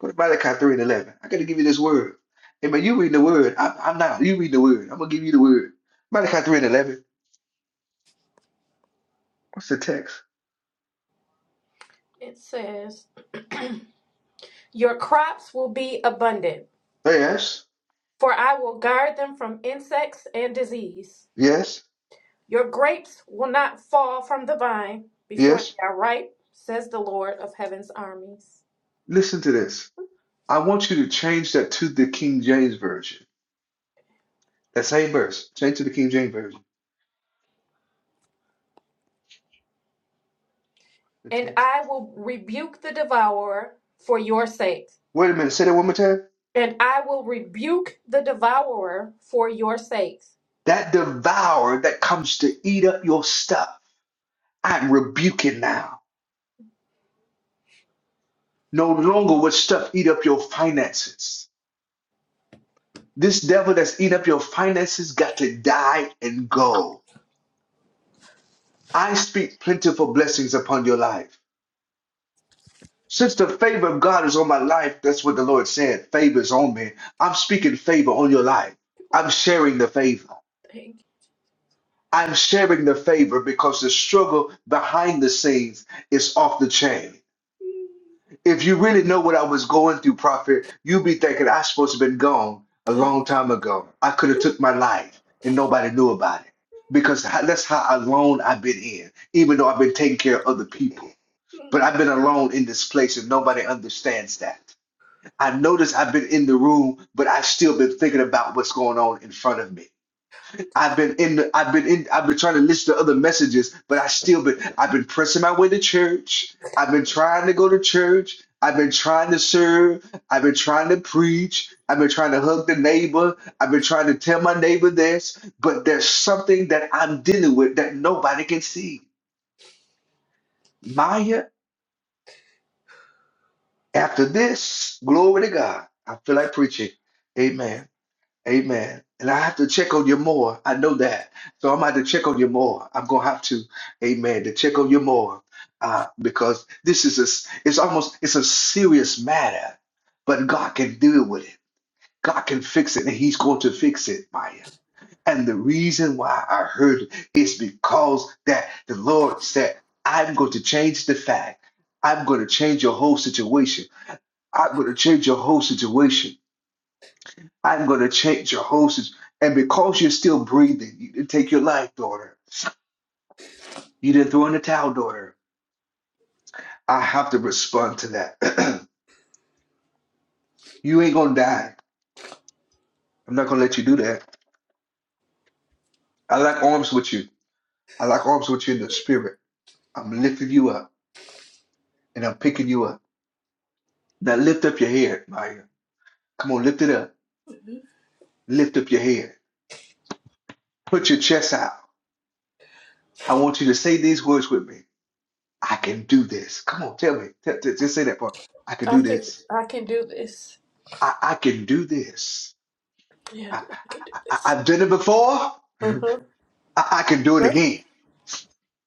[SPEAKER 1] Go to Malachi 3 and 11. I got to give you this word. Hey, man, you read the word. I'm, I'm not. You read the word. I'm going to give you the word. Malachi 3 and 11. What's the text?
[SPEAKER 9] It says Your crops will be abundant,
[SPEAKER 1] Yes,
[SPEAKER 9] for I will guard them from insects and disease.
[SPEAKER 1] yes,
[SPEAKER 9] Your grapes will not fall from the vine before they
[SPEAKER 1] yes.
[SPEAKER 9] are ripe, says the Lord of heaven's armies.
[SPEAKER 1] Listen to this. I want you to change that to the King James Version. That same verse. Change to the King James Version. The
[SPEAKER 9] And
[SPEAKER 1] text.
[SPEAKER 9] I will rebuke the devourer for your sake.
[SPEAKER 1] Wait a minute. Say that one more time.
[SPEAKER 9] And I will rebuke the devourer for your sake.
[SPEAKER 1] That devourer that comes to eat up your stuff. I'm rebuking now. No longer would stuff eat up your finances. This devil that's eating up your finances got to die and go. I speak plentiful blessings upon your life. Since the favor of God is on my life, that's what the Lord said. Favor is on me. I'm speaking favor on your life. I'm sharing the favor.
[SPEAKER 9] Thank you.
[SPEAKER 1] I'm sharing the favor because the struggle behind the scenes is off the chain. If you really know what I was going through, prophet, you'd be thinking I supposed to have been gone a long time ago. I could have took my life and nobody knew about it because ho- that's how alone I've been in, even though I've been taking care of other people. But I've been alone in this place and nobody understands that. I notice I've been in the room, but I've still been thinking about what's going on in front of me. I've been in the, I've been in, I've been trying to listen to other messages, but I still been, I've been pressing my way to church. I've been trying to go to church. I've been trying to serve. I've been trying to preach. I've been trying to hug the neighbor. I've been trying to tell my neighbor this, but there's something that I'm dealing with that nobody can see. Maya, after this, glory to God. I feel like preaching. Amen. Amen. And I have to check on you more. I know that. So I'm going to have to check on you more. I'm going to have to, amen, to check on you more. Uh, because this is a, s- it's almost, it's a serious matter, but God can deal with it. God can fix it and he's going to fix it, Maya. And the reason why I heard it is because that the Lord said, I'm going to change the fact. I'm going to change your whole situation. I'm going to change your whole situation. I'm going to change your whole situation. And because you're still breathing, you didn't take your life, daughter. You didn't throw in the towel, daughter. I have to respond to that. you ain't going to die. I'm not going to let you do that. I like arms with you. I like arms with you in the spirit. I'm lifting you up and I'm picking you up. Now lift up your head, Maya. Come on, lift it up. Lift up your head. Put your chest out. I want you to say these words with me. I can do this. Come on, tell me. T- t- just say that part. I can
[SPEAKER 9] I
[SPEAKER 1] do
[SPEAKER 9] can
[SPEAKER 1] this.
[SPEAKER 9] I can do this.
[SPEAKER 1] I, I can do this.
[SPEAKER 9] Yeah,
[SPEAKER 1] I,
[SPEAKER 9] I can do
[SPEAKER 1] I,
[SPEAKER 9] this.
[SPEAKER 1] I've done it before. I,
[SPEAKER 9] Uh-huh.
[SPEAKER 1] I can do it
[SPEAKER 9] Oh,
[SPEAKER 1] again.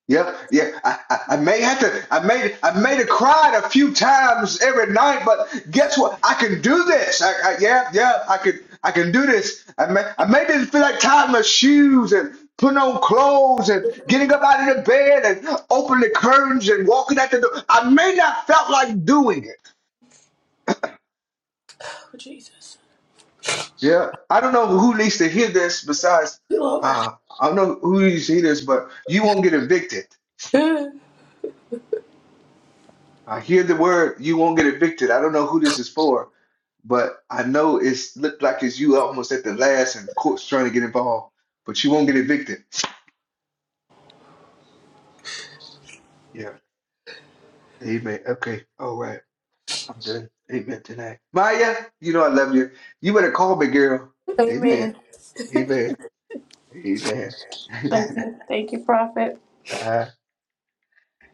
[SPEAKER 1] Yep, yeah. I, I, I may have to. I made. I made it cried a few times every night, but guess what? I can do this. I, I, yeah, yeah. I can. I can do this. I may. I may didn't feel like tying my shoes and putting on clothes and getting up out of the bed and opening the curtains and walking out the door. I may not felt like doing it
[SPEAKER 9] Jesus.
[SPEAKER 1] Yeah, I don't know who needs to hear this besides,
[SPEAKER 9] Lord.
[SPEAKER 1] uh, I don't know who needs to hear this, but you won't get evicted.
[SPEAKER 9] Thank
[SPEAKER 1] I hear the word, you won't get evicted. I don't know who this is for, but I know it's looked like it's you almost at the last and court's trying to get involved, but you won't get evicted. Yeah, amen. Okay, all right. I'm done. Amen tonight. Maya, you know I love you. You better call me, girl. Amen. Amen. Amen.
[SPEAKER 9] you, Thank you, Prophet.
[SPEAKER 1] uh,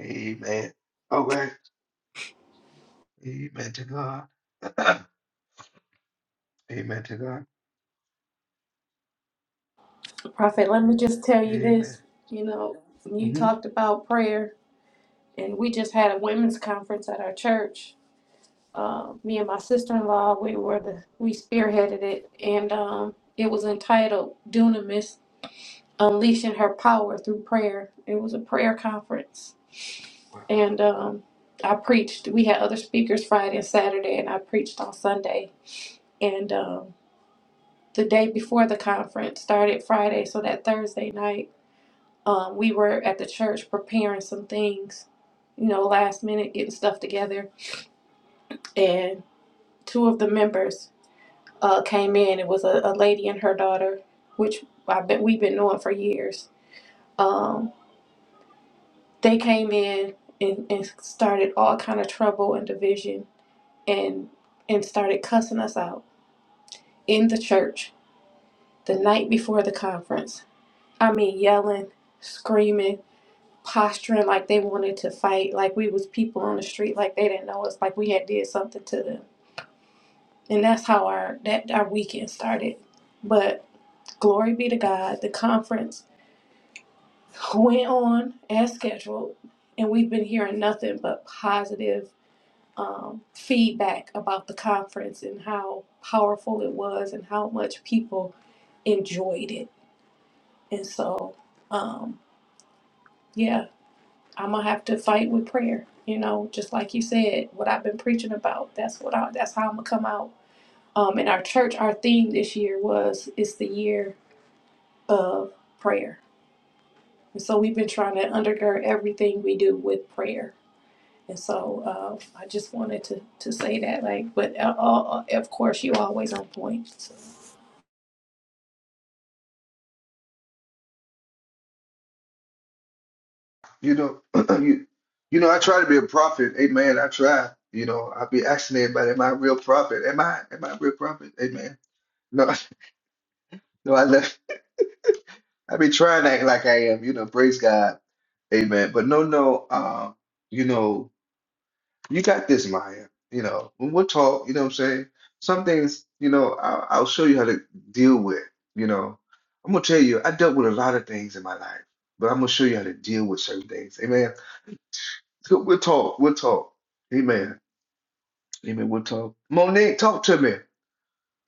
[SPEAKER 1] amen. All right. Amen to God. Amen to God.
[SPEAKER 9] Prophet, let me just tell you
[SPEAKER 1] Amen.
[SPEAKER 9] this. You know, you
[SPEAKER 1] hmm
[SPEAKER 9] talked about prayer, and we just had a women's conference at our church. Uh, me and my sister-in-law, we were the we spearheaded it, and um, it was entitled "Dunamis: Unleashing Her Power Through Prayer." It was a prayer conference,
[SPEAKER 1] Wow.
[SPEAKER 9] and um, I preached. We had other speakers Friday and Saturday, and I preached on Sunday. And um, the day before the conference started Friday, so that Thursday night. um, we were at the church preparing some things, you know, last minute, getting stuff together. And two of the members uh, came in. It was a, a lady and her daughter, which I bet we've been knowing for years. Um, they came in and, and started all kind of trouble and division and and started cussing us out in the church the night before the conference. I mean, yelling, screaming posturing like they wanted to fight, like we was people on the street, like they didn't know us, like we had did something to them. And that's how our that our weekend started. But glory be to God, the conference went on and we um ended. And um yeah, I'm gonna have to fight with prayer. You know, just like you said, what I've been preaching about. That's what I. That's how I'm gonna come out. Um, in our church, our theme this year was it's the year of prayer And so we've been trying to undergird everything we do with prayer. And so uh, I just wanted to, to say that, like, but uh, uh, of course, you always on point. So.
[SPEAKER 1] You know, you, you know, I try to be a prophet. Amen. I try. You know, I be asking everybody, am I a real prophet? Am I? Am I a real prophet? Amen. No, no, I left. I be trying to act like I am. You know, praise God. Amen. But no, no. Um, you know. You got this, Maya. You know, when we'll talk, you know what I'm saying? Some things, you know, I'll, I'll show you how to deal with, you know. I'm gonna tell you, I dealt with a lot of things in my life, but I'm gonna show you how to deal with certain things. Amen. So We'll talk. We'll talk. Amen. Amen. We'll talk. Monique, talk to me.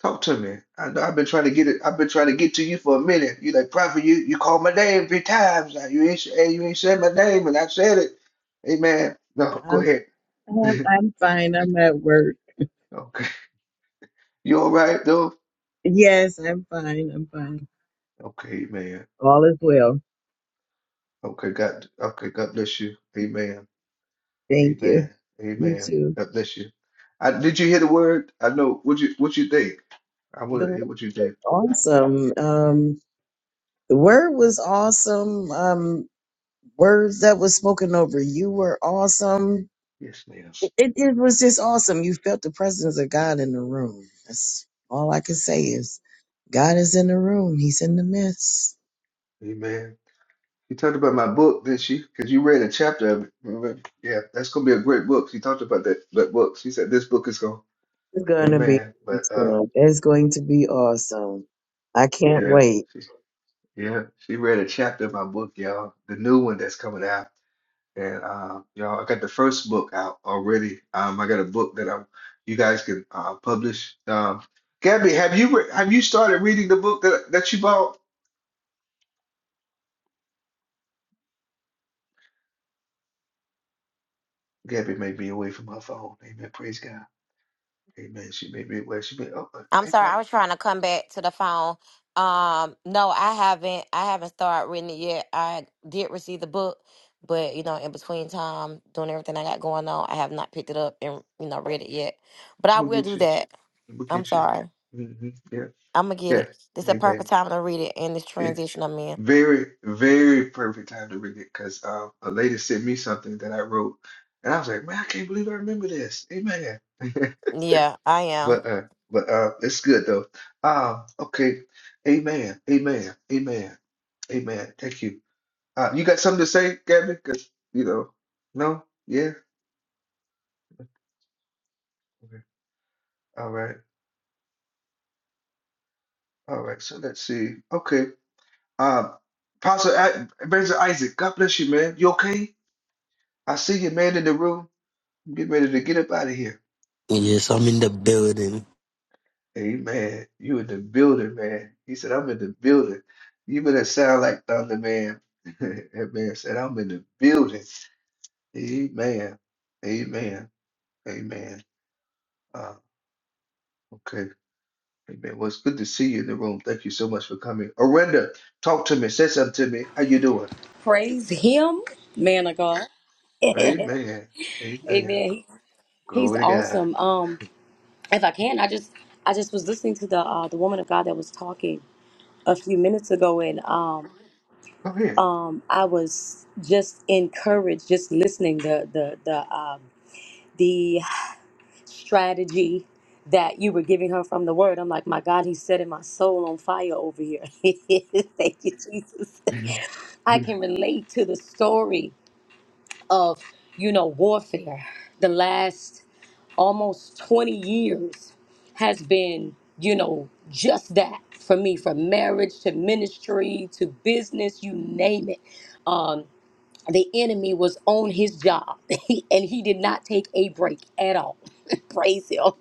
[SPEAKER 1] Talk to me. I know I've been trying to get it. I've been trying to get to you for a minute. You like prophet. You you called my name three times. Now you ain't and you ain't said my name, and I said it. Amen. No, go
[SPEAKER 10] I'm,
[SPEAKER 1] ahead.
[SPEAKER 10] I'm I'm fine. I'm at work.
[SPEAKER 1] Okay. You all right though?
[SPEAKER 10] Yes, I'm fine. I'm fine.
[SPEAKER 1] Okay, amen.
[SPEAKER 10] All is well.
[SPEAKER 1] Okay, God. Okay, God bless you. Amen.
[SPEAKER 10] Thank you.
[SPEAKER 1] Amen.
[SPEAKER 10] You
[SPEAKER 1] Amen.
[SPEAKER 10] too.
[SPEAKER 1] God bless you. I, did you hear the word? I know. What you What you think? I
[SPEAKER 10] The
[SPEAKER 1] want to
[SPEAKER 10] word
[SPEAKER 1] hear
[SPEAKER 10] was
[SPEAKER 1] what you think.
[SPEAKER 10] awesome. Um, the word was awesome. Um, words that was spoken over you were awesome.
[SPEAKER 1] Yes, ma'am.
[SPEAKER 10] It it was just awesome. You felt the presence of God in the room. That's all I can say is God is in the room. He's in the midst.
[SPEAKER 1] Amen. You talked about my book, didn't she? Because you read a chapter of it. Remember? Yeah, that's gonna be a great book. She talked about that that book. She said this book is gonna.
[SPEAKER 10] It's gonna be
[SPEAKER 1] Amen. But uh,
[SPEAKER 10] awesome. It's going to be awesome. I can't
[SPEAKER 1] yeah,
[SPEAKER 10] wait.
[SPEAKER 1] she, yeah, she read a chapter of my book, y'all. The new one that's coming out. And uh, y'all, I got the first book out already. Um, I got a book that I'm you guys can uh, publish. Um, Gabby, have you re have you started reading the book that that you bought? Gabby may be away from her phone. Amen. Praise God. Amen. She may be away. She may. Oh, uh,
[SPEAKER 2] I'm
[SPEAKER 1] hey,
[SPEAKER 2] sorry, I
[SPEAKER 1] Pop,
[SPEAKER 2] was trying to come back to the phone. Um, no, I haven't. I haven't started reading it yet. I did receive the book, but you know, in between time, doing everything I got going on, I have not picked it up and you know read it yet. But I
[SPEAKER 1] we'll
[SPEAKER 2] will
[SPEAKER 1] get
[SPEAKER 2] do
[SPEAKER 1] you.
[SPEAKER 2] that.
[SPEAKER 1] We'll
[SPEAKER 2] I'm
[SPEAKER 1] get you.
[SPEAKER 2] sorry.
[SPEAKER 1] hmm Yeah.
[SPEAKER 2] I'm gonna get
[SPEAKER 1] Yeah.
[SPEAKER 2] it. This is a perfect
[SPEAKER 1] Amen.
[SPEAKER 2] time to read it in this
[SPEAKER 1] It's
[SPEAKER 2] transition I'm in.
[SPEAKER 1] very, very perfect time to read it because uh, a lady sent me something that I wrote, and I was like, man, I can't believe I remember this. Amen.
[SPEAKER 2] Yeah, I am.
[SPEAKER 1] But uh, but uh, it's good though. Um, okay. Amen. Amen. Amen. Amen. Thank you. Uh, you got something to say, Gabby? Because you know, no, yeah. Okay. All right. All right. So let's see. Okay. Um, Pastor I- Benjamin Isaac, God bless you, man. You okay? I see you, man, in the room. Get ready to get up out of here.
[SPEAKER 11] Yes, I'm in the building.
[SPEAKER 1] Amen. You in the building, man. He said, I'm in the building. You better sound like Thunder Man. That man said, I'm in the building. Amen. Amen. Amen. Uh, okay. Amen. Well, it's good to see you in the room. Thank you so much for coming. Arenda, talk to me. Say something to me. How you doing?
[SPEAKER 12] Praise him, man of God. Amen.
[SPEAKER 1] Amen. Amen.
[SPEAKER 12] He- He's
[SPEAKER 1] Glory to God.
[SPEAKER 12] awesome. Um, if I can, I just I just was listening to the uh, the woman of God that was talking a few minutes ago, and um
[SPEAKER 1] Go
[SPEAKER 12] um I was just encouraged just listening the the the um the strategy that you were giving her from the word. I'm like, my God, he's setting my soul on fire over here. Thank you, Jesus.
[SPEAKER 1] ahead.
[SPEAKER 12] I can relate to the story of you know warfare the last almost 20 years has been you know just that for me from marriage to ministry to business you name it um the enemy was on his job and he did not take a break at all praise him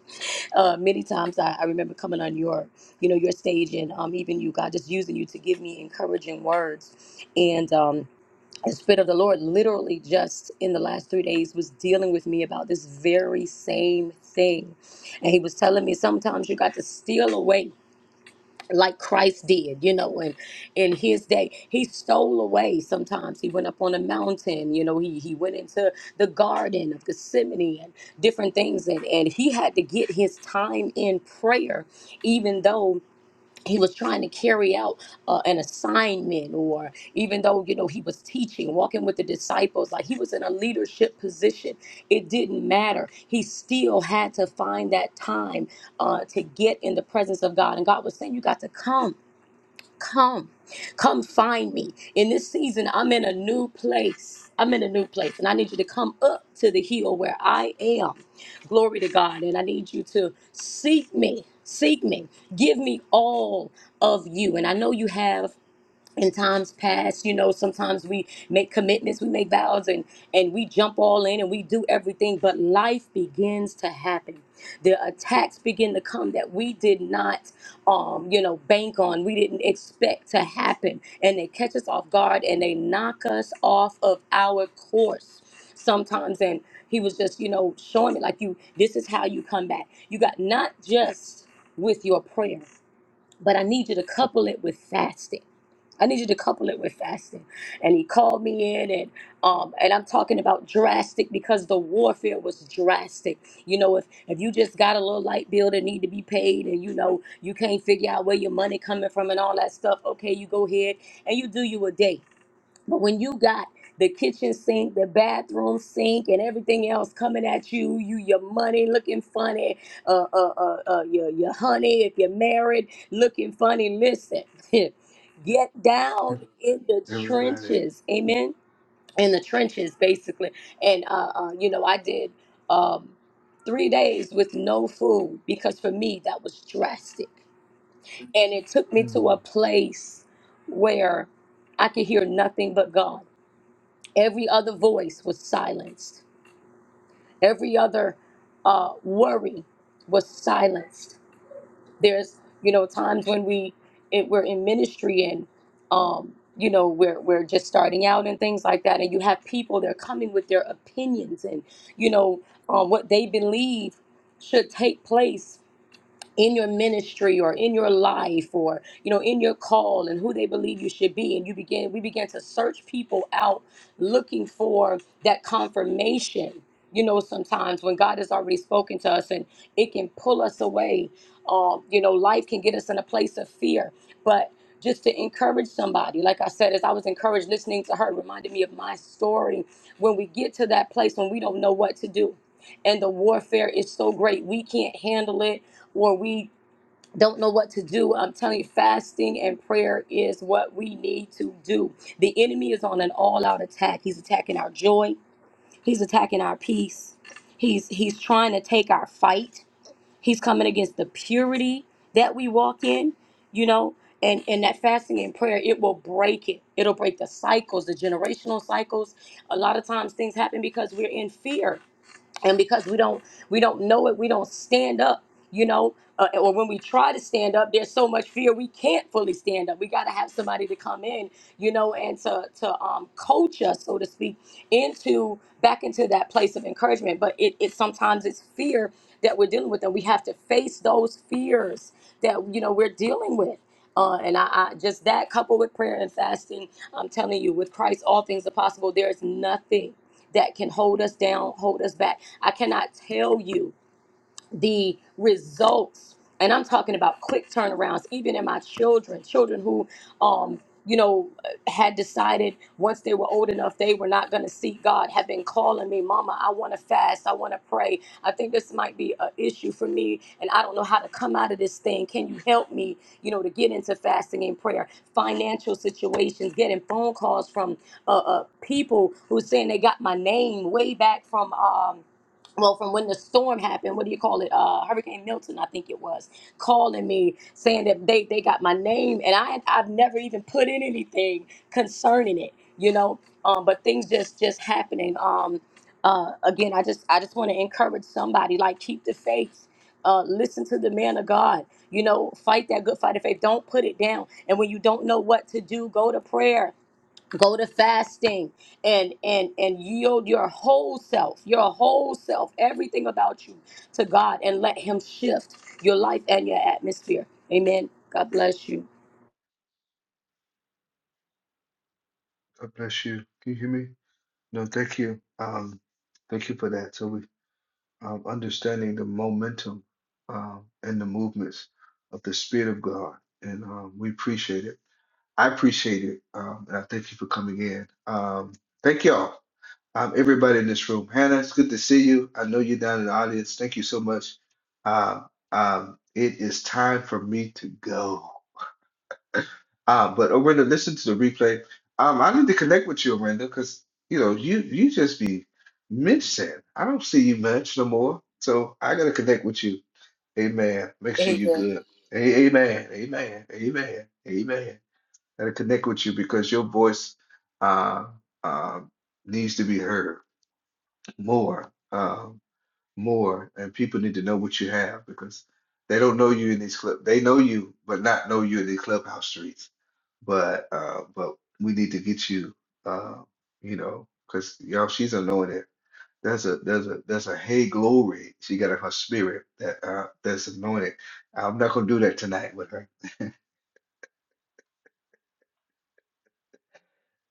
[SPEAKER 12] uh many times I, I remember coming on your you know your stage and um even you god just using you to give me encouraging words and um the spirit of the lord literally just in the last three days was dealing with me about this very same thing and he was telling me sometimes you got to steal away like christ did you know and in his day he stole away sometimes he went up on a mountain you know he, he went into the garden of gethsemane and different things and, and he had to get his time in prayer even though he was trying to carry out uh, an assignment or even though you know he was teaching walking with the disciples like he was in a leadership position it didn't matter he still had to find that time uh, to get in the presence of god and god was saying you got to come Come, come find me. In this season, I'm in a new place. I'm in a new place, and I need you to come up to the hill where I am. Glory to God. And I need you to seek me, seek me, give me all of you. And I know you have in times past you know sometimes we make commitments we make vows and and we jump all in and we do everything but life begins to happen the attacks begin to come that we did not um you know bank on we didn't expect to happen and they catch us off guard and they knock us off of our course sometimes and he was just you know showing me like you this is how you come back you got not just with your prayer but i need you to couple it with fasting I need you to couple it with fasting. And he called me in and um and I'm talking about drastic because the warfare was drastic. You know, if if you just got a little light bill that need to be paid and you know you can't figure out where your money coming from and all that stuff, okay, you go ahead and you do you a day. But when you got the kitchen sink, the bathroom sink, and everything else coming at you, you your money looking funny, uh, uh, uh, uh your your honey if you're married looking funny. Listen, get down in the
[SPEAKER 1] Everybody.
[SPEAKER 12] trenches, amen. In the trenches, basically, and uh, uh you know, I did um three days with no food because for me that was drastic, and it took me to
[SPEAKER 1] Mm,
[SPEAKER 12] a place where I could hear nothing but God. Every other voice was silenced. Every other uh, worry was silenced. There's, you know, times when we it, we're in ministry and, um, you know, we're we're just starting out and things like that, and you have people they're coming with their opinions and, you know, um, what they believe should take place in your ministry or in your life or you know in your call and who they believe you should be and you begin we began to search people out looking for that confirmation you know sometimes when god has already spoken to us and it can pull us away um, you know life can get us in a place of fear but just to encourage somebody like i said as i was encouraged listening to her it reminded me of my story when we get to that place when we don't know what to do and the warfare is so great we can't handle it or we don't know what to do. I'm telling you, fasting and prayer is what we need to do. The enemy is on an all-out attack. He's attacking our joy. He's attacking our peace. He's he's trying to take our fight. He's coming against the purity that we walk in, you know, and, and that fasting and prayer, it will break it. It'll break the cycles, the generational cycles. A lot of times things happen because we're in fear and because we don't we don't know it we don't stand up you know uh, or when we try to stand up there's so much fear we can't fully stand up we got to have somebody to come in you know and to to um coach us so to speak into back into that place of encouragement but it, it sometimes it's fear that we're dealing with and we have to face those fears that you know we're dealing with uh, and I, I just that coupled with prayer and fasting i'm telling you with christ all things are possible there's nothing that can hold us down, hold us back. I cannot tell you the results and i'm talking about quick turnarounds even in my children children who um you know had decided once they were old enough they were not going to seek god have been calling me mama i want to fast i want to pray i think this might be an issue for me and i don't know how to come out of this thing can you help me you know to get into fasting and prayer financial situations getting phone calls from uh, uh people who saying they got my name way back from um well, from when the storm happened, what do you call it? Uh, Hurricane Milton, I think it was, calling me saying that they, they got my name, and I I've never even put in anything concerning it, you know. Um, but things just just happening. Um, uh, again, I just I just want to encourage somebody like keep the faith. Uh, listen to the man of God. You know, fight that good fight of faith. Don't put it down. And when you don't know what to do, go to prayer go to fasting and and and yield your whole self your whole self everything about you to god and let him shift your life and your atmosphere amen god bless you
[SPEAKER 1] God bless you. Can you hear me? No, thank you. Um, thank you for that. So we um, understanding the momentum um, and the movements of the Spirit of God. And um, we appreciate it. I appreciate it. Um, and I thank you for coming in. Um, thank y'all. Um, everybody in this room. Hannah, it's good to see you. I know you're down in the audience. Thank you so much. Uh, um, it is time for me to go. Uh, but Orinda, listen to the replay. Um, I need to connect with you, Orinda, because you know you you just be missing. I don't see you much no more. So I gotta connect with you. Amen. Make sure you're
[SPEAKER 12] Amen.
[SPEAKER 1] good. A- Amen. Amen. Amen. Amen that I connect with you because your voice uh, uh, needs to be heard more, uh, more, and people need to know what you have because they don't know you in these club. They know you, but not know you in these clubhouse streets. But uh, but we need to get you, uh, you know, because y'all, she's anointed. There's a there's a there's a hey glory she got in her spirit that uh, that's anointed. I'm not gonna do that tonight with her.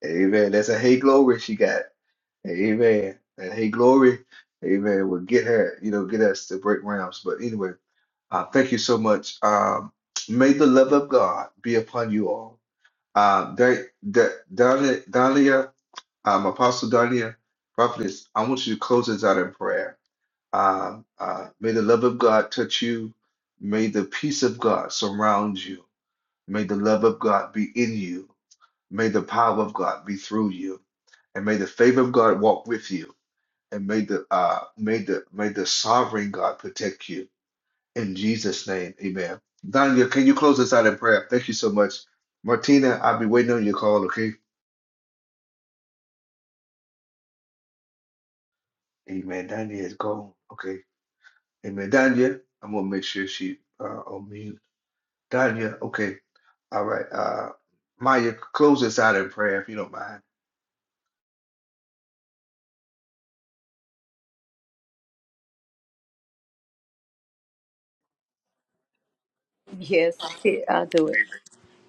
[SPEAKER 1] Amen. That's a hey glory she got. Amen. And hey, glory. Amen. Will get her, you know, get us to break rounds. But anyway, uh, thank you so much. Um, may the love of God be upon you all. Uh, Don- Don- Don- Donia, um, Apostle Donia, Prophetess, I want you to close us out in prayer. Um, uh, may the love of God touch you. May the peace of God surround you. May the love of God be in you. May the power of God be through you. And may the favor of God walk with you and may the uh may the may the sovereign God protect you in Jesus' name, Amen. Danya, can you close us out in prayer? Thank you so much, Martina. I'll be waiting on your call. Okay, Amen. Danya is gone. Okay, Amen. Danya, I'm gonna make sure she uh on mute. Danya, okay, all right. Uh, Maya, close us out in prayer if you don't mind.
[SPEAKER 12] Yes, I'll do it.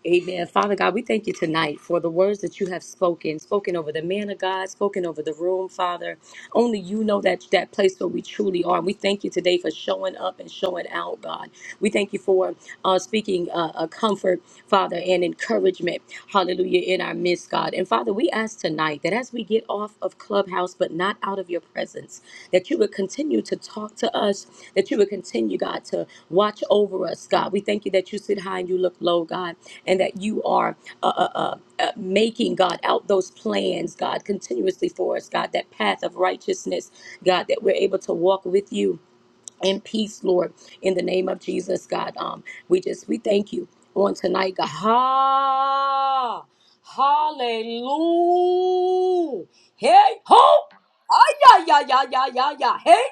[SPEAKER 12] Amen. Father God, we thank you tonight for the words that you have spoken, spoken over the man of God, spoken over the room, Father. Only you know that that place where we truly are. we thank you today for showing up and showing out, God. We thank you for uh, speaking uh, a comfort, Father, and encouragement, hallelujah, in our midst, God. And Father, we ask tonight that as we get off of Clubhouse, but not out of your presence, that you would continue to talk to us, that you would continue, God, to watch over us, God. We thank you that you sit high and you look low, God and that you are uh, uh, uh, uh, making, God, out those plans, God, continuously for us, God, that path of righteousness, God, that we're able to walk with you and peace, Lord, in the name of Jesus, God. Um, we just we thank you on tonight, God. Ha, hallelujah. Hey, ho, ah, yeah, yeah, yeah, yeah, yeah, yeah. Hey,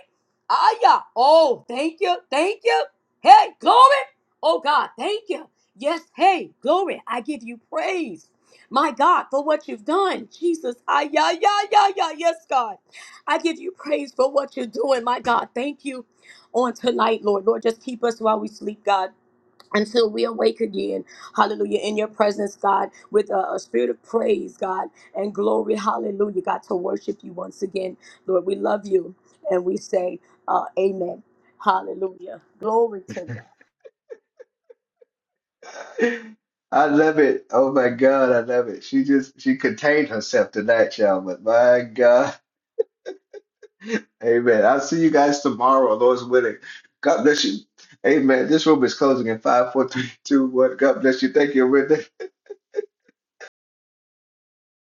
[SPEAKER 12] ah, yeah. Oh, thank you, thank you. Hey, glory. Oh God, thank you. Yes, hey, glory. I give you praise. My God, for what you've done, Jesus. Ah, yeah, yeah, yeah, yeah. Yes, God. I give you praise for what you're doing, my God. Thank you on tonight, Lord. Lord, just keep us while we sleep, God. Until we awake again, hallelujah, in your presence, God, with a, a spirit of praise, God, and glory, hallelujah, God, to worship you once again. Lord, we love you and we say, uh, Amen. Hallelujah. Glory to God.
[SPEAKER 1] I love it. Oh my God, I love it. She just she contained herself tonight, y'all. But my God. Amen. I'll see you guys tomorrow, Lord's willing. God bless you. Amen. This room is closing in five, four, three, two, one. God bless you. Thank you, Rita.